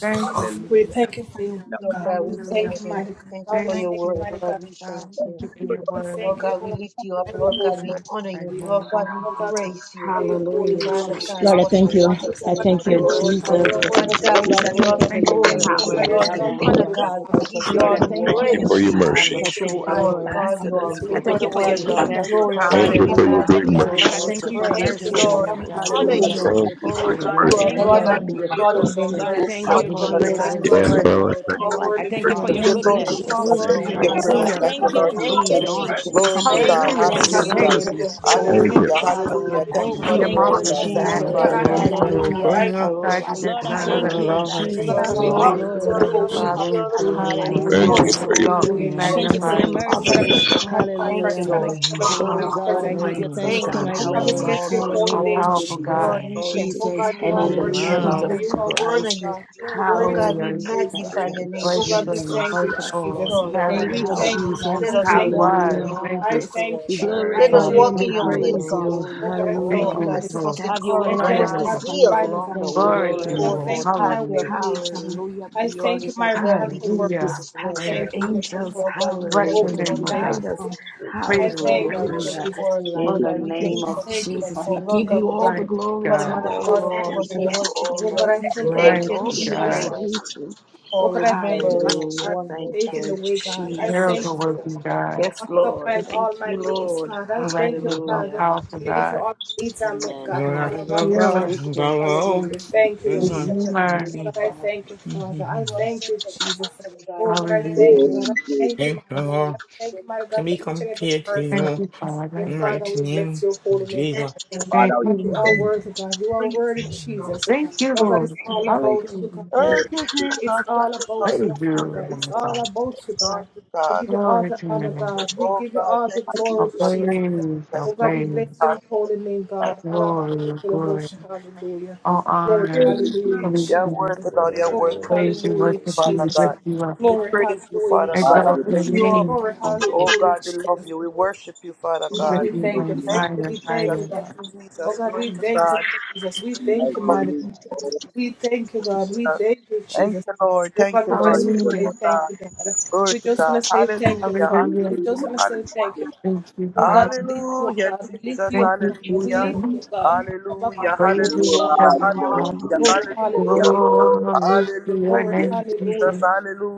Speaker 6: Thank
Speaker 3: Lord.
Speaker 6: you,
Speaker 14: We
Speaker 1: Hallelujah.
Speaker 6: Jesus.
Speaker 14: thank you for your love,
Speaker 5: Lord
Speaker 14: God.
Speaker 5: God,
Speaker 14: We
Speaker 5: we thank
Speaker 14: thank
Speaker 6: Hallelujah.
Speaker 14: you,
Speaker 5: you.
Speaker 14: mighty God.
Speaker 5: Thank you
Speaker 14: God, we
Speaker 5: for
Speaker 3: Thank
Speaker 6: Thank
Speaker 5: your
Speaker 14: thank you,
Speaker 5: word.
Speaker 6: you,
Speaker 3: you.
Speaker 14: mighty
Speaker 5: Lord,
Speaker 14: God,
Speaker 5: we
Speaker 14: for your
Speaker 5: thank
Speaker 6: God.
Speaker 5: you.
Speaker 6: Thank you
Speaker 14: life.
Speaker 6: for your
Speaker 14: We
Speaker 6: word.
Speaker 5: Lord
Speaker 14: thank you,
Speaker 5: God, we
Speaker 14: hallelujah,
Speaker 5: lift you up.
Speaker 3: Thank
Speaker 14: for
Speaker 5: Lord
Speaker 14: the
Speaker 5: God,
Speaker 6: Lord,
Speaker 14: worship.
Speaker 5: we
Speaker 6: I
Speaker 5: honor
Speaker 6: pray,
Speaker 5: you.
Speaker 14: Hallelujah.
Speaker 5: Lord
Speaker 6: Lord.
Speaker 5: God,
Speaker 6: Thank
Speaker 5: we
Speaker 6: you,
Speaker 14: Oh God,
Speaker 6: Jesus.
Speaker 5: praise you.
Speaker 14: by your holy
Speaker 6: Thank
Speaker 12: Hallelujah.
Speaker 6: you,
Speaker 3: you.
Speaker 14: name,
Speaker 5: Father
Speaker 6: Jesus.
Speaker 12: Thank
Speaker 5: God,
Speaker 12: you,
Speaker 14: Jesus.
Speaker 2: Lord, I
Speaker 5: what a
Speaker 2: thank you.
Speaker 12: Jesus.
Speaker 14: Oh
Speaker 5: wonderful
Speaker 2: I
Speaker 14: God,
Speaker 5: God
Speaker 12: Thank
Speaker 2: thank
Speaker 14: you
Speaker 6: Thank
Speaker 2: you,
Speaker 12: you,
Speaker 14: are
Speaker 5: you are.
Speaker 14: worthy,
Speaker 12: Lord, for
Speaker 14: God.
Speaker 6: you,
Speaker 14: You
Speaker 12: the
Speaker 2: Jesus.
Speaker 14: are
Speaker 12: word
Speaker 14: worthy
Speaker 5: Father
Speaker 6: Jesus.
Speaker 14: to
Speaker 5: God, we
Speaker 14: be
Speaker 2: Lord, I
Speaker 5: give
Speaker 14: praised.
Speaker 5: you
Speaker 2: thank
Speaker 12: today.
Speaker 5: all
Speaker 2: you
Speaker 5: the
Speaker 2: for
Speaker 6: Thank
Speaker 2: your
Speaker 6: you,
Speaker 5: glory.
Speaker 16: Thank
Speaker 5: We
Speaker 16: you
Speaker 6: Heavenly
Speaker 2: word.
Speaker 14: Oh
Speaker 16: for
Speaker 5: give
Speaker 14: God,
Speaker 16: your
Speaker 5: you
Speaker 6: Father.
Speaker 5: all
Speaker 14: there's
Speaker 5: the
Speaker 14: none
Speaker 16: teaching.
Speaker 14: like
Speaker 12: Hallelujah.
Speaker 16: Thank
Speaker 5: honor,
Speaker 16: you,
Speaker 14: your
Speaker 2: Hallelujah.
Speaker 5: God.
Speaker 16: Father God,
Speaker 14: Father.
Speaker 12: Help
Speaker 5: We give
Speaker 12: us
Speaker 16: for
Speaker 5: you
Speaker 12: to
Speaker 16: you
Speaker 2: Lord,
Speaker 6: Thank
Speaker 14: Hallelujah.
Speaker 5: all
Speaker 16: know
Speaker 2: I
Speaker 5: the
Speaker 16: the
Speaker 6: you,
Speaker 17: Thank
Speaker 2: thank
Speaker 16: opening of
Speaker 2: you,
Speaker 12: walk
Speaker 17: you
Speaker 16: our
Speaker 12: in
Speaker 17: for
Speaker 12: the
Speaker 17: your
Speaker 5: praise.
Speaker 6: Jesus.
Speaker 16: spiritual
Speaker 14: We
Speaker 12: path
Speaker 14: lift
Speaker 2: Jesus.
Speaker 17: mercy.
Speaker 12: of
Speaker 2: I
Speaker 16: ears to
Speaker 14: your
Speaker 12: true
Speaker 2: thank
Speaker 16: hear
Speaker 2: you,
Speaker 16: your
Speaker 14: high.
Speaker 5: Lord
Speaker 16: voice.
Speaker 2: Lord.
Speaker 6: Thank
Speaker 5: God, you
Speaker 6: you,
Speaker 5: are
Speaker 14: Hallelujah.
Speaker 12: ambassadors
Speaker 16: Thank
Speaker 14: For
Speaker 6: Jesus.
Speaker 14: the
Speaker 15: thank
Speaker 2: I
Speaker 16: you,
Speaker 12: for
Speaker 15: you
Speaker 12: the
Speaker 15: for
Speaker 2: thank you
Speaker 15: the
Speaker 16: Father,
Speaker 14: worship.
Speaker 2: for
Speaker 16: for
Speaker 14: Hallelujah.
Speaker 2: your
Speaker 15: word,
Speaker 16: your
Speaker 15: Lord.
Speaker 12: kingdom.
Speaker 5: We
Speaker 16: mind's
Speaker 2: goodness.
Speaker 15: Thank you,
Speaker 16: open.
Speaker 15: Father.
Speaker 5: glorify
Speaker 17: Thank
Speaker 14: Oh
Speaker 5: you.
Speaker 6: Thank
Speaker 16: Hallelujah.
Speaker 17: you
Speaker 5: We
Speaker 6: you,
Speaker 17: for
Speaker 14: God, we
Speaker 12: Hallelujah.
Speaker 17: your
Speaker 16: Your
Speaker 2: Hallelujah.
Speaker 6: Father
Speaker 17: great
Speaker 12: Help
Speaker 14: thank
Speaker 12: us,
Speaker 5: magnify
Speaker 14: you,
Speaker 16: strength,
Speaker 12: oh
Speaker 6: God.
Speaker 5: your
Speaker 16: my
Speaker 17: mercy.
Speaker 2: Lord,
Speaker 5: name.
Speaker 2: I
Speaker 14: Jesus.
Speaker 5: We
Speaker 12: Lord,
Speaker 16: God,
Speaker 2: thank you
Speaker 12: to
Speaker 14: We
Speaker 2: for
Speaker 16: which
Speaker 12: be
Speaker 16: is
Speaker 12: a
Speaker 5: praise
Speaker 16: from
Speaker 14: thank
Speaker 5: you,
Speaker 14: you,
Speaker 16: the
Speaker 6: Glory
Speaker 12: true
Speaker 6: be
Speaker 14: Abba,
Speaker 2: mercies.
Speaker 5: Lord.
Speaker 15: Lord,
Speaker 6: to
Speaker 5: We
Speaker 14: Hallelujah,
Speaker 15: great
Speaker 16: heaven.
Speaker 14: for
Speaker 6: God.
Speaker 15: Father,
Speaker 5: honor
Speaker 14: the
Speaker 6: Praise
Speaker 15: God,
Speaker 2: Hallelujah.
Speaker 16: It's
Speaker 15: we
Speaker 6: be
Speaker 16: not
Speaker 5: you.
Speaker 12: representative
Speaker 6: to
Speaker 17: Thank
Speaker 16: just
Speaker 17: you
Speaker 16: with
Speaker 17: for
Speaker 6: God.
Speaker 2: Oh,
Speaker 12: of
Speaker 14: worship.
Speaker 16: your
Speaker 17: your
Speaker 2: God, I
Speaker 12: what
Speaker 5: You
Speaker 16: word, oh
Speaker 17: mercy.
Speaker 12: it
Speaker 5: are
Speaker 2: thank
Speaker 16: God.
Speaker 5: God
Speaker 12: means
Speaker 6: Exalt
Speaker 12: to
Speaker 2: you.
Speaker 6: him.
Speaker 16: Thank
Speaker 12: be
Speaker 5: and
Speaker 12: a
Speaker 16: you, my
Speaker 14: your
Speaker 6: Give
Speaker 5: God
Speaker 16: God,
Speaker 14: holy
Speaker 5: alone.
Speaker 16: that
Speaker 14: name,
Speaker 5: You
Speaker 12: Christian.
Speaker 2: Lord,
Speaker 16: you
Speaker 5: are
Speaker 2: I
Speaker 14: Jesus.
Speaker 15: Thank
Speaker 5: the
Speaker 16: will
Speaker 15: you
Speaker 2: thank
Speaker 5: same
Speaker 15: for
Speaker 16: come
Speaker 2: you,
Speaker 12: Help
Speaker 15: the
Speaker 12: our
Speaker 6: you
Speaker 5: God
Speaker 16: to
Speaker 15: word.
Speaker 14: Oh
Speaker 16: this
Speaker 6: praise,
Speaker 15: Thank
Speaker 14: God,
Speaker 15: you
Speaker 6: give
Speaker 14: you
Speaker 6: you
Speaker 2: Jesus.
Speaker 12: lives
Speaker 5: yesterday,
Speaker 14: are
Speaker 15: for the
Speaker 16: body
Speaker 17: Yes,
Speaker 12: to
Speaker 14: worthy.
Speaker 6: glory.
Speaker 16: with the
Speaker 5: today,
Speaker 15: word,
Speaker 5: and
Speaker 17: Lord.
Speaker 15: Lord.
Speaker 16: Lord. And
Speaker 17: Thank
Speaker 5: forever.
Speaker 14: You
Speaker 15: Thank
Speaker 14: are
Speaker 16: I
Speaker 15: you.
Speaker 12: reflect
Speaker 2: I
Speaker 14: worthy,
Speaker 17: you for
Speaker 2: thank
Speaker 16: remember
Speaker 6: In
Speaker 17: your
Speaker 2: you
Speaker 6: your
Speaker 2: for
Speaker 14: Father.
Speaker 16: this
Speaker 17: mercy.
Speaker 12: the
Speaker 15: Give
Speaker 2: your
Speaker 16: word
Speaker 15: you
Speaker 5: Thank
Speaker 6: name,
Speaker 16: from
Speaker 5: you,
Speaker 17: Thank
Speaker 12: fruit
Speaker 15: glory,
Speaker 2: goodness.
Speaker 12: of
Speaker 15: we
Speaker 14: You
Speaker 12: the
Speaker 15: give
Speaker 16: the
Speaker 15: you
Speaker 14: are
Speaker 16: Lord
Speaker 5: Jesus,
Speaker 6: salute
Speaker 16: in
Speaker 15: honor,
Speaker 16: the
Speaker 5: for
Speaker 17: you.
Speaker 14: worthy,
Speaker 6: you.
Speaker 5: who
Speaker 15: give
Speaker 16: mighty
Speaker 15: you
Speaker 5: you
Speaker 12: Spirit
Speaker 14: God.
Speaker 5: are.
Speaker 14: You
Speaker 2: Lord,
Speaker 15: praise.
Speaker 14: are
Speaker 12: so
Speaker 2: I
Speaker 6: Hallelujah.
Speaker 15: Thank
Speaker 14: worthy
Speaker 2: thank
Speaker 15: you,
Speaker 14: for
Speaker 12: others
Speaker 2: you,
Speaker 15: Lord
Speaker 14: this.
Speaker 5: Thank
Speaker 14: So
Speaker 5: you,
Speaker 12: looking
Speaker 15: Jesus.
Speaker 14: thank
Speaker 16: Because
Speaker 2: Jesus.
Speaker 14: you,
Speaker 12: on
Speaker 16: this
Speaker 12: can
Speaker 16: is
Speaker 15: Glory
Speaker 5: Jesus.
Speaker 14: Jesus.
Speaker 16: what
Speaker 12: come
Speaker 15: to
Speaker 12: and
Speaker 16: we
Speaker 5: Thank you,
Speaker 15: God.
Speaker 12: follow
Speaker 6: Hallelujah
Speaker 14: Oh,
Speaker 6: to
Speaker 16: have
Speaker 2: Thank you,
Speaker 14: God,
Speaker 6: your
Speaker 16: in
Speaker 5: Jesus.
Speaker 14: we
Speaker 15: Hallelujah.
Speaker 5: You
Speaker 12: suit.
Speaker 6: name,
Speaker 16: the
Speaker 14: lift
Speaker 2: Lord.
Speaker 5: never
Speaker 14: you
Speaker 6: Jesus.
Speaker 14: up,
Speaker 16: Lord.
Speaker 5: fail
Speaker 14: God.
Speaker 5: us,
Speaker 14: We
Speaker 17: Thank
Speaker 12: Oh,
Speaker 5: nor
Speaker 14: lift
Speaker 15: Hallelujah.
Speaker 14: you up.
Speaker 17: you.
Speaker 5: forsake.
Speaker 12: Father,
Speaker 14: God.
Speaker 12: Lord,
Speaker 15: Hallelujah.
Speaker 14: We
Speaker 15: Thank
Speaker 2: Oh,
Speaker 12: help
Speaker 15: you
Speaker 14: lift
Speaker 2: we
Speaker 12: us
Speaker 6: To
Speaker 15: for
Speaker 14: you
Speaker 12: to
Speaker 15: the
Speaker 6: your
Speaker 14: up,
Speaker 2: thank
Speaker 12: live
Speaker 5: Thank
Speaker 15: word,
Speaker 14: God.
Speaker 2: you,
Speaker 12: an
Speaker 5: you
Speaker 6: marvelous
Speaker 5: for
Speaker 15: Lord.
Speaker 5: the
Speaker 6: and
Speaker 15: Thank
Speaker 5: word
Speaker 15: you,
Speaker 14: Oh,
Speaker 5: that
Speaker 18: Thank
Speaker 2: Jesus.
Speaker 14: God,
Speaker 18: you,
Speaker 15: Father
Speaker 12: exemplary
Speaker 5: comes
Speaker 6: matchless
Speaker 14: I
Speaker 15: God.
Speaker 18: Lord,
Speaker 14: lift
Speaker 5: forth
Speaker 18: for
Speaker 5: in
Speaker 14: you
Speaker 6: name.
Speaker 15: Glory
Speaker 5: the
Speaker 12: life,
Speaker 14: up,
Speaker 15: to
Speaker 6: And
Speaker 18: your
Speaker 14: God.
Speaker 5: mighty
Speaker 14: I
Speaker 2: Hallelujah.
Speaker 15: God.
Speaker 14: lift
Speaker 12: a
Speaker 18: goodness,
Speaker 5: name of
Speaker 14: you up
Speaker 6: God,
Speaker 14: this
Speaker 6: you
Speaker 12: life,
Speaker 5: Jesus.
Speaker 6: did
Speaker 2: Lord,
Speaker 18: and
Speaker 2: I
Speaker 6: none
Speaker 18: for
Speaker 14: evening, God.
Speaker 2: thank
Speaker 18: your
Speaker 6: other.
Speaker 2: you,
Speaker 12: hallelujah,
Speaker 18: love.
Speaker 5: We
Speaker 12: that
Speaker 18: I
Speaker 5: give
Speaker 12: is
Speaker 14: Oh,
Speaker 5: you
Speaker 18: thank
Speaker 14: God,
Speaker 5: all
Speaker 14: I
Speaker 2: Jesus.
Speaker 18: you,
Speaker 5: the
Speaker 14: lift
Speaker 2: Thank
Speaker 14: you
Speaker 5: glory,
Speaker 2: you,
Speaker 18: Lord,
Speaker 6: Praise
Speaker 5: we
Speaker 12: pleasing
Speaker 6: to
Speaker 5: give you
Speaker 2: Lord.
Speaker 6: your
Speaker 12: to
Speaker 5: all
Speaker 14: full of
Speaker 5: the
Speaker 6: heavenly
Speaker 5: honor,
Speaker 18: for
Speaker 5: we
Speaker 14: ocean.
Speaker 12: Thee,
Speaker 5: give you
Speaker 6: Father.
Speaker 18: good
Speaker 5: all
Speaker 12: a
Speaker 5: the
Speaker 14: Hallelujah.
Speaker 18: and
Speaker 12: life
Speaker 18: your
Speaker 5: praise.
Speaker 12: that
Speaker 17: Thank
Speaker 6: Adore
Speaker 2: Hallelujah.
Speaker 18: will.
Speaker 17: you
Speaker 14: Glory,
Speaker 12: is
Speaker 6: you,
Speaker 17: for
Speaker 12: so
Speaker 17: your
Speaker 5: And
Speaker 6: exalt you,
Speaker 5: we
Speaker 18: In
Speaker 14: hallelujah,
Speaker 18: your
Speaker 2: I
Speaker 12: willing
Speaker 2: thank
Speaker 5: bless
Speaker 2: you
Speaker 14: Jesus.
Speaker 2: for
Speaker 5: your
Speaker 6: magnify
Speaker 18: name,
Speaker 2: your
Speaker 12: for
Speaker 5: name,
Speaker 6: you.
Speaker 14: Oh, God,
Speaker 18: we
Speaker 14: I
Speaker 12: others
Speaker 2: mercies.
Speaker 12: to
Speaker 5: Jesus.
Speaker 14: thank you, mighty
Speaker 12: bring
Speaker 14: God,
Speaker 5: Thank
Speaker 14: for a
Speaker 12: others
Speaker 5: you,
Speaker 2: Hallelujah.
Speaker 12: to
Speaker 14: time
Speaker 12: the
Speaker 5: Lord.
Speaker 14: of
Speaker 6: You
Speaker 18: Amen.
Speaker 6: are
Speaker 14: fellowship in
Speaker 2: Oh,
Speaker 14: your
Speaker 12: kingdom,
Speaker 6: honest,
Speaker 2: God, I
Speaker 14: presence,
Speaker 2: give
Speaker 14: mighty
Speaker 2: you
Speaker 14: God.
Speaker 6: glorious,
Speaker 18: In
Speaker 12: Almighty
Speaker 18: this
Speaker 2: thanks
Speaker 5: Thank
Speaker 12: God.
Speaker 5: you,
Speaker 2: tonight,
Speaker 18: mighty
Speaker 14: Oh
Speaker 17: mercy.
Speaker 14: God,
Speaker 12: Help
Speaker 14: we
Speaker 12: us
Speaker 2: Lord.
Speaker 18: name,
Speaker 14: bless
Speaker 12: all
Speaker 5: Jesus.
Speaker 14: your
Speaker 12: to
Speaker 14: holy
Speaker 6: all
Speaker 2: Hallelujah.
Speaker 12: walk
Speaker 14: name,
Speaker 12: in
Speaker 6: powerful
Speaker 12: the
Speaker 14: Jesus.
Speaker 5: Lord,
Speaker 6: God.
Speaker 18: Amen.
Speaker 5: we thank
Speaker 12: authority
Speaker 14: Oh
Speaker 5: you.
Speaker 2: Jesus.
Speaker 5: We
Speaker 14: God, you
Speaker 5: lift
Speaker 12: and
Speaker 14: are
Speaker 5: you
Speaker 12: in the
Speaker 5: up,
Speaker 14: worthy,
Speaker 6: You
Speaker 5: God.
Speaker 6: give
Speaker 5: We
Speaker 2: Hallelujah.
Speaker 12: truth
Speaker 18: Amen.
Speaker 6: all
Speaker 12: of
Speaker 14: Father.
Speaker 6: the
Speaker 5: praise you.
Speaker 14: You
Speaker 6: praise.
Speaker 14: are
Speaker 5: We
Speaker 14: worthy,
Speaker 5: honor
Speaker 12: Christ.
Speaker 5: you.
Speaker 14: God. You are
Speaker 5: Lord
Speaker 14: worthy to
Speaker 5: God,
Speaker 6: Holy are
Speaker 14: be
Speaker 5: we
Speaker 6: you,
Speaker 12: Hallelujah.
Speaker 14: praised, God.
Speaker 12: Thank
Speaker 17: Great
Speaker 5: magnify
Speaker 17: is
Speaker 12: you,
Speaker 5: your
Speaker 17: that
Speaker 5: name,
Speaker 14: Oh
Speaker 6: righteous
Speaker 14: God,
Speaker 6: are
Speaker 14: we
Speaker 12: Jesus.
Speaker 17: mercy.
Speaker 6: you,
Speaker 14: thank
Speaker 5: Jesus.
Speaker 14: you,
Speaker 12: Yes,
Speaker 6: merciful,
Speaker 12: Lord,
Speaker 14: Jesus.
Speaker 5: Lord God,
Speaker 12: your
Speaker 17: Great
Speaker 2: Thank
Speaker 5: let
Speaker 14: We
Speaker 17: is
Speaker 2: you,
Speaker 17: that
Speaker 5: us
Speaker 12: help.
Speaker 17: mercy.
Speaker 14: thank
Speaker 5: live.
Speaker 14: you, God.
Speaker 2: Jesus.
Speaker 5: Let
Speaker 14: We
Speaker 5: us
Speaker 6: True
Speaker 14: thank
Speaker 5: walk
Speaker 12: Hallelujah.
Speaker 5: the
Speaker 14: you.
Speaker 6: wise.
Speaker 5: way
Speaker 2: Hallelujah.
Speaker 5: you
Speaker 12: Along
Speaker 5: want
Speaker 6: Thank
Speaker 14: I
Speaker 6: you,
Speaker 12: this
Speaker 5: us to walk.
Speaker 14: thank you,
Speaker 2: We
Speaker 14: God.
Speaker 17: Great
Speaker 5: Let
Speaker 14: I
Speaker 2: glorify
Speaker 5: us
Speaker 12: journey.
Speaker 14: thank
Speaker 2: you
Speaker 6: Father.
Speaker 14: you.
Speaker 5: walk
Speaker 2: and
Speaker 5: in
Speaker 2: we
Speaker 6: Thank
Speaker 5: your
Speaker 6: you.
Speaker 5: will,
Speaker 2: praise
Speaker 5: God.
Speaker 2: you.
Speaker 14: Oh
Speaker 12: Hallelujah.
Speaker 14: God, I
Speaker 6: Thank
Speaker 14: thank
Speaker 12: Order
Speaker 5: Lord
Speaker 2: Hallelujah.
Speaker 14: you,
Speaker 12: our
Speaker 5: God,
Speaker 6: you,
Speaker 14: mighty
Speaker 5: give
Speaker 14: God.
Speaker 5: us
Speaker 6: Lord.
Speaker 5: the
Speaker 2: Have
Speaker 12: steps
Speaker 2: your way
Speaker 14: I
Speaker 5: courage,
Speaker 2: in
Speaker 6: I
Speaker 2: our
Speaker 5: give
Speaker 14: thank
Speaker 5: us
Speaker 6: am
Speaker 14: you,
Speaker 12: every
Speaker 5: the
Speaker 6: a
Speaker 14: my
Speaker 2: lives,
Speaker 12: step
Speaker 5: zeal
Speaker 14: providing
Speaker 2: Jesus.
Speaker 14: God.
Speaker 12: along the
Speaker 2: Thank you,
Speaker 6: glory
Speaker 12: way,
Speaker 5: to
Speaker 6: to
Speaker 2: Lord.
Speaker 6: you,
Speaker 17: is that mercy.
Speaker 14: And I
Speaker 5: go
Speaker 6: name.
Speaker 12: Lord.
Speaker 5: this
Speaker 14: thank you, my
Speaker 5: pathway
Speaker 14: way
Speaker 5: of
Speaker 6: Hallelujah.
Speaker 14: maker.
Speaker 5: duty.
Speaker 12: Hallelujah.
Speaker 14: I
Speaker 12: Be
Speaker 5: cause
Speaker 12: our
Speaker 14: thank you,
Speaker 5: it's not
Speaker 14: my
Speaker 5: well
Speaker 12: guide.
Speaker 14: miracle worker.
Speaker 5: beginning, but
Speaker 6: Hallelujah.
Speaker 5: it's
Speaker 14: I
Speaker 6: I
Speaker 5: well
Speaker 12: Dispatch your
Speaker 6: am
Speaker 5: done.
Speaker 14: thank you, my
Speaker 12: angels.
Speaker 14: provider.
Speaker 5: Lord God, we
Speaker 6: bless
Speaker 5: thank
Speaker 14: Oh
Speaker 12: Hallelujah.
Speaker 6: your
Speaker 14: God,
Speaker 5: you
Speaker 12: To
Speaker 6: name,
Speaker 5: one
Speaker 6: oh
Speaker 14: I
Speaker 5: more
Speaker 14: thank you,
Speaker 12: guide
Speaker 6: God.
Speaker 5: time.
Speaker 12: us.
Speaker 14: Father.
Speaker 17: Great, great,
Speaker 14: I
Speaker 6: Praise
Speaker 17: great is
Speaker 5: Lord
Speaker 14: thank
Speaker 5: God,
Speaker 14: you,
Speaker 5: we
Speaker 6: you.
Speaker 17: that
Speaker 5: thank
Speaker 12: Hallelujah.
Speaker 17: mercy.
Speaker 5: you for
Speaker 14: Jesus.
Speaker 5: our life,
Speaker 12: In
Speaker 6: Oh,
Speaker 12: the
Speaker 5: God. We
Speaker 6: you,
Speaker 5: thank
Speaker 12: name
Speaker 5: you
Speaker 14: I
Speaker 12: of
Speaker 5: for this
Speaker 14: thank you,
Speaker 12: Jesus, we
Speaker 14: Father.
Speaker 5: platform. Lord
Speaker 14: I
Speaker 12: give
Speaker 5: God,
Speaker 14: thank
Speaker 12: you
Speaker 5: we
Speaker 14: you, God.
Speaker 12: all
Speaker 5: thank
Speaker 12: the
Speaker 6: my
Speaker 5: you
Speaker 12: glory
Speaker 5: for the
Speaker 6: God.
Speaker 5: man of
Speaker 14: We
Speaker 12: today,
Speaker 14: will
Speaker 5: God that
Speaker 12: Lord.
Speaker 5: give
Speaker 12: We
Speaker 5: us the
Speaker 12: give
Speaker 14: you
Speaker 12: you
Speaker 5: word today,
Speaker 12: all
Speaker 14: Oh,
Speaker 12: the
Speaker 14: God,
Speaker 5: Lord.
Speaker 14: I
Speaker 5: We
Speaker 14: thank you, my
Speaker 5: thank
Speaker 12: praise,
Speaker 6: mighty
Speaker 5: you,
Speaker 12: all the
Speaker 14: God.
Speaker 6: God.
Speaker 5: Jesus,
Speaker 12: adoration.
Speaker 14: Oh, God,
Speaker 5: for
Speaker 14: I thank you, my
Speaker 5: remembering us
Speaker 12: Hallelujah.
Speaker 14: God,
Speaker 5: one
Speaker 14: for
Speaker 5: more
Speaker 12: Thank
Speaker 5: time.
Speaker 14: paving the
Speaker 12: you,
Speaker 14: way, God. I
Speaker 5: Thank you,
Speaker 14: thank you,
Speaker 6: Miracle
Speaker 12: Jesus.
Speaker 14: my God
Speaker 5: Jesus.
Speaker 6: working
Speaker 5: Thank
Speaker 6: God.
Speaker 5: you.
Speaker 12: Yes,
Speaker 14: my supply
Speaker 12: Lord.
Speaker 14: and
Speaker 12: Thank
Speaker 14: all
Speaker 12: you,
Speaker 14: my needs,
Speaker 12: Lord.
Speaker 14: God. I thank you,
Speaker 6: Miraculous, all
Speaker 14: God,
Speaker 12: Hallelujah.
Speaker 6: powerful
Speaker 14: for making sure
Speaker 6: God.
Speaker 14: all my needs are met,
Speaker 12: Amen.
Speaker 18: You
Speaker 14: God.
Speaker 18: are
Speaker 5: Lord.
Speaker 14: Hallelujah.
Speaker 18: so
Speaker 12: Hallelujah.
Speaker 18: good,
Speaker 6: Healer,
Speaker 12: Thank
Speaker 18: and the
Speaker 12: you,
Speaker 18: Lord
Speaker 12: Jesus.
Speaker 14: Thank
Speaker 5: You
Speaker 14: you,
Speaker 18: is
Speaker 5: are
Speaker 18: my
Speaker 14: Jesus.
Speaker 5: such
Speaker 14: Oh,
Speaker 5: an
Speaker 6: Redeemer.
Speaker 5: awesome
Speaker 14: God,
Speaker 18: mercy.
Speaker 14: I
Speaker 5: God.
Speaker 12: Amen.
Speaker 14: thank you, Father. I
Speaker 5: You are
Speaker 14: thank you,
Speaker 5: such an
Speaker 14: Jesus.
Speaker 5: awesome God.
Speaker 14: Oh, God,
Speaker 5: We
Speaker 14: I
Speaker 5: bless your
Speaker 14: thank
Speaker 6: Hallelujah.
Speaker 14: you, God.
Speaker 5: name.
Speaker 14: I thank you,
Speaker 18: Thank
Speaker 14: my
Speaker 18: you,
Speaker 14: God.
Speaker 5: We
Speaker 18: Lord,
Speaker 14: I
Speaker 5: lift
Speaker 14: thank
Speaker 5: your
Speaker 14: you, my
Speaker 18: to
Speaker 14: God, for
Speaker 18: be
Speaker 5: name.
Speaker 14: each and every
Speaker 18: compared to
Speaker 14: person,
Speaker 6: Thank
Speaker 14: God.
Speaker 18: you.
Speaker 6: you,
Speaker 14: Oh,
Speaker 6: Father.
Speaker 18: In the
Speaker 14: Father,
Speaker 18: mighty
Speaker 14: we bless
Speaker 18: name,
Speaker 14: your holy
Speaker 18: of
Speaker 14: name, God.
Speaker 18: Jesus.
Speaker 1: Father,
Speaker 6: Thank
Speaker 14: Oh,
Speaker 1: we
Speaker 14: God, you
Speaker 6: you.
Speaker 14: are
Speaker 1: thank
Speaker 14: worthy, God. You are worthy, Jesus.
Speaker 6: Thank you,
Speaker 14: Oh, God, it's
Speaker 6: Lord.
Speaker 14: all about you,
Speaker 6: Hallelujah.
Speaker 14: God.
Speaker 15: Thank you,
Speaker 1: you.
Speaker 15: Jesus.
Speaker 14: It's all about
Speaker 15: Thank you,
Speaker 6: Praise
Speaker 14: you,
Speaker 6: you
Speaker 15: Lord.
Speaker 14: Father.
Speaker 6: in
Speaker 14: It's
Speaker 6: the
Speaker 14: all
Speaker 6: thoughts.
Speaker 14: about you,
Speaker 15: Glory
Speaker 14: God.
Speaker 15: to
Speaker 14: We
Speaker 15: God.
Speaker 14: give you all
Speaker 6: Glory
Speaker 14: the
Speaker 6: to your
Speaker 14: honor,
Speaker 6: name.
Speaker 14: God. We
Speaker 15: Oh
Speaker 14: give you
Speaker 15: God,
Speaker 14: all the
Speaker 15: thank you,
Speaker 6: i
Speaker 15: Jesus.
Speaker 14: glory,
Speaker 15: Thank
Speaker 14: Jesus.
Speaker 15: you,
Speaker 6: praise, i
Speaker 15: Jesus.
Speaker 14: Oh God,
Speaker 15: Glory
Speaker 14: we
Speaker 15: to
Speaker 6: praise.
Speaker 14: bless
Speaker 15: God.
Speaker 14: your holy name,
Speaker 15: Thank
Speaker 14: God.
Speaker 6: Glory, all glory.
Speaker 14: Hallelujah.
Speaker 6: All
Speaker 15: you,
Speaker 14: Glory,
Speaker 6: honor.
Speaker 15: worthy.
Speaker 1: Thank you.
Speaker 14: hallelujah,
Speaker 6: Praise
Speaker 15: You're
Speaker 14: Jesus.
Speaker 6: you,
Speaker 15: worthy, Lord. You're
Speaker 14: Glory,
Speaker 15: worthy to be
Speaker 6: praise you,
Speaker 15: praised,
Speaker 14: hallelujah,
Speaker 6: worship you,
Speaker 15: Father
Speaker 14: Jesus.
Speaker 6: lift
Speaker 15: God.
Speaker 6: you up.
Speaker 15: We
Speaker 14: Glory,
Speaker 15: praise you,
Speaker 14: hallelujah,
Speaker 15: Father God.
Speaker 1: Father,
Speaker 14: Jesus.
Speaker 1: we
Speaker 15: We
Speaker 6: Exalt your
Speaker 15: lift
Speaker 1: give
Speaker 15: you
Speaker 1: you
Speaker 15: up.
Speaker 6: name.
Speaker 14: Glory,
Speaker 6: oh,
Speaker 15: Oh
Speaker 14: hallelujah,
Speaker 15: God, we love
Speaker 14: Jesus.
Speaker 15: you. We worship you, Father
Speaker 14: Oh
Speaker 1: thank
Speaker 14: God,
Speaker 1: you.
Speaker 6: Lift
Speaker 15: God.
Speaker 14: we
Speaker 6: you
Speaker 14: thank you,
Speaker 6: higher,
Speaker 15: Thank
Speaker 14: Father.
Speaker 15: you,
Speaker 14: We thank
Speaker 15: Jesus.
Speaker 14: you,
Speaker 6: higher,
Speaker 15: Thank
Speaker 14: God.
Speaker 15: you,
Speaker 14: Oh
Speaker 15: Jesus.
Speaker 14: God,
Speaker 15: Glory
Speaker 14: we
Speaker 6: higher.
Speaker 15: to
Speaker 14: thank you,
Speaker 15: God.
Speaker 14: Jesus. We
Speaker 15: Thank you,
Speaker 14: thank you,
Speaker 15: Lord.
Speaker 14: mighty God. We thank you, God. We
Speaker 15: Jesus.
Speaker 14: thank you,
Speaker 15: Thank
Speaker 14: Jesus.
Speaker 15: you, Lord.
Speaker 14: Oh
Speaker 15: Thank
Speaker 14: God,
Speaker 15: you,
Speaker 14: we just
Speaker 15: Lord.
Speaker 1: Thank
Speaker 14: want to
Speaker 1: you,
Speaker 15: Glory
Speaker 14: say
Speaker 15: to
Speaker 6: Hallelujah.
Speaker 14: thank
Speaker 15: God.
Speaker 14: you, God.
Speaker 15: Glory
Speaker 14: We
Speaker 15: to
Speaker 14: just want
Speaker 15: God.
Speaker 14: to say
Speaker 15: Hallelujah.
Speaker 14: thank you, Father.
Speaker 1: Lord.
Speaker 6: Hallelujah.
Speaker 15: Hallelujah.
Speaker 14: We just want to say
Speaker 15: Hallelujah.
Speaker 14: thank you, God.
Speaker 6: Thank you,
Speaker 14: Oh God,
Speaker 6: Father.
Speaker 14: we lift you up,
Speaker 15: Hallelujah,
Speaker 14: God. We lift
Speaker 15: Jesus,
Speaker 14: you
Speaker 6: Thank
Speaker 14: up,
Speaker 6: you,
Speaker 14: Father. We
Speaker 15: hallelujah.
Speaker 14: lift you
Speaker 6: Jesus.
Speaker 14: up, God.
Speaker 15: Hallelujah,
Speaker 14: Habakkuk to the
Speaker 6: Praise
Speaker 14: most,
Speaker 6: you,
Speaker 1: You
Speaker 6: Lord,
Speaker 15: hallelujah,
Speaker 14: Hallelujah.
Speaker 6: heavenly
Speaker 1: are
Speaker 6: Father.
Speaker 15: hallelujah,
Speaker 14: Glory,
Speaker 15: hallelujah.
Speaker 14: hallelujah.
Speaker 6: Glory to your
Speaker 14: Glory,
Speaker 15: Hallelujah,
Speaker 6: name,
Speaker 15: Jesus,
Speaker 6: Jesus.
Speaker 14: hallelujah,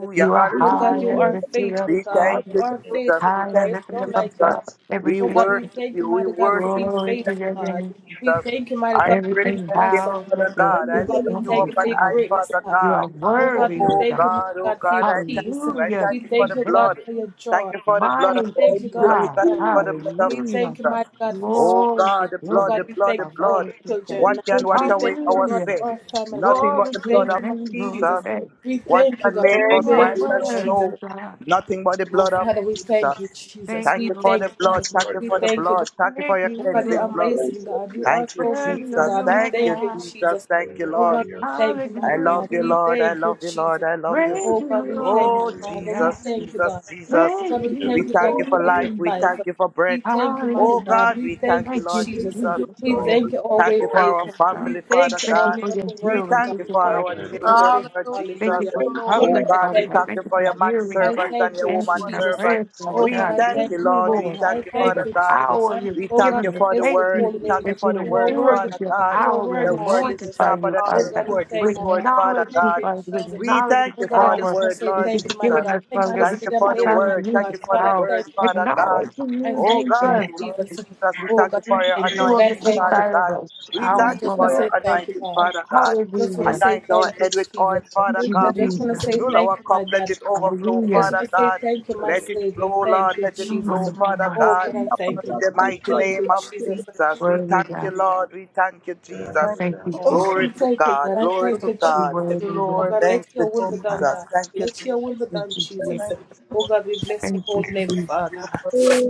Speaker 14: Jesus.
Speaker 6: You are
Speaker 1: We
Speaker 14: Oh
Speaker 15: hallelujah,
Speaker 1: give
Speaker 6: high
Speaker 14: God,
Speaker 1: you
Speaker 14: you
Speaker 6: and
Speaker 1: glory.
Speaker 14: are
Speaker 6: lifted up,
Speaker 14: faithful,
Speaker 15: we
Speaker 14: God.
Speaker 1: I
Speaker 15: thank
Speaker 6: Father.
Speaker 14: You
Speaker 15: you,
Speaker 14: are
Speaker 15: Jesus.
Speaker 14: faithful,
Speaker 15: We
Speaker 14: God.
Speaker 6: High and
Speaker 15: thank
Speaker 14: There's
Speaker 6: lifted
Speaker 14: none
Speaker 15: you,
Speaker 6: up
Speaker 14: like you,
Speaker 15: Jesus.
Speaker 14: God.
Speaker 6: above
Speaker 15: We
Speaker 14: Oh God,
Speaker 6: everything.
Speaker 14: we
Speaker 15: worship
Speaker 14: thank you,
Speaker 15: you. We
Speaker 14: mighty God, for
Speaker 15: worship
Speaker 14: being
Speaker 15: you.
Speaker 6: Glory to
Speaker 14: faithful,
Speaker 15: Thank
Speaker 6: your
Speaker 15: you,
Speaker 14: God.
Speaker 6: name.
Speaker 14: We
Speaker 15: Jesus.
Speaker 14: thank you, mighty
Speaker 15: I
Speaker 14: God, for
Speaker 15: praise
Speaker 14: being
Speaker 6: Everything
Speaker 15: your name,
Speaker 14: awesome.
Speaker 6: bows
Speaker 15: Father
Speaker 6: with your
Speaker 15: God.
Speaker 14: Oh
Speaker 1: thank
Speaker 15: I
Speaker 6: feet.
Speaker 1: you,
Speaker 14: God,
Speaker 15: lift
Speaker 14: we
Speaker 6: under
Speaker 15: you
Speaker 14: thank
Speaker 15: up
Speaker 14: you
Speaker 6: you,
Speaker 14: for
Speaker 15: and
Speaker 14: your
Speaker 15: I,
Speaker 6: Father.
Speaker 14: greatness,
Speaker 15: Father
Speaker 14: God.
Speaker 6: You are
Speaker 15: God.
Speaker 14: Oh God, we
Speaker 6: worthy, O
Speaker 15: Oh
Speaker 14: thank you,
Speaker 6: God.
Speaker 14: mighty
Speaker 15: God, oh
Speaker 14: God, for your
Speaker 15: God, I thank
Speaker 14: peace.
Speaker 15: you. I
Speaker 6: Hallelujah.
Speaker 14: We
Speaker 15: thank you for
Speaker 14: thank
Speaker 15: the
Speaker 14: you, God,
Speaker 6: Amen.
Speaker 15: blood.
Speaker 14: for your
Speaker 15: Thank
Speaker 14: joy.
Speaker 15: you for the blood of
Speaker 14: We
Speaker 6: Mighty
Speaker 1: Lord.
Speaker 14: thank you,
Speaker 1: Thank
Speaker 15: Jesus.
Speaker 14: God,
Speaker 1: you.
Speaker 14: for
Speaker 6: God.
Speaker 15: Thank you
Speaker 14: health.
Speaker 15: for
Speaker 1: Lord.
Speaker 15: the blood of
Speaker 14: We
Speaker 6: Hallelujah.
Speaker 14: thank you,
Speaker 15: Jesus.
Speaker 14: mighty God, for strength.
Speaker 15: Oh God,
Speaker 6: Glory,
Speaker 15: the
Speaker 14: Oh
Speaker 15: blood,
Speaker 6: glory.
Speaker 14: God,
Speaker 15: the
Speaker 14: we
Speaker 15: blood,
Speaker 14: thank
Speaker 15: the
Speaker 14: you
Speaker 6: Our
Speaker 14: for our
Speaker 15: blood.
Speaker 6: mother's sister.
Speaker 15: What
Speaker 14: children.
Speaker 1: Thank
Speaker 15: can wash
Speaker 14: We
Speaker 1: you.
Speaker 15: away
Speaker 14: thank you,
Speaker 15: our
Speaker 14: God,
Speaker 6: Hallelujah.
Speaker 14: for
Speaker 15: sin?
Speaker 14: our family, God.
Speaker 15: Nothing but
Speaker 6: Glory
Speaker 14: We
Speaker 15: the
Speaker 6: to
Speaker 15: blood
Speaker 14: thank
Speaker 6: your
Speaker 14: you,
Speaker 15: of
Speaker 14: Mother
Speaker 6: name, Lord.
Speaker 14: Jesus.
Speaker 15: Jesus.
Speaker 6: Hey,
Speaker 14: We
Speaker 15: What
Speaker 14: thank you,
Speaker 15: can
Speaker 14: God.
Speaker 15: make
Speaker 14: We
Speaker 6: you
Speaker 1: Thank
Speaker 15: us
Speaker 6: are
Speaker 15: white
Speaker 1: you,
Speaker 14: thank you,
Speaker 15: as
Speaker 1: Lord.
Speaker 14: Jesus.
Speaker 15: snow?
Speaker 6: worthy, God.
Speaker 15: Nothing but the
Speaker 14: Oh
Speaker 15: blood of
Speaker 14: Father, we thank you,
Speaker 15: Jesus.
Speaker 14: Jesus.
Speaker 6: Thank
Speaker 15: Thank
Speaker 14: We
Speaker 6: you,
Speaker 15: you for the
Speaker 14: thank
Speaker 6: Lord.
Speaker 14: you, Mother.
Speaker 6: Thank
Speaker 15: blood.
Speaker 14: God.
Speaker 6: you.
Speaker 15: Thank you
Speaker 17: Lord, yes, Lord,
Speaker 14: We
Speaker 6: Lord.
Speaker 15: for the
Speaker 14: thank you,
Speaker 17: yes.
Speaker 14: God.
Speaker 15: blood. Thank you for
Speaker 6: Thank
Speaker 15: your
Speaker 6: you,
Speaker 14: Oh God, you're
Speaker 15: cleansing
Speaker 6: Lord.
Speaker 15: blood.
Speaker 1: Thank
Speaker 14: amazing,
Speaker 17: Yes,
Speaker 14: God. You
Speaker 17: yes,
Speaker 14: are
Speaker 15: Thank you,
Speaker 14: so
Speaker 6: Worthy
Speaker 14: amazing,
Speaker 6: are
Speaker 15: Jesus.
Speaker 6: you,
Speaker 14: God. We
Speaker 6: O
Speaker 15: Thank you,
Speaker 14: thank you,
Speaker 6: God.
Speaker 15: Jesus.
Speaker 14: Jesus.
Speaker 15: Thank you,
Speaker 17: yes,
Speaker 14: Oh
Speaker 15: Lord.
Speaker 14: God, we
Speaker 17: yes.
Speaker 14: thank you,
Speaker 15: I
Speaker 14: mighty
Speaker 6: Hallelujah
Speaker 15: love
Speaker 14: God.
Speaker 6: to
Speaker 15: you,
Speaker 14: We
Speaker 6: you.
Speaker 15: Lord. I
Speaker 14: thank you,
Speaker 15: love you, Lord.
Speaker 14: Jesus.
Speaker 15: I love
Speaker 17: Yes,
Speaker 15: you.
Speaker 6: Praise
Speaker 14: Oh God,
Speaker 6: you,
Speaker 17: yes,
Speaker 14: we
Speaker 17: yes,
Speaker 14: thank you,
Speaker 6: Lord,
Speaker 15: Oh,
Speaker 6: Jesus,
Speaker 17: yes.
Speaker 14: Father. We
Speaker 6: God.
Speaker 15: Jesus,
Speaker 14: thank you,
Speaker 15: Jesus,
Speaker 14: God.
Speaker 15: Jesus.
Speaker 14: Oh
Speaker 6: Praise
Speaker 14: God, we
Speaker 1: you,
Speaker 6: you.
Speaker 1: Give
Speaker 15: We
Speaker 1: us
Speaker 14: thank you, God,
Speaker 15: thank
Speaker 1: all
Speaker 15: you
Speaker 14: for the
Speaker 15: for
Speaker 14: gift of
Speaker 17: Yes,
Speaker 15: life. We
Speaker 17: Lord.
Speaker 6: Hallelujah.
Speaker 14: life.
Speaker 15: thank you for breath.
Speaker 14: We thank you, mighty
Speaker 15: Oh,
Speaker 14: God.
Speaker 15: God,
Speaker 14: We
Speaker 15: we thank
Speaker 14: thank
Speaker 15: you,
Speaker 14: you,
Speaker 6: Thank
Speaker 15: Lord
Speaker 6: you,
Speaker 14: Jesus.
Speaker 17: Yes,
Speaker 1: your
Speaker 15: Jesus.
Speaker 6: Jesus,
Speaker 14: We
Speaker 6: for
Speaker 17: Lord.
Speaker 6: your
Speaker 14: thank
Speaker 1: glory,
Speaker 14: you, our
Speaker 15: Thank
Speaker 14: way
Speaker 15: you
Speaker 1: Lord.
Speaker 15: for our
Speaker 14: maker.
Speaker 6: righteous
Speaker 14: We
Speaker 6: God.
Speaker 15: family, Father
Speaker 14: thank you,
Speaker 6: Thank
Speaker 14: our
Speaker 6: you
Speaker 15: God.
Speaker 6: for your
Speaker 14: miracle
Speaker 15: We
Speaker 6: healing.
Speaker 14: working God.
Speaker 15: thank you
Speaker 6: Thank you
Speaker 15: for
Speaker 6: for your
Speaker 15: our
Speaker 17: Yes,
Speaker 15: children,
Speaker 3: Hallelujah.
Speaker 6: protection.
Speaker 15: Lord
Speaker 6: Thank
Speaker 3: Thank
Speaker 15: Jesus.
Speaker 6: you
Speaker 14: Hallelujah.
Speaker 6: for
Speaker 3: you,
Speaker 14: Oh
Speaker 1: Lord.
Speaker 3: Lord.
Speaker 15: Oh
Speaker 1: Turn
Speaker 14: God,
Speaker 1: our
Speaker 6: covering,
Speaker 14: I
Speaker 15: God,
Speaker 6: Father
Speaker 15: we
Speaker 14: thank
Speaker 6: God.
Speaker 14: you,
Speaker 15: thank you
Speaker 6: Thank you
Speaker 15: for
Speaker 6: for
Speaker 15: your
Speaker 14: Father.
Speaker 15: man
Speaker 6: hearing
Speaker 14: I
Speaker 15: servant
Speaker 6: and
Speaker 15: and
Speaker 14: thank
Speaker 15: your
Speaker 14: you,
Speaker 15: woman
Speaker 6: answering our
Speaker 14: Jesus.
Speaker 15: servant.
Speaker 6: prayers,
Speaker 17: Lord.
Speaker 6: Father
Speaker 3: Lord.
Speaker 14: Oh
Speaker 15: We
Speaker 14: God,
Speaker 6: God.
Speaker 14: I
Speaker 15: thank
Speaker 14: thank
Speaker 6: Thank
Speaker 15: you,
Speaker 6: you,
Speaker 14: you,
Speaker 15: Lord. We
Speaker 6: Lord,
Speaker 14: Father.
Speaker 15: thank
Speaker 14: I
Speaker 15: you,
Speaker 6: for
Speaker 3: Thank
Speaker 14: thank
Speaker 6: the
Speaker 15: Father
Speaker 14: you,
Speaker 15: God.
Speaker 3: you,
Speaker 14: Jesus.
Speaker 6: power
Speaker 3: Lord. Thank
Speaker 6: you've
Speaker 3: you,
Speaker 15: We
Speaker 14: Oh
Speaker 15: thank
Speaker 14: God,
Speaker 3: thank
Speaker 15: you
Speaker 6: given us.
Speaker 14: I
Speaker 15: for the
Speaker 14: bless
Speaker 6: Thank
Speaker 14: your
Speaker 15: word.
Speaker 6: you
Speaker 14: holy
Speaker 15: We
Speaker 14: name,
Speaker 15: thank
Speaker 14: God.
Speaker 15: you
Speaker 6: that
Speaker 15: for
Speaker 6: you
Speaker 15: the
Speaker 14: You are
Speaker 15: word,
Speaker 6: endure
Speaker 14: worthy,
Speaker 15: Father
Speaker 6: with your
Speaker 14: God.
Speaker 15: God.
Speaker 14: You are
Speaker 6: power.
Speaker 3: you, thank
Speaker 6: We're
Speaker 15: The
Speaker 3: you,
Speaker 14: worthy,
Speaker 3: Lord.
Speaker 15: word is
Speaker 6: anointed
Speaker 14: Jesus.
Speaker 6: by
Speaker 15: sharper
Speaker 6: you,
Speaker 15: than
Speaker 3: Oh, Lord.
Speaker 14: Oh
Speaker 6: Father
Speaker 15: any
Speaker 14: God,
Speaker 6: God.
Speaker 14: we
Speaker 15: two-edged
Speaker 6: We
Speaker 14: thank you,
Speaker 15: sword,
Speaker 14: God.
Speaker 15: Father
Speaker 1: hearts
Speaker 6: acknowledge
Speaker 14: Thank
Speaker 6: you,
Speaker 15: God.
Speaker 14: you,
Speaker 6: Father. We
Speaker 3: Thank
Speaker 14: Jesus.
Speaker 15: We
Speaker 6: acknowledge the
Speaker 15: thank
Speaker 14: Oh
Speaker 15: you
Speaker 14: God, I
Speaker 15: for the
Speaker 6: power
Speaker 14: just want to
Speaker 15: word,
Speaker 14: say
Speaker 6: that
Speaker 15: Lord
Speaker 14: thank you,
Speaker 6: you've
Speaker 14: mighty
Speaker 15: Jesus.
Speaker 6: given
Speaker 14: God.
Speaker 6: us,
Speaker 14: Thank you
Speaker 6: Father
Speaker 14: for
Speaker 3: you,
Speaker 6: God.
Speaker 14: this
Speaker 6: We
Speaker 15: Thank you
Speaker 14: freedom,
Speaker 15: for
Speaker 6: step
Speaker 15: the
Speaker 14: lady,
Speaker 6: out
Speaker 14: mighty
Speaker 6: into
Speaker 15: word. Thank
Speaker 14: God.
Speaker 15: you
Speaker 6: Jesus'
Speaker 14: Oh
Speaker 15: for
Speaker 14: God,
Speaker 15: the
Speaker 14: I
Speaker 6: power.
Speaker 15: word,
Speaker 14: thank you for.
Speaker 15: Father God.
Speaker 6: Acknowledge
Speaker 14: I
Speaker 6: you,
Speaker 15: Oh
Speaker 14: thank you,
Speaker 15: God,
Speaker 6: Jesus.
Speaker 15: Lord
Speaker 14: Jesus.
Speaker 15: Jesus, we
Speaker 14: Oh
Speaker 15: thank you
Speaker 14: God,
Speaker 15: for
Speaker 14: I
Speaker 15: your
Speaker 14: thank
Speaker 6: You
Speaker 14: you. God,
Speaker 6: will
Speaker 15: anointing,
Speaker 14: I
Speaker 6: get
Speaker 14: thank you.
Speaker 15: Father
Speaker 6: inside of
Speaker 15: God.
Speaker 6: us. It's
Speaker 15: We
Speaker 1: to
Speaker 14: I
Speaker 1: you,
Speaker 15: thank you
Speaker 14: just want
Speaker 15: for
Speaker 6: powerful.
Speaker 14: to
Speaker 1: Lord.
Speaker 15: your
Speaker 14: say thank you,
Speaker 15: anointing,
Speaker 14: God.
Speaker 15: Father God.
Speaker 14: I just want to
Speaker 6: Hallelujah.
Speaker 14: say
Speaker 15: Anoint our
Speaker 14: thank you,
Speaker 15: head with oil,
Speaker 14: Jesus.
Speaker 15: Father
Speaker 6: Thank
Speaker 1: And
Speaker 6: you,
Speaker 14: I
Speaker 1: give
Speaker 15: God.
Speaker 14: just
Speaker 1: you
Speaker 6: Jesus.
Speaker 14: want to
Speaker 1: praise.
Speaker 14: say
Speaker 15: Fill
Speaker 14: thank
Speaker 15: our
Speaker 14: you,
Speaker 15: cup,
Speaker 14: my
Speaker 15: let
Speaker 14: daddy.
Speaker 15: it overflow,
Speaker 14: I just
Speaker 6: Hallelujah.
Speaker 14: want
Speaker 15: Father
Speaker 14: to say
Speaker 15: God.
Speaker 14: thank you, my
Speaker 15: Let it
Speaker 14: Savior.
Speaker 15: flow, Lord.
Speaker 14: Thank you,
Speaker 15: Let
Speaker 6: Oh
Speaker 15: it
Speaker 6: my
Speaker 14: Jesus.
Speaker 15: flow, Father
Speaker 6: God.
Speaker 14: Oh,
Speaker 15: God.
Speaker 14: God,
Speaker 1: And
Speaker 14: I
Speaker 1: now I
Speaker 6: Thank
Speaker 14: thank you,
Speaker 15: In
Speaker 1: ask
Speaker 15: the
Speaker 14: God.
Speaker 6: you.
Speaker 1: you
Speaker 14: I
Speaker 1: to
Speaker 15: mighty
Speaker 1: write
Speaker 14: thank
Speaker 1: it
Speaker 15: name
Speaker 14: you,
Speaker 15: of
Speaker 1: down for
Speaker 14: Jesus.
Speaker 15: Jesus, we
Speaker 6: Worthy
Speaker 15: thank you,
Speaker 6: God.
Speaker 15: Lord. We thank you,
Speaker 17: Amen.
Speaker 3: thank
Speaker 15: Jesus.
Speaker 6: Thank
Speaker 17: Amen.
Speaker 6: you,
Speaker 14: Oh,
Speaker 6: Jesus.
Speaker 14: I
Speaker 15: Glory to
Speaker 6: You
Speaker 14: thank you,
Speaker 15: God.
Speaker 14: God. I
Speaker 15: Glory
Speaker 3: you, thank
Speaker 14: thank
Speaker 15: to
Speaker 14: you,
Speaker 15: God.
Speaker 14: Jesus.
Speaker 3: you, Lord. Thank you,
Speaker 6: worthy,
Speaker 14: Oh,
Speaker 3: Lord.
Speaker 6: Lord.
Speaker 14: God, let
Speaker 15: Thank
Speaker 3: Thank
Speaker 15: you,
Speaker 14: your will
Speaker 3: you, Lord.
Speaker 14: be done,
Speaker 6: God.
Speaker 14: God.
Speaker 15: Jesus.
Speaker 3: Thank you,
Speaker 15: Thank you,
Speaker 14: Let
Speaker 15: Jesus.
Speaker 14: your will be
Speaker 6: Thank
Speaker 14: done,
Speaker 6: you,
Speaker 1: Thank
Speaker 6: Jesus.
Speaker 14: Jesus.
Speaker 3: Lord.
Speaker 14: Oh, God, we bless your
Speaker 6: Thank you,
Speaker 14: holy name,
Speaker 3: Thank
Speaker 6: Jesus.
Speaker 14: Father.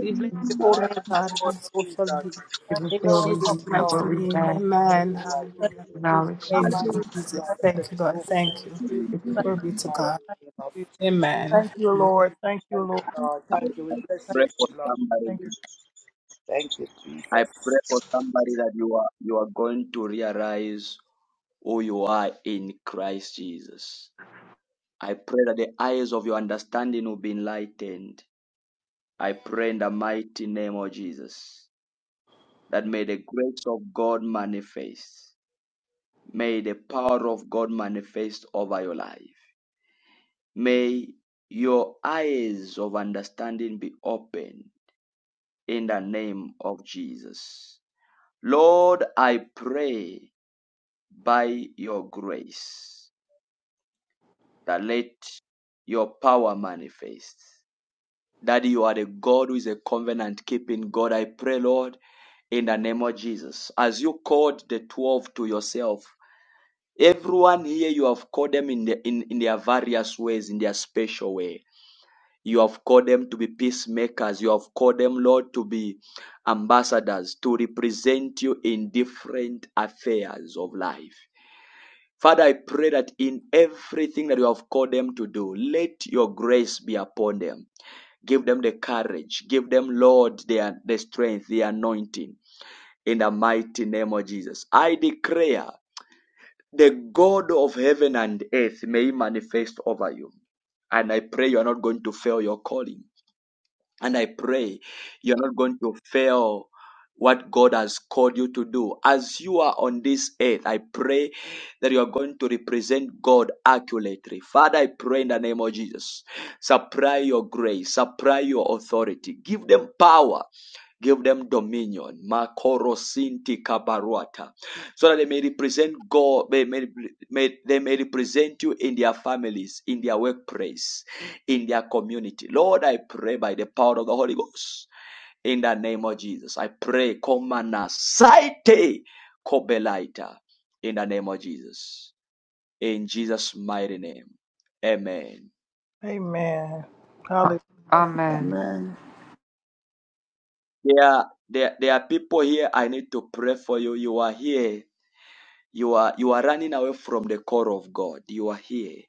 Speaker 14: We
Speaker 3: you, thank
Speaker 14: bless your
Speaker 3: you, Lord. Lord.
Speaker 1: Jesus.
Speaker 14: holy
Speaker 15: Hallelujah,
Speaker 14: name, God, and so
Speaker 15: Jesus.
Speaker 14: shall be.
Speaker 6: If we
Speaker 15: You
Speaker 14: In
Speaker 15: know
Speaker 6: feel
Speaker 15: what,
Speaker 6: we
Speaker 15: cup,
Speaker 14: Jesus'
Speaker 6: need not
Speaker 14: mighty
Speaker 15: Lord,
Speaker 6: what we
Speaker 14: name,
Speaker 15: Fill
Speaker 6: have,
Speaker 15: our cup, Lord,
Speaker 14: amen.
Speaker 15: God.
Speaker 3: Thank
Speaker 14: Hallelujah.
Speaker 6: knowledge,
Speaker 14: Thank
Speaker 6: truth.
Speaker 15: my cup,
Speaker 14: you,
Speaker 1: Hallelujah.
Speaker 14: Jesus.
Speaker 15: Lord, I let
Speaker 14: Thank you,
Speaker 15: it
Speaker 14: God.
Speaker 15: over
Speaker 14: Thank you.
Speaker 1: In
Speaker 6: Thank you,
Speaker 1: Jesus'
Speaker 14: Glory be to
Speaker 15: my
Speaker 14: God.
Speaker 15: name of.
Speaker 3: you,
Speaker 15: Jesus.
Speaker 14: Amen.
Speaker 3: thank you, Lord. Thank you, thank you, Jesus. Thank you, Jesus. Thank you, Lord. Thank you, Jesus. Thank you, Lord. Thank you,
Speaker 15: Thank
Speaker 3: Lord.
Speaker 15: you, Lord.
Speaker 1: name. I
Speaker 15: Thank you.
Speaker 1: I
Speaker 15: We bless
Speaker 1: pray
Speaker 15: you,
Speaker 3: Thank
Speaker 1: for
Speaker 15: Lord.
Speaker 3: you,
Speaker 1: somebody.
Speaker 3: thank you.
Speaker 15: Thank you,
Speaker 1: I
Speaker 15: Jesus.
Speaker 1: pray for somebody that you are you are going to realize who you are in Christ Jesus I pray that the eyes of your understanding will be enlightened. I pray in the mighty name of Jesus that may the grace of God manifest. May the power of God manifest over your life. May your eyes of understanding be open in the name of Jesus. Lord, I pray by your grace that let your power manifest. Daddy, you are the God who is a covenant keeping God. I pray, Lord, in the name of Jesus. As you called the 12 to yourself, everyone here, you have called them in, the, in, in their various ways, in their special way. You have called them to be peacemakers. You have called them, Lord, to be ambassadors, to represent you in different affairs of life. Father, I pray that in everything that you have called them to do, let your grace be upon them. Give them the courage. Give them, Lord, their the strength, the anointing. In the mighty name of Jesus. I declare the God of heaven and earth may manifest over you. And I pray you are not going to fail your calling. And I pray you're not going to fail what God has called you to do. As you are on this earth, I pray that you are going to represent God accurately. Father, I pray in the name of Jesus, supply your grace, supply your authority, give them power. Give them dominion. Makorosinti kabaruata. So that they may represent God, may, may, may, they may represent you in their families, in their workplace, in their community. Lord, I pray by the power of the Holy Ghost in the name of Jesus. I pray, Komana Saite Kobelaita, in the name of Jesus. In Jesus' mighty name. Amen.
Speaker 3: Amen.
Speaker 6: God.
Speaker 3: Hallelujah.
Speaker 6: Amen.
Speaker 15: Amen.
Speaker 1: There, there, there are people here I need to pray for you. You are here. You are you are running away from the call of God. You are here.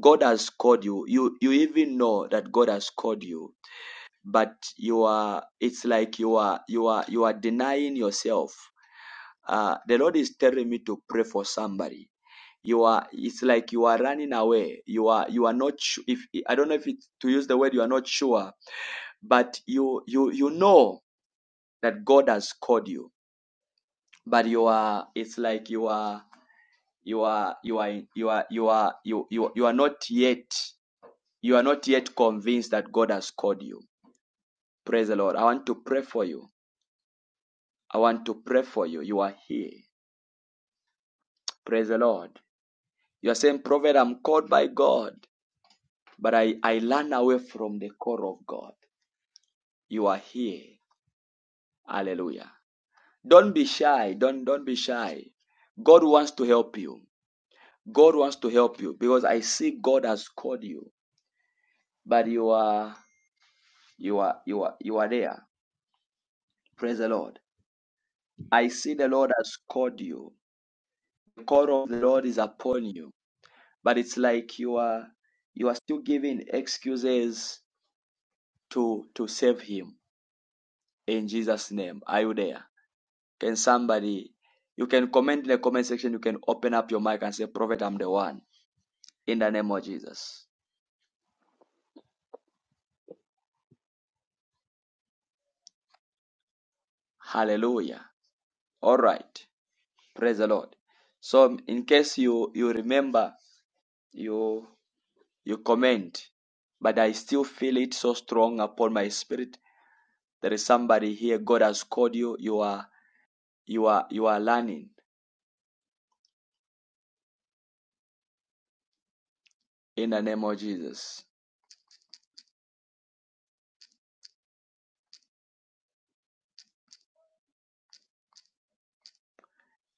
Speaker 1: God has called you. You you even know that God has called you. but you are it's like you are you are you are denying yourself uh, the lord is telling me to pray for somebody you are it's like you are running away you are you are not su- if i don't know if it's to use the word you are not sure but you you you know that god has called you but you are it's like you are you are you are you are you are you you, you are not yet you are not yet convinced that god has called you praise the lord i want to pray for you I want to pray for you. You are here. Praise the Lord. You are saying, Prophet, I'm called by God, but I, I learn away from the call of God. You are here. Hallelujah. Don't be shy. Don't, don't be shy. God wants to help you. God wants to help you because I see God has called you, but you are you are you are you are there. Praise the Lord. I see the Lord has called you. The call of the Lord is upon you but it's like you are you are still giving excuses to to save him in jesus name are you there can somebody you can comment in the comment section you can open up your mic and say prophet i'm the one in the name of jesus hallelujah all right praise the lord so in case you you remember you you comment but i still feel it so strong upon my spirit there is somebody here god has called you you are you are you are learning in the name of Jesus.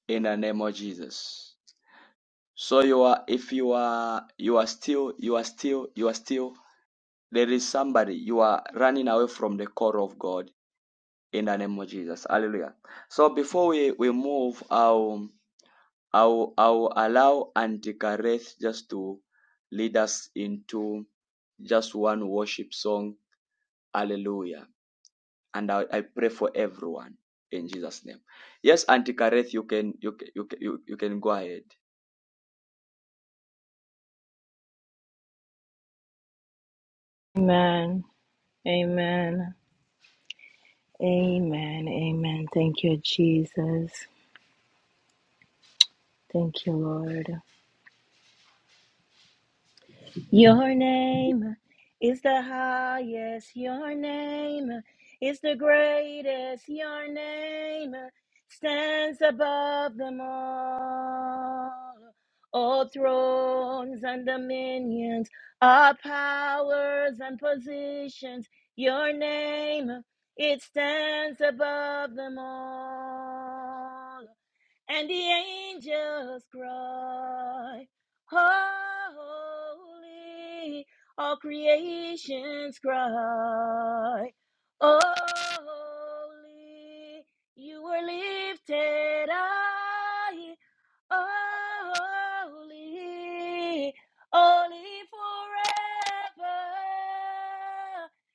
Speaker 1: In the name of Jesus. So you are if you are you are still you are still you are still there is somebody you are running away from the core of God in the name of Jesus. Hallelujah. So before we, we move, I'll I'll I'll allow Antikareth just to lead us into just one worship song. Hallelujah. and I, I pray for everyone in Jesus' name. Yes, Auntie Kareth, you can you can, you can you, you can go ahead.
Speaker 2: Amen. Amen. Amen. Amen. Thank you, Jesus. Thank you, Lord. Your name is the highest. Your name is the greatest. Your name stands above them all. All thrones and dominions, all powers and positions. Your name, it stands above them all. and the angels cry, Holy, all creations cry, Holy, you were lifted high Oh, Holy, holy forever.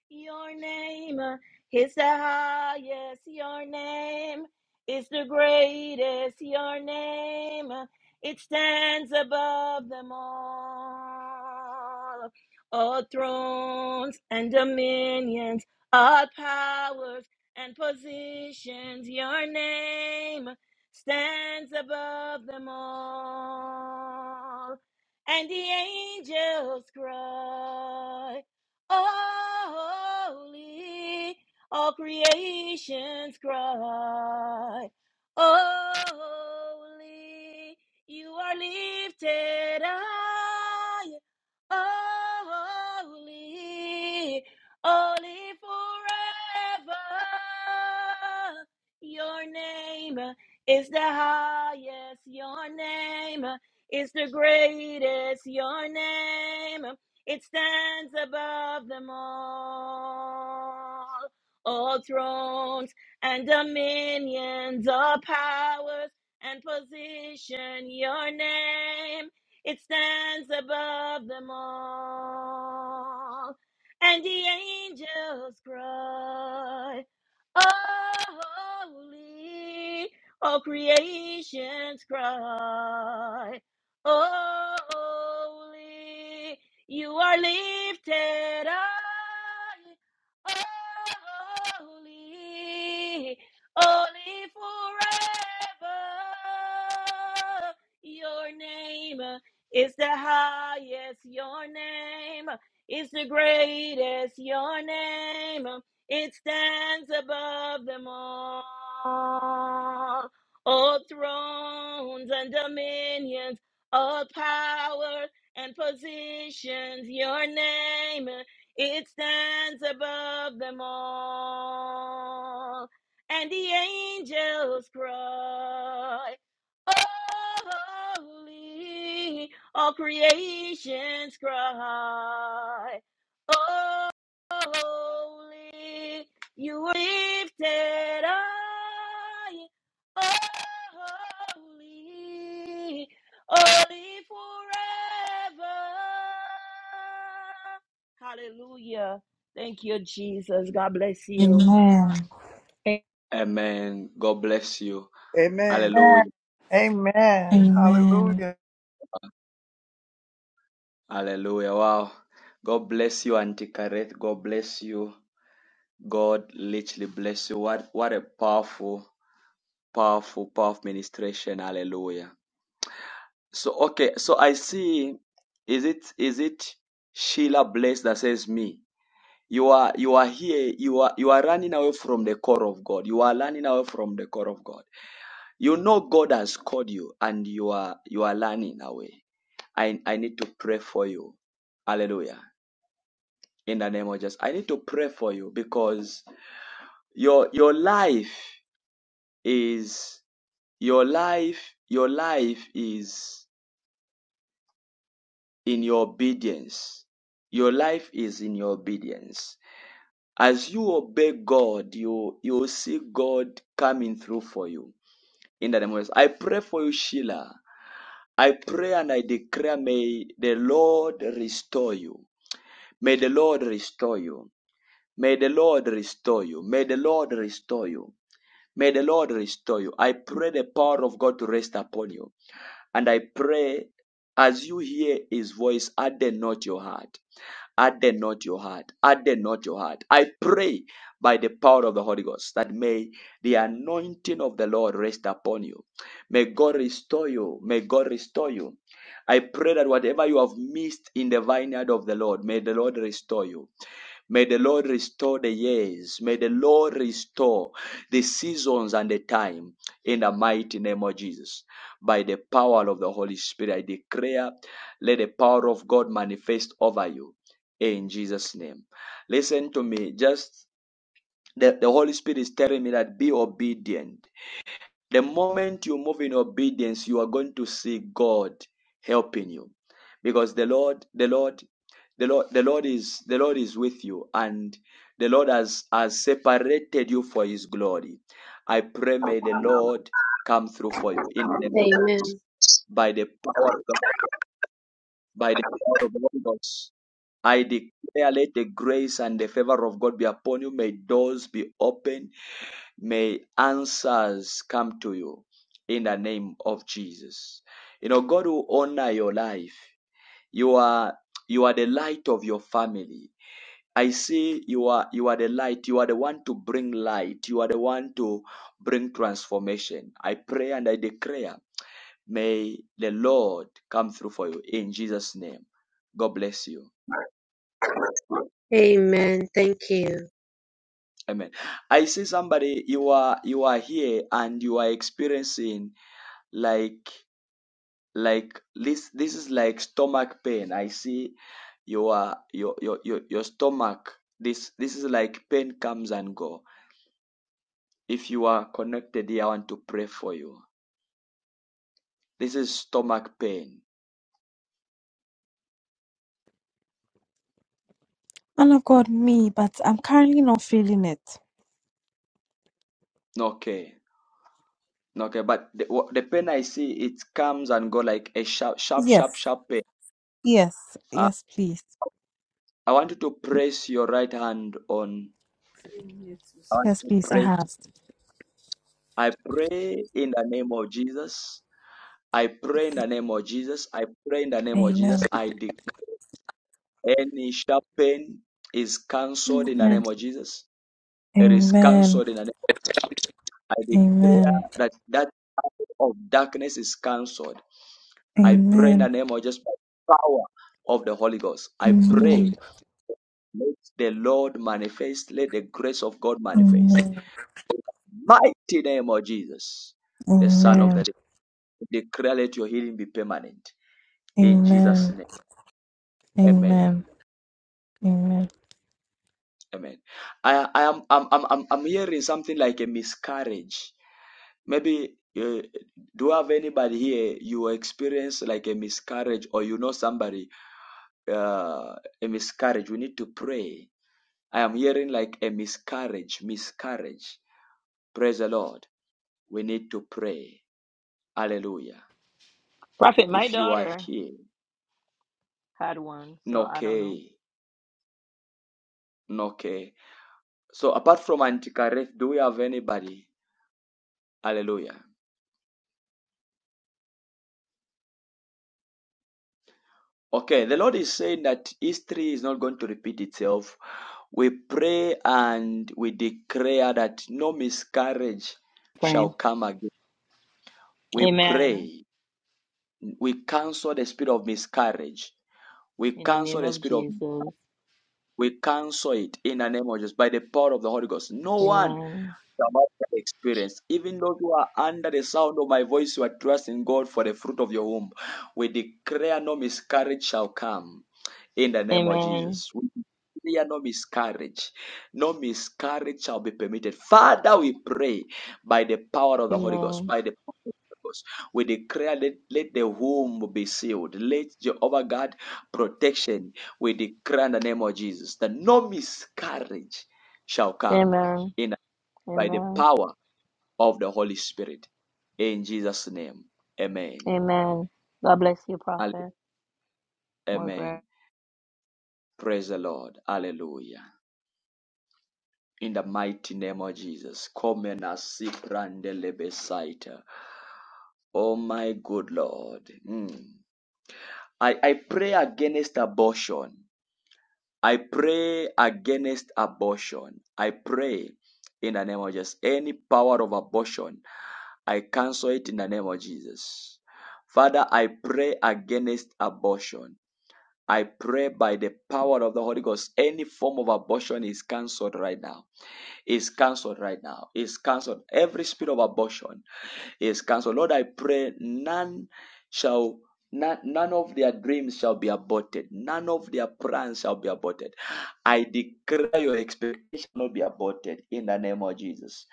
Speaker 2: Your name uh, is the highest. Your name is the greatest. Your name, uh, it stands above them all. All thrones and dominions, all powers and positions. Your name stands above them all. And the angels cry, Holy, all creations cry, Holy, you are lifted high, Holy, holy forever. Your name it's the highest your name. It's the greatest your name. It stands above them all. All thrones and dominions, all powers and position, your name. It stands above them all. And the angels cry, "Oh, Holy all creation's cry. Holy, you are lifted high. Holy, holy forever. Your name is the highest. Your name is the greatest. Your name it stands above them all all thrones and dominions, all power and positions. Your name, it stands above them all. And the angels cry, Holy, all creations cry, Holy, you were lifted high holy, holy forever. Hallelujah. Thank you, Jesus. God bless you.
Speaker 19: Amen.
Speaker 2: Hey,
Speaker 1: Amen. God bless you.
Speaker 15: Amen.
Speaker 1: Hallelujah.
Speaker 3: Amen.
Speaker 19: Amen.
Speaker 3: Hallelujah.
Speaker 1: Hallelujah. Wow. God bless you, Auntie Kareth. God bless you. God literally bless you. What what a powerful, powerful, powerful ministration. Hallelujah. So okay, so I see is it is it Sheila Bless that says me? You are you are here, you are you are running away from the call of God. You are running away from the call of God. You know God has called you and you are you are running away. I I need to pray for you. Hallelujah. In the name of Jesus. I need to pray for you because your your life is your life your life is in your obedience your life is in your obedience As you obey God, you you will see God coming through for you. In the name of Jesus. I pray for you, Sheila. I pray and I declare, may the Lord restore you. May the Lord restore you. May the Lord restore you. May the Lord restore you. May the Lord restore you. I pray the power of God to rest upon you. And I pray as you hear his voice, harden not your heart. Harden not your heart. Harden not your heart. I pray by the power of the Holy Ghost that may the anointing of the Lord rest upon you. May God restore you. May God restore you. I pray that whatever you have missed in the vineyard of the Lord, may the Lord restore you. May the Lord restore the years. May the Lord restore the seasons and the time in the mighty name of Jesus. By the power of the Holy Spirit, I declare, let the power of God manifest over you in Jesus' name. Listen to me, just the, the Holy Spirit is telling me that be obedient the moment you move in obedience, you are going to see God helping you. Because the Lord, the Lord, the Lord, the Lord is the Lord is with you, and the Lord has, has separated you for his glory. I pray may the Lord come through for you in the name of Jesus.
Speaker 20: Amen.
Speaker 1: By the power of God, by the power of the Holy Ghost. I declare, let the grace and the favor of God be upon you. May doors be open. May answers come to you in the name of Jesus. You know, God will honor your life. You are you are the light of your family. I see you are you are the light. You are the one to bring light. You are the one to bring transformation. I pray and I declare, may the Lord come through for you in Jesus' name. God bless you.
Speaker 20: Amen. Thank you.
Speaker 1: Amen. I see somebody you are you are here and you are experiencing like like this this is like stomach pain i see your your your your, your stomach this this is like pain comes and go if you are connected here i want to pray for you this is stomach pain
Speaker 19: Man of God, me, but I'm currently not feeling it.
Speaker 1: okay okay but the, the pain i see it comes and go like a sharp sharp sharp
Speaker 19: Yes.
Speaker 1: sharp pain
Speaker 19: Yes.
Speaker 1: uh,
Speaker 19: Yes, please.
Speaker 1: i want you to press your right hand on
Speaker 9: yes,
Speaker 1: i
Speaker 9: yes.
Speaker 1: want
Speaker 9: yes.
Speaker 19: Yes,
Speaker 1: you to
Speaker 19: please. I
Speaker 1: press
Speaker 19: have.
Speaker 1: i pray in the name of jesus I pray in the name of Jesus. I pray in the name of
Speaker 19: Amen.
Speaker 1: Jesus. I declare. Any sharp pain is cancelled in the
Speaker 19: Amen.
Speaker 1: name of Jesus. It is
Speaker 19: Amen.
Speaker 1: cancelled in the name. of I declare
Speaker 19: Amen.
Speaker 1: that that power of darkness is cancelled. I pray in the
Speaker 19: Amen.
Speaker 1: name of just power of the Holy Ghost. I
Speaker 19: Amen.
Speaker 1: pray, let the Lord manifest, let the grace of God manifest.
Speaker 19: Amen.
Speaker 1: Mighty name of Jesus, the Son of
Speaker 19: Amen.
Speaker 1: the Day. Declare let your healing be permanent. In Jesus'
Speaker 19: Amen.
Speaker 1: name. Amen.
Speaker 19: Amen. Amen.
Speaker 1: Amen. I, I am I'm, I'm, I'm I'm hearing something like a miscarriage Maybe uh, do you have anybody here you experience like a miscarriage or you know somebody uh, a miscarriage? We need to pray. I am hearing like a miscarriage, miscarriage. Praise the Lord. We need to pray. Hallelujah.
Speaker 2: Prophet, my
Speaker 1: If you are
Speaker 2: daughter
Speaker 1: here,
Speaker 2: had one, so I don't know.
Speaker 1: okay, okay. So apart from Antikareth, do we have anybody? Hallelujah. Okay, the Lord is saying that history is not going to repeat itself We pray and we declare that no miscarriage shall
Speaker 2: Praying.
Speaker 1: come again. We
Speaker 2: Amen.
Speaker 1: pray. We cancel the spirit of miscarriage. We
Speaker 2: In the name
Speaker 1: cancel the
Speaker 2: of
Speaker 1: spirit of
Speaker 2: Jesus.
Speaker 1: we cancel it in the name of Jesus by the power of the Holy Ghost. No one
Speaker 2: Amen.
Speaker 1: supernatural experience. Even those who are under the sound of my voice, you are trusting God for the fruit of your womb. We declare no miscarriage shall come in the name of
Speaker 2: Amen.
Speaker 1: Jesus. We declare no miscarriage. No miscarriage shall be permitted. Father, we pray by the power of the Holy Ghost,
Speaker 2: Amen.
Speaker 1: by the power of the Holy Ghost, we declare let, let the womb be sealed. Let Jehovah God protection. We declare in the name of Jesus that no miscarriage shall come
Speaker 2: Amen.
Speaker 1: in. the by the
Speaker 2: Amen.
Speaker 1: power of the Holy Spirit. In Jesus' name. Amen.
Speaker 2: Amen. God bless you,
Speaker 1: Alle-
Speaker 2: Prophet
Speaker 1: Amen.
Speaker 2: Margaret.
Speaker 1: Praise the Lord. Hallelujah. In the mighty name of Jesus. Come and asip randele besaita. Oh my good Lord. Mm. I, I pray against abortion. I pray against abortion. I pray in the name of Jesus. Any power of abortion I cancel it in the name of Jesus. Father, I pray against abortion. I pray by the power of the Holy Ghost, any form of abortion is cancelled right now. Is cancelled right now. Is cancelled. Every spirit of abortion is cancelled. Lord, I pray none shall, none, none of their dreams shall be aborted. None of their plans shall be aborted. I declare your expectation will be aborted in the name of Jesus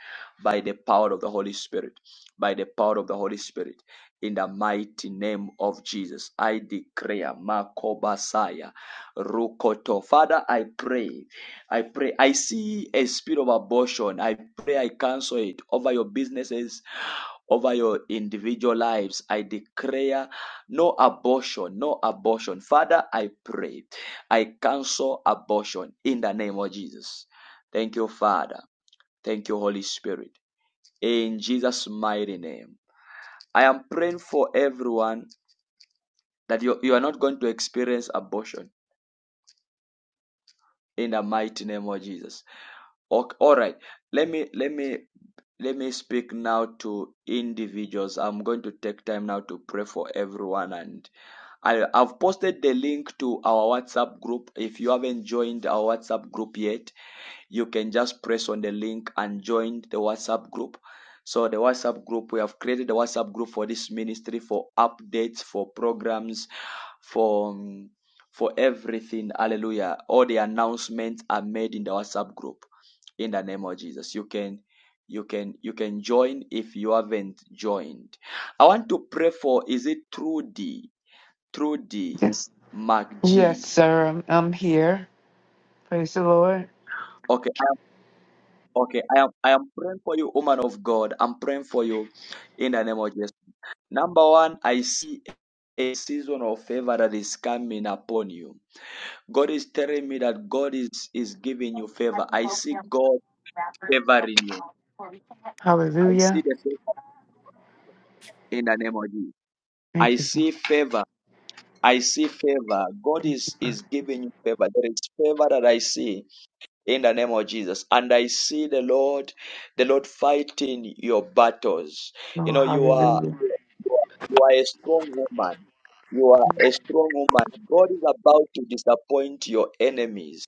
Speaker 1: by the power of the Holy Spirit. By the power of the Holy Spirit in the mighty name of Jesus. I declare Makobasaya Rukoto. Father, I pray. I pray. I see a spirit of abortion. I pray I cancel it over your businesses over your individual lives. I declare no abortion, no abortion. Father, I pray. I cancel abortion in the name of Jesus. Thank you, Father. Thank you, Holy Spirit. In Jesus' mighty name. I am praying for everyone that you, you are not going to experience abortion in the mighty name of Jesus. Ok- all right. Let me let me let me speak now to individuals. I'm going to take time now to pray for everyone and I, I've posted the link to our WhatsApp group. If you haven't joined our WhatsApp group yet, you can just press on the link and join the WhatsApp group. So, the WhatsApp group, we have created a WhatsApp group for this ministry for updates, for programs, for. um, for everything, hallelujah. All the announcements are made in the WhatsApp group in the name of Jesus. You can you can you can join if you haven't joined. I want to pray for is it Trudy? Trudy
Speaker 6: Yes, yes,
Speaker 1: McGee.
Speaker 6: sir. I'm, I'm here. Praise the Lord.
Speaker 1: Okay, I am, okay, I am, I am praying for you, woman of God. I'm praying for you in the name of Jesus. Number one, I see a season of favor that is coming upon you. God is telling me that God is is giving you
Speaker 21: I
Speaker 1: favor.
Speaker 21: think
Speaker 1: I
Speaker 21: both of
Speaker 1: see
Speaker 21: them
Speaker 1: God
Speaker 21: rappers, so
Speaker 1: favoring you.
Speaker 21: before we
Speaker 1: I see
Speaker 6: Hallelujah.
Speaker 1: the favor in the name of Jesus. I
Speaker 6: Thank you. Lord.
Speaker 1: see favor. I see favor. God
Speaker 6: Thank you,
Speaker 1: is
Speaker 6: God.
Speaker 1: is giving you favor. There is favor that I see in the name of Jesus. And I see the Lord, the Lord fighting your battles. You
Speaker 6: Oh,
Speaker 1: know, you are
Speaker 6: hallelujah.
Speaker 1: you are a strong woman. You are a strong woman. God is about to disappoint your enemies.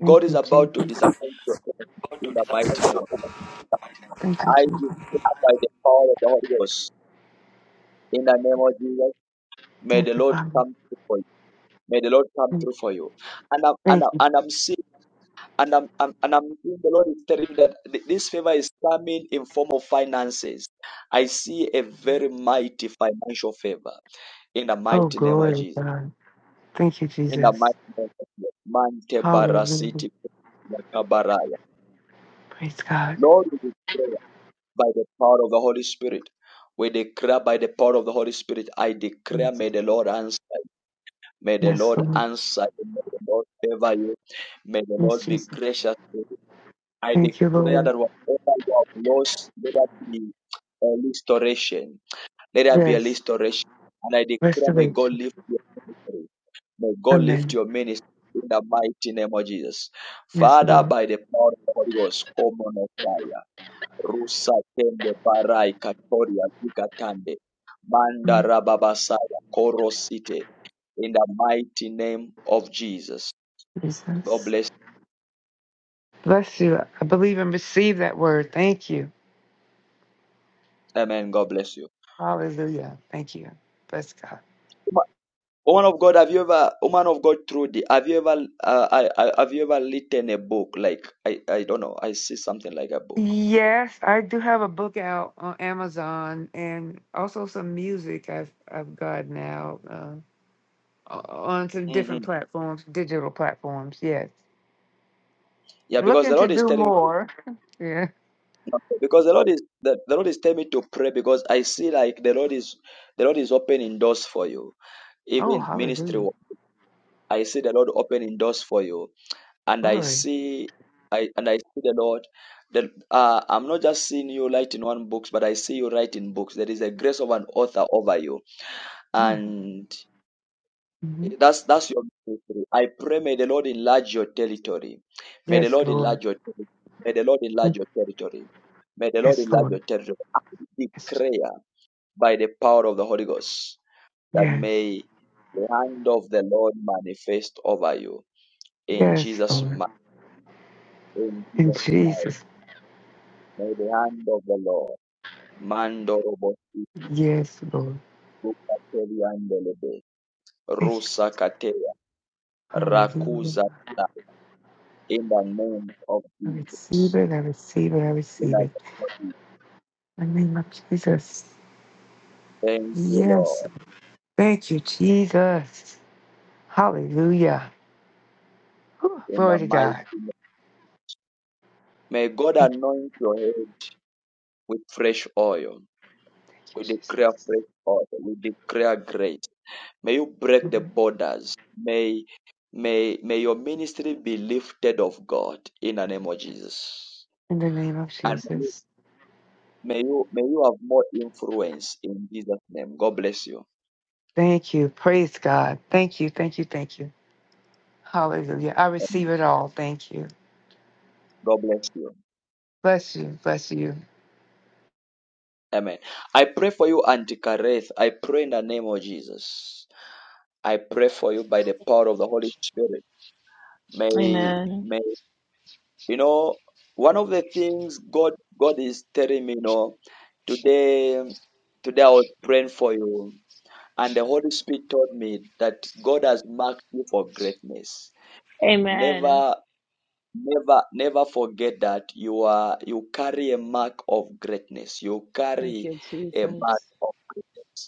Speaker 6: Thank
Speaker 1: God is
Speaker 6: you,
Speaker 1: about to
Speaker 6: Jesus.
Speaker 1: disappoint your enemies in the mighty name of Jesus.
Speaker 6: Thank you,
Speaker 1: I
Speaker 6: Jesus.
Speaker 1: declare by the power of the Holy Ghost in the name of Jesus. May the
Speaker 6: Thank you,
Speaker 1: Lord
Speaker 6: Father.
Speaker 1: come through for you. May the Lord come through for you. And I'm, and
Speaker 6: Thank
Speaker 1: I'm,
Speaker 6: you.
Speaker 1: and I'm seeing And I'm, I'm, and I'm seeing the Lord is telling me that th- this favor is coming in form of finances. I see a very mighty financial favor in the
Speaker 6: Oh,
Speaker 1: mighty name of
Speaker 6: glory,
Speaker 1: Jesus.
Speaker 6: God. Thank you,
Speaker 1: In the
Speaker 6: Jesus.
Speaker 1: mighty name of Jesus. Mante
Speaker 6: Hallelujah.
Speaker 1: barasiti yakabaraya.
Speaker 6: Praise God.
Speaker 1: Lord, we declare by the power of the Holy Spirit. We declare by the power of the Holy Spirit. I declare,
Speaker 6: Yes,
Speaker 1: may the Lord answer. May the
Speaker 6: Yes,
Speaker 1: Lord
Speaker 6: Lord.
Speaker 1: answer. you. May the Lord favor you. May the
Speaker 6: Yes,
Speaker 1: Lord be
Speaker 6: Jesus.
Speaker 1: gracious. to you. I
Speaker 6: Thank you,
Speaker 1: declare
Speaker 6: Lord.
Speaker 1: that whatever you have lost, let that be a restoration. Let that be a
Speaker 6: Yes.
Speaker 1: restoration. And I declare, may God
Speaker 6: Restoration.
Speaker 1: lift your ministry. May God lift
Speaker 6: Amen.
Speaker 1: your ministry in the mighty name of Jesus.
Speaker 6: Yes,
Speaker 1: Father,
Speaker 6: Lord.
Speaker 1: by the power of the Holy Ghost, come on us, fire. Rusa tende barai katoria zikatande. Manda
Speaker 6: Mm,
Speaker 1: rababasaya korosite. In the mighty name of Jesus. God
Speaker 6: Jesus.
Speaker 1: bless.
Speaker 6: Bless you. I believe and receive that word. Thank you.
Speaker 1: Amen. God bless you.
Speaker 6: Hallelujah. Thank you. Bless God.
Speaker 1: Woman of God, have you ever, woman of God, Trudy, have you ever, uh, I, I, have you ever written a book? Like, I, I don't know, I see something like a book.
Speaker 6: Yes, I do have a book out on Amazon and also some music I've I've got now. uh, o- onto
Speaker 1: hmm
Speaker 6: different platforms, digital platforms. Yes,
Speaker 1: Yeah, because the
Speaker 6: looking to
Speaker 1: Lord is
Speaker 6: do
Speaker 1: telling me,
Speaker 6: more. Yeah.
Speaker 1: because the Lord is, the, the Lord is telling me to pray because I see like the Lord is, the Lord is opening doors for you,
Speaker 6: Oh,
Speaker 1: even ministry.
Speaker 6: hallelujah,
Speaker 1: work. I see the Lord opening doors for you, and I
Speaker 6: glory.
Speaker 1: see, I and I see the Lord. that uh, I'm not just seeing you writing one books, but I see you writing books. There is a grace of an author over you,
Speaker 6: Mm.
Speaker 1: and
Speaker 6: Mhm.
Speaker 1: That's that's your territory. I pray may the Lord enlarge your territory. May the
Speaker 6: Yes,
Speaker 1: Lord
Speaker 6: Lord.
Speaker 1: enlarge your territory. May the Lord enlarge
Speaker 6: Mm.
Speaker 1: your territory. May the Lord
Speaker 6: Yes,
Speaker 1: enlarge
Speaker 6: Lord.
Speaker 1: your territory. I
Speaker 6: Yes,
Speaker 1: declare by the power of the Holy Ghost that
Speaker 6: yes,
Speaker 1: may the hand of the Lord manifest over you in
Speaker 6: yes,
Speaker 1: Jesus'
Speaker 6: Lord.
Speaker 1: mighty in
Speaker 6: In
Speaker 1: Jesus' mighty.
Speaker 6: Jesus,
Speaker 1: May the hand of the Lord mandorobositi
Speaker 6: yes, Lord.
Speaker 1: rukateriandelebe
Speaker 6: Thank you, Jesus.
Speaker 1: rusakateya
Speaker 6: Hallelujah.
Speaker 1: rakuza in the name of
Speaker 6: I
Speaker 1: Jesus.
Speaker 6: receive it. I receive it. I
Speaker 1: In the
Speaker 6: receive
Speaker 1: name
Speaker 6: it.
Speaker 1: of Jesus.
Speaker 6: In the name of Jesus.
Speaker 1: Thank you, Lord.
Speaker 6: Yes. Thank you, Jesus. Hallelujah. Whew.
Speaker 1: In the
Speaker 6: Glory to
Speaker 1: mighty
Speaker 6: God.
Speaker 1: name. May God
Speaker 6: Thank
Speaker 1: anoint your head with fresh oil.
Speaker 6: you,
Speaker 1: We declare
Speaker 6: Jesus.
Speaker 1: fresh oil. We declare grace. May you break the borders. May may may your ministry be lifted of God in the name of Jesus.
Speaker 6: In the name of
Speaker 1: And may you
Speaker 6: Jesus.
Speaker 1: may you, have more influence in Jesus' name. God bless you.
Speaker 6: Thank you. Praise God. Thank you. Thank you. Thank you. Hallelujah. I
Speaker 1: Amen.
Speaker 6: receive it all. Thank you.
Speaker 1: God bless you.
Speaker 6: Bless you. Bless you.
Speaker 1: Amen. I pray for you, Auntie Kareth. I pray in the name of Jesus. I pray for you by the power of the Holy Spirit. May
Speaker 2: Amen.
Speaker 1: may you know one of the things God God is telling me, you know, today today I was praying for you, and the Holy Spirit told me that God has marked you for greatness.
Speaker 2: Amen.
Speaker 1: Never never never forget that you are you carry a mark of greatness. You
Speaker 2: Thank
Speaker 1: carry
Speaker 2: you,
Speaker 1: a mark
Speaker 2: Jesus.
Speaker 1: of greatness.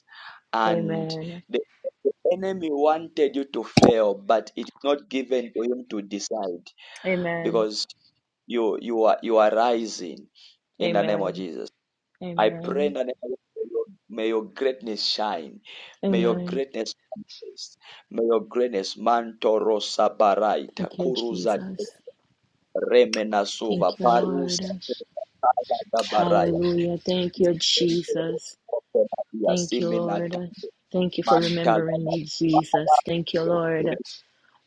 Speaker 1: and
Speaker 2: Amen.
Speaker 1: the, the enemy wanted you to fail, but it's not given to him to decide
Speaker 2: Amen.
Speaker 1: because you you are you are rising in the name of
Speaker 2: Amen.
Speaker 1: Jesus. I pray in
Speaker 2: Amen.
Speaker 1: the name of Jesus, may your may your greatness shine, may your
Speaker 2: Amen.
Speaker 1: greatness manifest, may your greatness manto rosa baraita
Speaker 2: Thank you,
Speaker 1: kuruza
Speaker 2: Jesus.
Speaker 1: remena
Speaker 2: Thank
Speaker 1: suva
Speaker 2: you, Lord.
Speaker 1: barusa baraya.
Speaker 2: Hallelujah. Thank you, Jesus. Thank you, Lord. Thank you for
Speaker 1: Mantala
Speaker 2: remembering me,
Speaker 1: Father,
Speaker 2: Jesus. Thank you, Lord.
Speaker 1: celebrate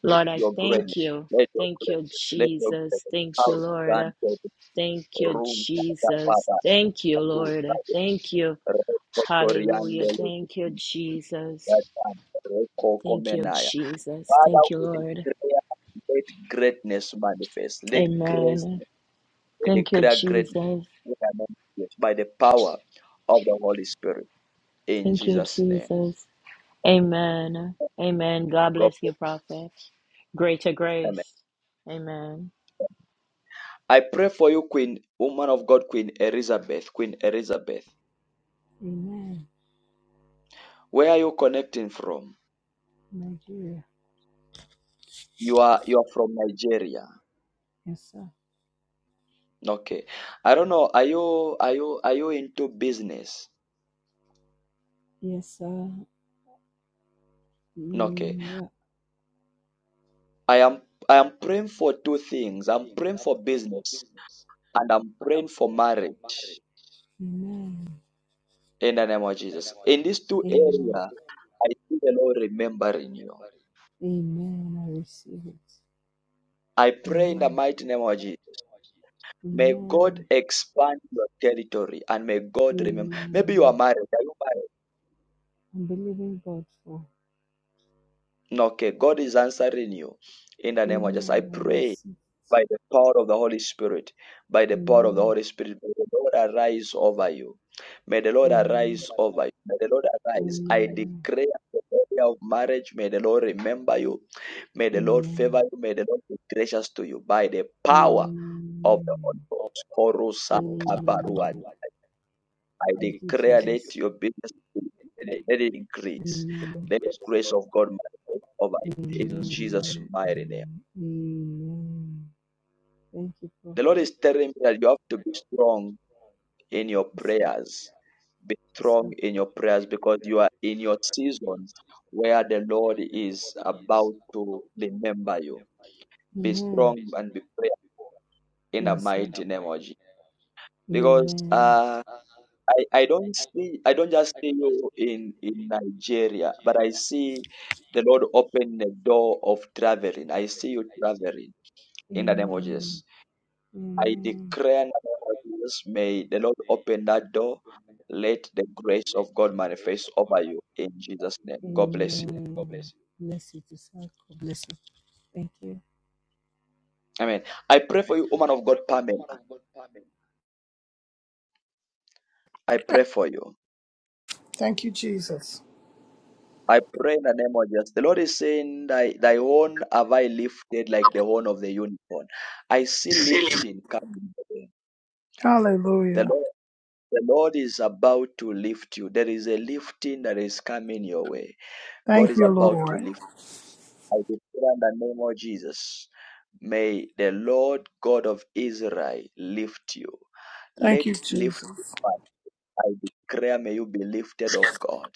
Speaker 2: Lord, I
Speaker 1: your
Speaker 2: thank
Speaker 1: greatness.
Speaker 2: you.
Speaker 1: Let your
Speaker 2: Thank you,
Speaker 1: greatness, let your
Speaker 2: Jesus.
Speaker 1: greatness,
Speaker 2: Thank you,
Speaker 1: power
Speaker 2: Lord.
Speaker 1: grant us
Speaker 2: Thank you,
Speaker 1: room, Father,
Speaker 2: Jesus.
Speaker 1: Father,
Speaker 2: Thank you,
Speaker 1: to
Speaker 2: Lord.
Speaker 1: Father,
Speaker 2: Thank you. Hallelujah.
Speaker 1: Rekotoriande,
Speaker 2: Thank you,
Speaker 1: that
Speaker 2: Jesus.
Speaker 1: and
Speaker 2: Thank you,
Speaker 1: Rekokomenaya.
Speaker 2: Jesus.
Speaker 1: Father,
Speaker 2: Thank you,
Speaker 1: we
Speaker 2: Lord.
Speaker 1: declare, let greatness manifest. Let grace,
Speaker 2: Amen.
Speaker 1: let
Speaker 2: Thank you,
Speaker 1: declare greatness
Speaker 2: Jesus.
Speaker 1: manifest by the power of the Holy Spirit. In
Speaker 2: Thank you,
Speaker 1: Jesus' name.
Speaker 2: Jesus. Amen. Amen. God
Speaker 1: God
Speaker 2: bless
Speaker 1: bless.
Speaker 2: you, prophet. Greater
Speaker 1: you. Amen.
Speaker 2: grace. Amen.
Speaker 1: I pray for you, Queen, woman of God, Queen Elizabeth. Queen Elizabeth,
Speaker 9: Amen.
Speaker 1: where are you connecting from?
Speaker 9: Nigeria.
Speaker 1: You are you are from Nigeria.
Speaker 9: Yes, sir.
Speaker 1: Okay. I don't know. Are you are you are you into business?
Speaker 9: Yes, sir.
Speaker 1: Okay.
Speaker 9: Mm, yeah.
Speaker 1: I am I am praying for two things. I'm praying for business and I'm praying for marriage
Speaker 9: Amen.
Speaker 1: in the name of Jesus. In these two
Speaker 9: Amen. Amen.
Speaker 1: areas, I see the Lord remembering you.
Speaker 9: Amen. I receive it. I
Speaker 1: I pray in the
Speaker 9: Amen. I
Speaker 1: mighty name of Jesus.
Speaker 9: Jesus.
Speaker 1: May God
Speaker 9: Amen.
Speaker 1: expand your territory and may God remember. Maybe you are
Speaker 9: Amen.
Speaker 1: married. Are you married?
Speaker 9: I'm believing God for.
Speaker 1: No, Okay, God is answering you in the name of Jesus. I
Speaker 9: Amen. I
Speaker 1: pray
Speaker 9: receive
Speaker 1: by
Speaker 9: it.
Speaker 1: the power of the Holy Spirit, by the power of the
Speaker 9: Amen.
Speaker 1: Holy Spirit, may the Lord arise over you. May the Lord
Speaker 9: Amen.
Speaker 1: arise over you. May the Lord arise. I declare the area of marriage. May the Lord remember you. May the Lord favor
Speaker 9: Amen.
Speaker 1: you. May the Lord be gracious to you by the
Speaker 9: Amen.
Speaker 1: power of the Holy
Speaker 9: Amen.
Speaker 1: Ghost. Korusa
Speaker 9: Amen. I
Speaker 1: I
Speaker 9: Thank you,
Speaker 1: declare that
Speaker 9: Jesus.
Speaker 1: your business let it
Speaker 9: Let the
Speaker 1: increase.
Speaker 9: Amen.
Speaker 1: Let the grace of God manifest over you in Jesus' mighty name.
Speaker 9: Amen. name, Amen. Thank you,
Speaker 1: The Lord
Speaker 9: Prophet. Yes,
Speaker 1: is telling me that you have to be strong in your
Speaker 9: sir.
Speaker 1: prayers. Be
Speaker 9: Yes, be
Speaker 1: strong
Speaker 9: sir.
Speaker 1: in your prayers because you are in your season where the Lord is about to remember you. Be strong and be prayerful in the
Speaker 9: Yes,
Speaker 1: mighty name of Jesus.
Speaker 9: Jesus.
Speaker 1: Because
Speaker 9: Amen.
Speaker 1: uh I, I don't see I don't just see you in in Nigeria, but I see the Lord open the door of traveling. I see you traveling in the name of
Speaker 9: Amen.
Speaker 1: Jesus. I
Speaker 9: Amen.
Speaker 1: declare in the name of Jesus, may the Lord open that door. Let the grace of God manifest over you in Jesus' name.
Speaker 9: Amen.
Speaker 1: God bless you.
Speaker 9: Amen. Bless you to God bless you. Thank you.
Speaker 1: Amen. I pray for you, woman of God, Pamela. I pray for you.
Speaker 3: Thank you, Jesus.
Speaker 1: I pray in the name of Jesus. The Lord is saying, Thy, thy horn have I lifted like the horn of the unicorn. I see lifting coming. The
Speaker 3: Hallelujah.
Speaker 1: Lord, the Lord is about to lift you. There is a lifting that is coming your way. God
Speaker 3: Thank
Speaker 1: is
Speaker 3: you,
Speaker 1: about to
Speaker 3: Lord.
Speaker 1: lift you. I declare in the name of Jesus. May the Lord God of Israel lift you.
Speaker 3: Thank
Speaker 1: Let
Speaker 3: you,
Speaker 1: lift you.
Speaker 3: Jesus.
Speaker 1: I declare, may you be lifted of God.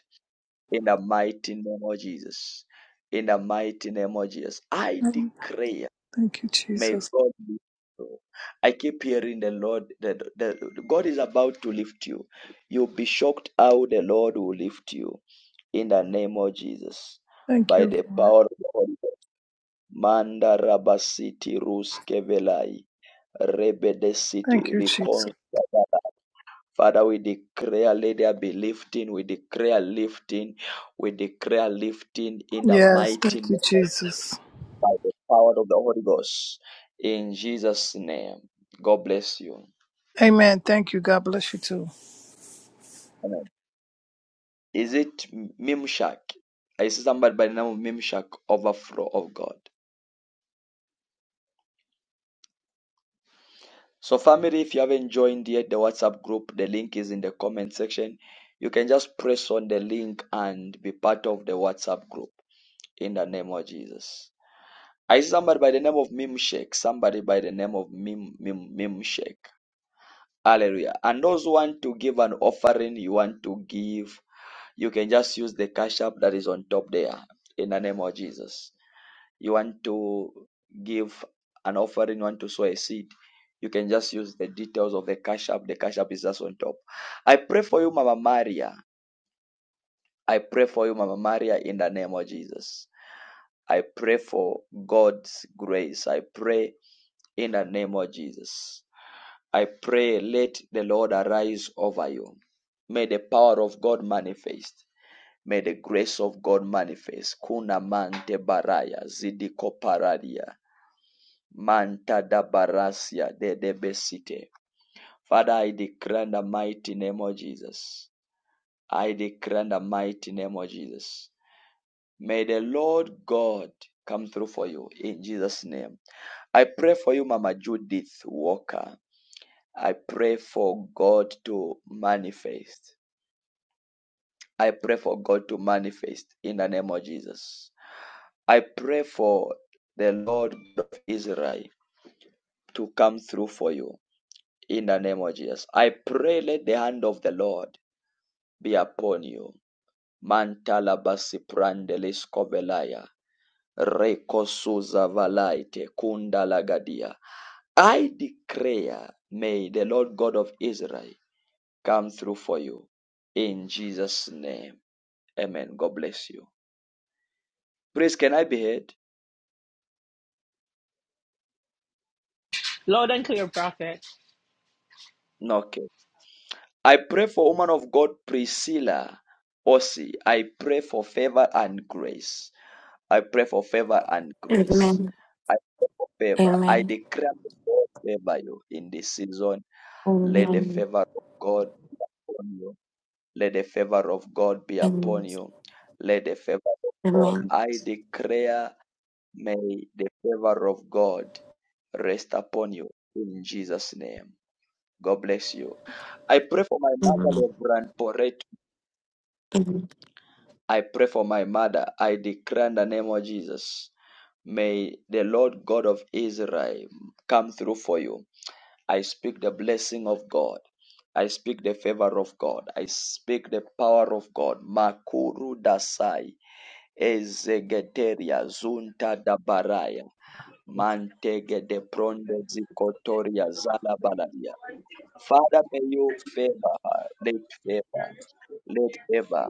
Speaker 1: in the mighty name of Jesus. In the mighty name of Jesus, I declare,
Speaker 3: Thank you,
Speaker 1: may
Speaker 3: Jesus.
Speaker 1: God lift you. I keep hearing the Lord, that the, God is about to lift you. You'll be shocked how the Lord will lift you in the name of Jesus
Speaker 3: Thank
Speaker 1: by
Speaker 3: you,
Speaker 1: the
Speaker 3: Lord.
Speaker 1: power of the Holy Ghost. Manda rabasiti ruskevelai
Speaker 3: Thank
Speaker 1: rebedesiti
Speaker 3: you, Jesus.
Speaker 1: recon Father, we declare, let there be lifting. We declare lifting. We declare lifting in the
Speaker 3: Yes,
Speaker 1: mighty
Speaker 3: thank
Speaker 1: name
Speaker 3: you, Jesus.
Speaker 1: by the power of the Holy Ghost. In Jesus' name. God bless you.
Speaker 3: Amen. Thank you. God bless you too.
Speaker 1: Amen. Is it Mimshak? I see somebody by the name of Mimshak, overflow of God. So, family, if you haven't joined yet the WhatsApp group, the link is in the comment section. You can just press on the link and be part of the WhatsApp group in the name of Jesus. I see somebody by the name of Mimshake, somebody by the name of Mim, Mim, Mimshake. Hallelujah. And those who want to give an offering, you want to give, you can just use the cash app that is on top there in the name of Jesus. You want to give an offering, you want to sow a seed, you can just use the details of the cash app. The cash app is just on top. I pray for you, Mama Maria. I pray for you, Mama Maria, in the name of Jesus. I pray for God's grace. I pray in the name of Jesus. I pray, let the Lord arise over you. May the power of God manifest. May the grace of God manifest. Kuna mante baraya zidiko paradia. Manta da barasia de debesite. Father, I declare in the mighty name of Jesus. I declare in the mighty name of Jesus. May the Lord God come through for you in Jesus' name. I pray for you, Mama Judith Walker. I pray for God to manifest. I pray for God to manifest in the name of Jesus. I pray for the Lord of Israel to come through for you in the name of Jesus. I pray let the hand of the Lord be upon you Mantala basi prandelis kovelaya. Rekosuza valaite kunda lagadia. I declare, may the Lord God of Israel come through for you. In Jesus' name. Amen. God bless you. Praise, can I be heard?
Speaker 2: Loud and clear, prophet.
Speaker 1: Okay. I pray for woman of God Priscilla Osi. I pray for favor and grace. I pray for favor and grace.
Speaker 22: Amen.
Speaker 1: I pray for favor. I
Speaker 22: Amen.
Speaker 1: declare that God favor you in this season. Let the
Speaker 22: Amen.
Speaker 1: favor of God be upon you. Let the favor of God be upon
Speaker 22: Amen.
Speaker 1: you. Let the favor of God.
Speaker 22: Amen.
Speaker 1: I declare, may the favor of God rest upon you in Jesus' name. God bless you. I pray for my mother, Reverend Poret.
Speaker 22: Amen.
Speaker 1: I pray for my mother. I declare in the name of Jesus. May the Lord God of Israel come through for you. I speak the blessing of God. I speak the favor of God. I speak the power of God. Makuru dasai ezegeteria zunta dabaraya mantege de prondo zikotoria zala baladia. Father, may you favor her. Let favor. Let favor,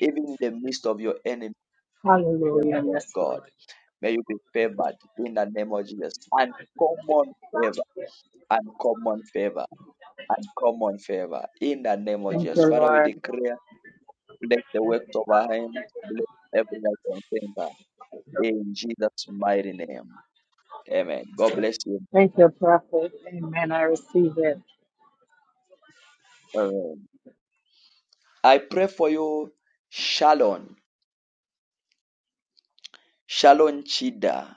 Speaker 1: even in the midst of your enemy, favor
Speaker 8: Hallelujah.
Speaker 1: of
Speaker 8: Yes, Lord.
Speaker 1: God. May you be favored in the name of Jesus. Uncommon favor, uncommon favor, uncommon favor in the name of
Speaker 8: Thank
Speaker 1: Jesus.
Speaker 8: you,
Speaker 1: Father, we
Speaker 8: Lord.
Speaker 1: declare, bless the works of our hands, bless every nation favor in Jesus' mighty name. Amen. God bless you.
Speaker 8: Thank you, prophet. Amen. I receive it.
Speaker 1: Amen. I pray for you, Shalom. Shalom Chida.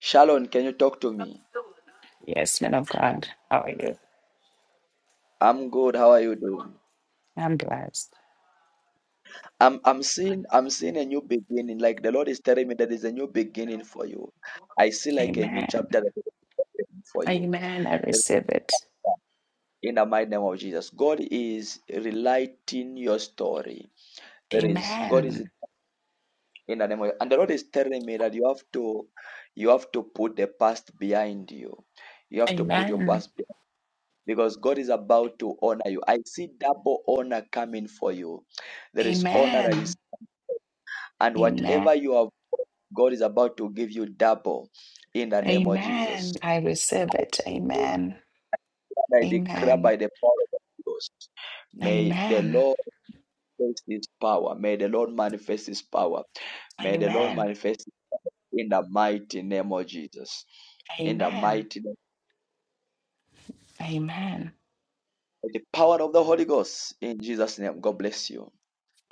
Speaker 1: Shalom, can you talk to me?
Speaker 23: Yes, man of God. How are you?
Speaker 1: I'm good. How are you doing?
Speaker 23: I'm blessed.
Speaker 1: I'm I'm seeing I'm seeing a new beginning. Like the Lord is telling me that there's a new beginning for you. I see like a new
Speaker 23: Amen.
Speaker 1: chapter that is opening for you.
Speaker 23: Amen. I
Speaker 1: There's a chapter.
Speaker 23: receive it.
Speaker 1: in the mighty name of Jesus. God is relighting your story. There is God is
Speaker 23: Amen.
Speaker 1: in the name of and the Lord is telling me that you have to you have to put the past behind you. You have to put your
Speaker 23: Amen.
Speaker 1: past behind because God is about to honor you. I see double honor coming for you. There is honor that is
Speaker 23: Amen.
Speaker 1: And
Speaker 23: Amen.
Speaker 1: whatever you have, God is about to give you double in the name of Jesus.
Speaker 23: Amen. I receive it. Amen.
Speaker 1: I declare
Speaker 23: Amen.
Speaker 1: by the power of the Holy Ghost. May the
Speaker 23: Amen.
Speaker 1: Lord manifest His power. May the Lord manifest His power. May the Lord
Speaker 23: Amen.
Speaker 1: manifest in the mighty name of Jesus. In the
Speaker 23: Amen.
Speaker 1: mighty name,
Speaker 23: Amen.
Speaker 1: the power of the Holy Ghost. In Jesus' name, God bless you.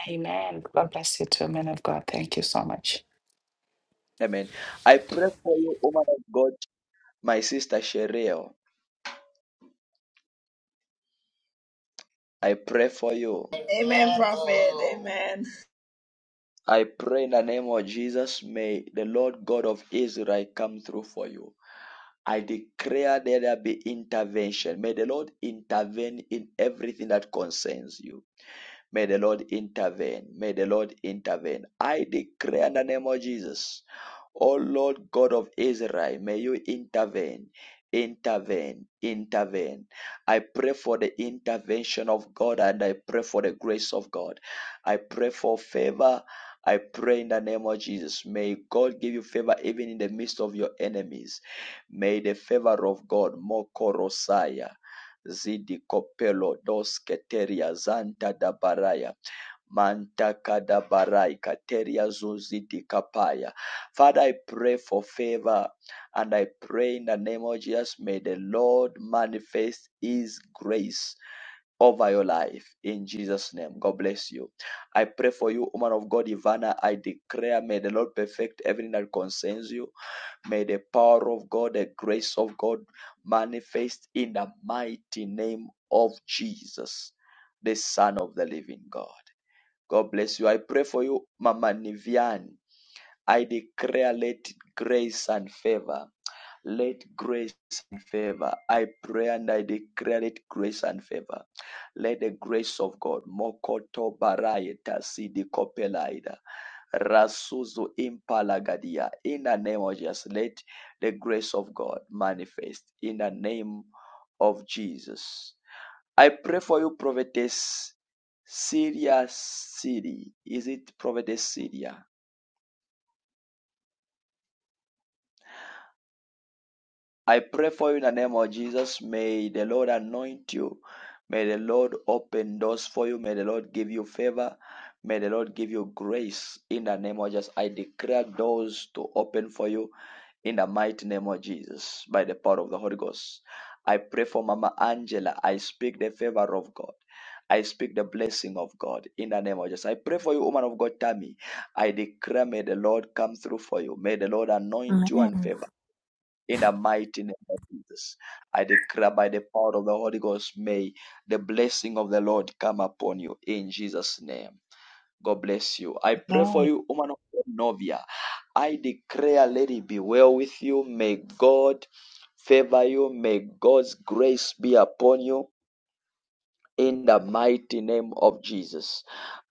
Speaker 23: Amen. God bless you too, man of God. Thank you so much.
Speaker 1: Amen. I pray for you, woman of God, my sister Sheryl. I pray for you.
Speaker 12: Amen, prophet. Amen.
Speaker 1: I pray in the name of Jesus, may the Lord God of Israel come through for you. I declare that there be intervention. May the Lord intervene in everything that concerns you. May the Lord intervene. May the Lord intervene. I declare in the name of Jesus. O Lord God of Israel, may you intervene, intervene, intervene. I pray for the intervention of God and I pray for the grace of God. I pray for favor. I pray in the name of Jesus. May God give you favor even in the midst of your enemies. May the favor of God, Mokorosaya zidi kopelo dos keteria zanta da baraya manta kada barai kateria zuzidi kapaya. Father, I pray for favor and I pray in the name of Jesus, may the Lord manifest His grace over your life in Jesus' name. God bless you. I pray for you, woman of God, Ivana. I declare, may the Lord perfect everything that concerns you. May the power of God, the grace of God manifest in the mighty name of Jesus, the Son of the living God. God bless you. I pray for you, Mama Nivian. I declare, let grace and favor. Let grace and favor. I pray and I declare it grace and favor. Let the grace of God, Mokoto Barayeta Sidi Kopelaida, Rasuzu Impalagadia, in the name of Jesus, let the grace of God manifest in the name of Jesus. I pray for you, prophetess Syria City. Is it prophetess Syria? I pray for you in the name of Jesus. May the Lord anoint you. May the Lord open doors for you. May the Lord give you favor. May the Lord give you grace in the name of Jesus. I declare doors to open for you in the mighty name of Jesus by the power of the Holy Ghost. I pray for Mama Angela. I speak the favor of God. I speak the blessing of God in the name of Jesus. I pray for you, woman of God, Tammy. I declare, may the Lord come through for you. May the Lord anoint you and
Speaker 24: Amen.
Speaker 1: favor. In the mighty name of Jesus, I declare by the power of the Holy Ghost, may the blessing of the Lord come upon you in Jesus' name. God bless you. I pray for you, woman of God, Novia. I declare, let it be well with you. May God favor you. May God's grace be upon you in the mighty name of Jesus.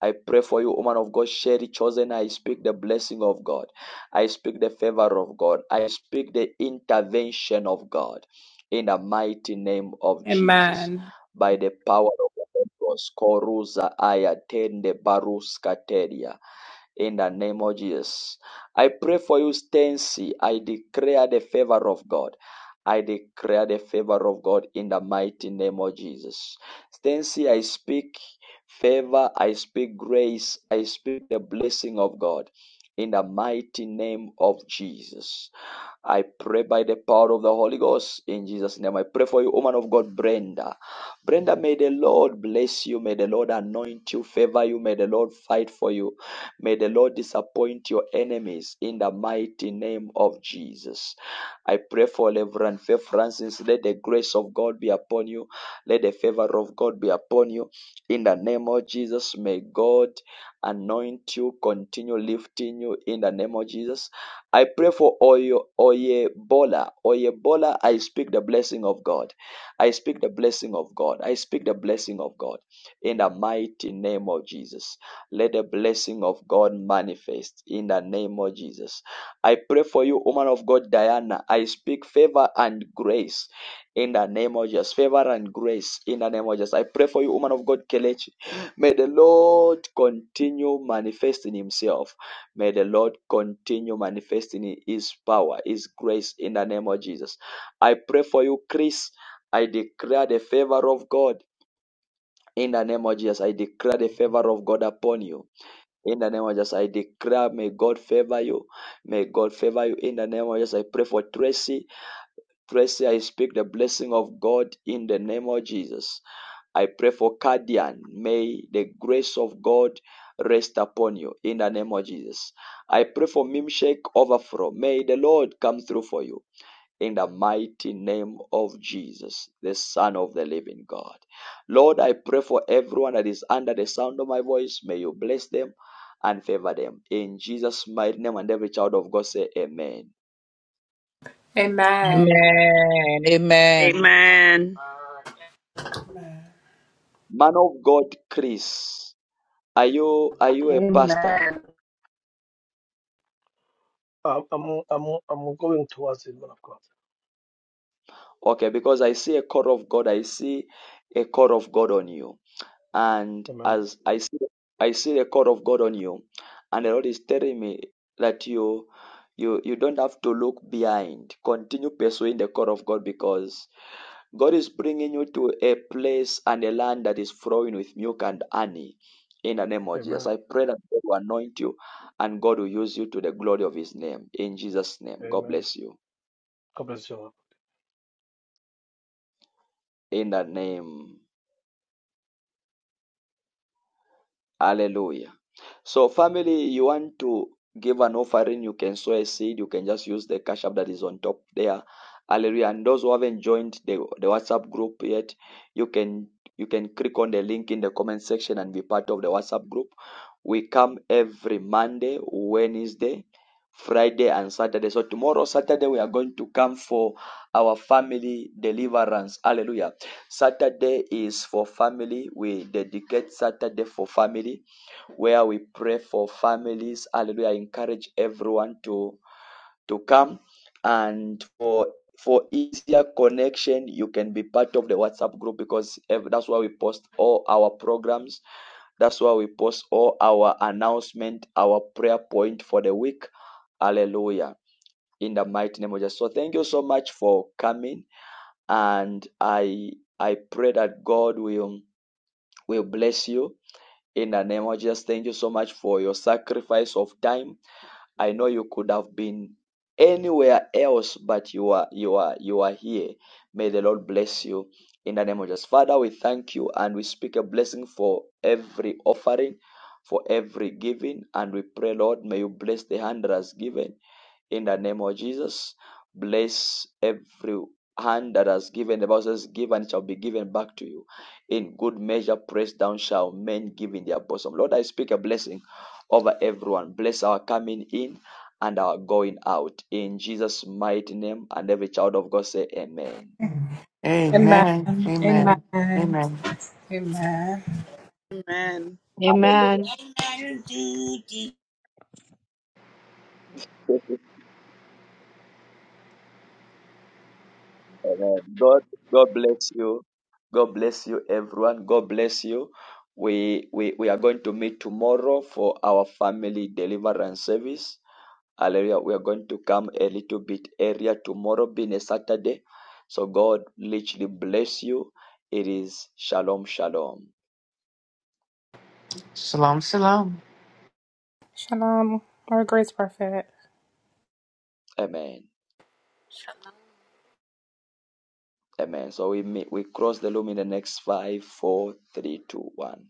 Speaker 1: I pray for you, woman of God, Sherry Chosen. I speak the blessing of God. I speak the favor of God. I speak the intervention of God in the mighty name of Jesus.
Speaker 14: Amen.
Speaker 1: By the power of the Holy Ghost, Koruza Ayatende Baruskateria in the name of Jesus. I pray for you, Stancy. I declare the favor of God. I declare the favor of God in the mighty name of Jesus. Stancy, I speak favor, I speak grace, I speak the blessing of God in the mighty name of Jesus. I pray by the power of the Holy Ghost in Jesus' name. I pray for you, woman of God, Brenda. Brenda, may the Lord bless you. May the Lord anoint you, favor you. May the Lord fight for you. May the Lord disappoint your enemies in the mighty name of Jesus. I pray for Reverend Faith Francis. Let the grace of God be upon you. Let the favor of God be upon you. In the name of Jesus, may God anoint you, continue lifting you in the name of Jesus. I pray for Oye, Oyebola. Oyebola, I speak the blessing of God. I speak the blessing of God. I speak the blessing of God in the mighty name of Jesus. Let the blessing of God manifest in the name of Jesus. I pray for you, woman of God, Diana. I speak favor and grace in the name of Jesus. Favor and grace in the name of Jesus. I pray for you, woman of God, Kelechi. May the Lord continue manifesting Himself May the Lord continue manifesting His power, His grace in the name of Jesus. I pray for you, Chris. I declare the favor of God in the name of Jesus. I declare the favor of God upon you. In the name of Jesus, I declare, may God favor you. May God favor you in the name of Jesus. I pray for Tracy. Tracy, I speak the blessing of God in the name of Jesus. I pray for Cardian. May the grace of God rest upon you in the name of Jesus. I pray for Mimshake Overflow. May the Lord come through for you in the mighty name of Jesus, the Son of the living God. Lord, I pray for everyone that is under the sound of my voice. May you bless them and favor them. In Jesus' mighty name, and every child of God say, Amen.
Speaker 14: Amen.
Speaker 16: Amen. Amen.
Speaker 12: Amen.
Speaker 1: Man of God, Chris. Are you are you a pastor?
Speaker 8: Amen.
Speaker 25: I'm, I'm, I'm, I'm going towards it, man of God.
Speaker 1: Okay, because I see a call of God. I see a call of God on you. And
Speaker 25: Amen.
Speaker 1: as I see I see the call of God on you, and the Lord is telling me that you you you don't have to look behind. Continue pursuing the call of God because God is bringing you to a place and a land that is flowing with milk and honey. In the name of Jesus,
Speaker 25: Amen.
Speaker 1: I pray that God will anoint you and God will use you to the glory of His name. In Jesus' name, God
Speaker 25: Amen.
Speaker 1: bless you.
Speaker 25: God bless you.
Speaker 1: in the name. Hallelujah. So, family, you want to give an offering, you can sow a seed, you can just use the cash app that is on top there. Hallelujah. And those who haven't joined the, the WhatsApp group yet, you can you can click on the link in the comment section and be part of the WhatsApp group. We come every Monday, Wednesday, Friday, and Saturday. So tomorrow, Saturday, we are going to come for our family deliverance. Hallelujah. Saturday is for family. We dedicate Saturday for family where we pray for families. Hallelujah. I encourage everyone to, to come and for for easier connection you can be part of the whatsapp group because that's where we post all our programs that's where we post all our announcement our prayer point for the week hallelujah in the mighty name of jesus so thank you so much for coming and i i pray that god will will bless you in the name of jesus thank you so much for your sacrifice of time I know you could have been anywhere else, but you are you are you are here. May the Lord bless you in the name of Jesus. Father, we thank you and we speak a blessing for every offering, for every giving, and we pray, Lord, may you bless the hand that has given. In the name of Jesus, bless every hand that has given. The Bible says, Give and it shall be given back to you. In good measure, pressed down shall men give in their bosom. Lord, I speak a blessing over everyone. Bless our coming in and our going out. In Jesus' mighty name, and every child of God say, Amen.
Speaker 14: Amen.
Speaker 6: Amen.
Speaker 14: Amen.
Speaker 6: Amen. Amen.
Speaker 14: Amen.
Speaker 12: Amen.
Speaker 1: Hallelujah.
Speaker 5: Amen.
Speaker 1: Thank you Amen. God, God bless you. God bless you, everyone. God bless you. We, we, we are going to meet tomorrow for our family deliverance service. Hallelujah. We are going to come a little bit earlier tomorrow, being a Saturday. So God literally bless you. It is shalom, shalom.
Speaker 6: Shalom. Shalom.
Speaker 14: Shalom. More grace, Prophet.
Speaker 1: Amen.
Speaker 26: shut
Speaker 1: Amen. So we meet, we cross the loom in the next five, four, three, two, one.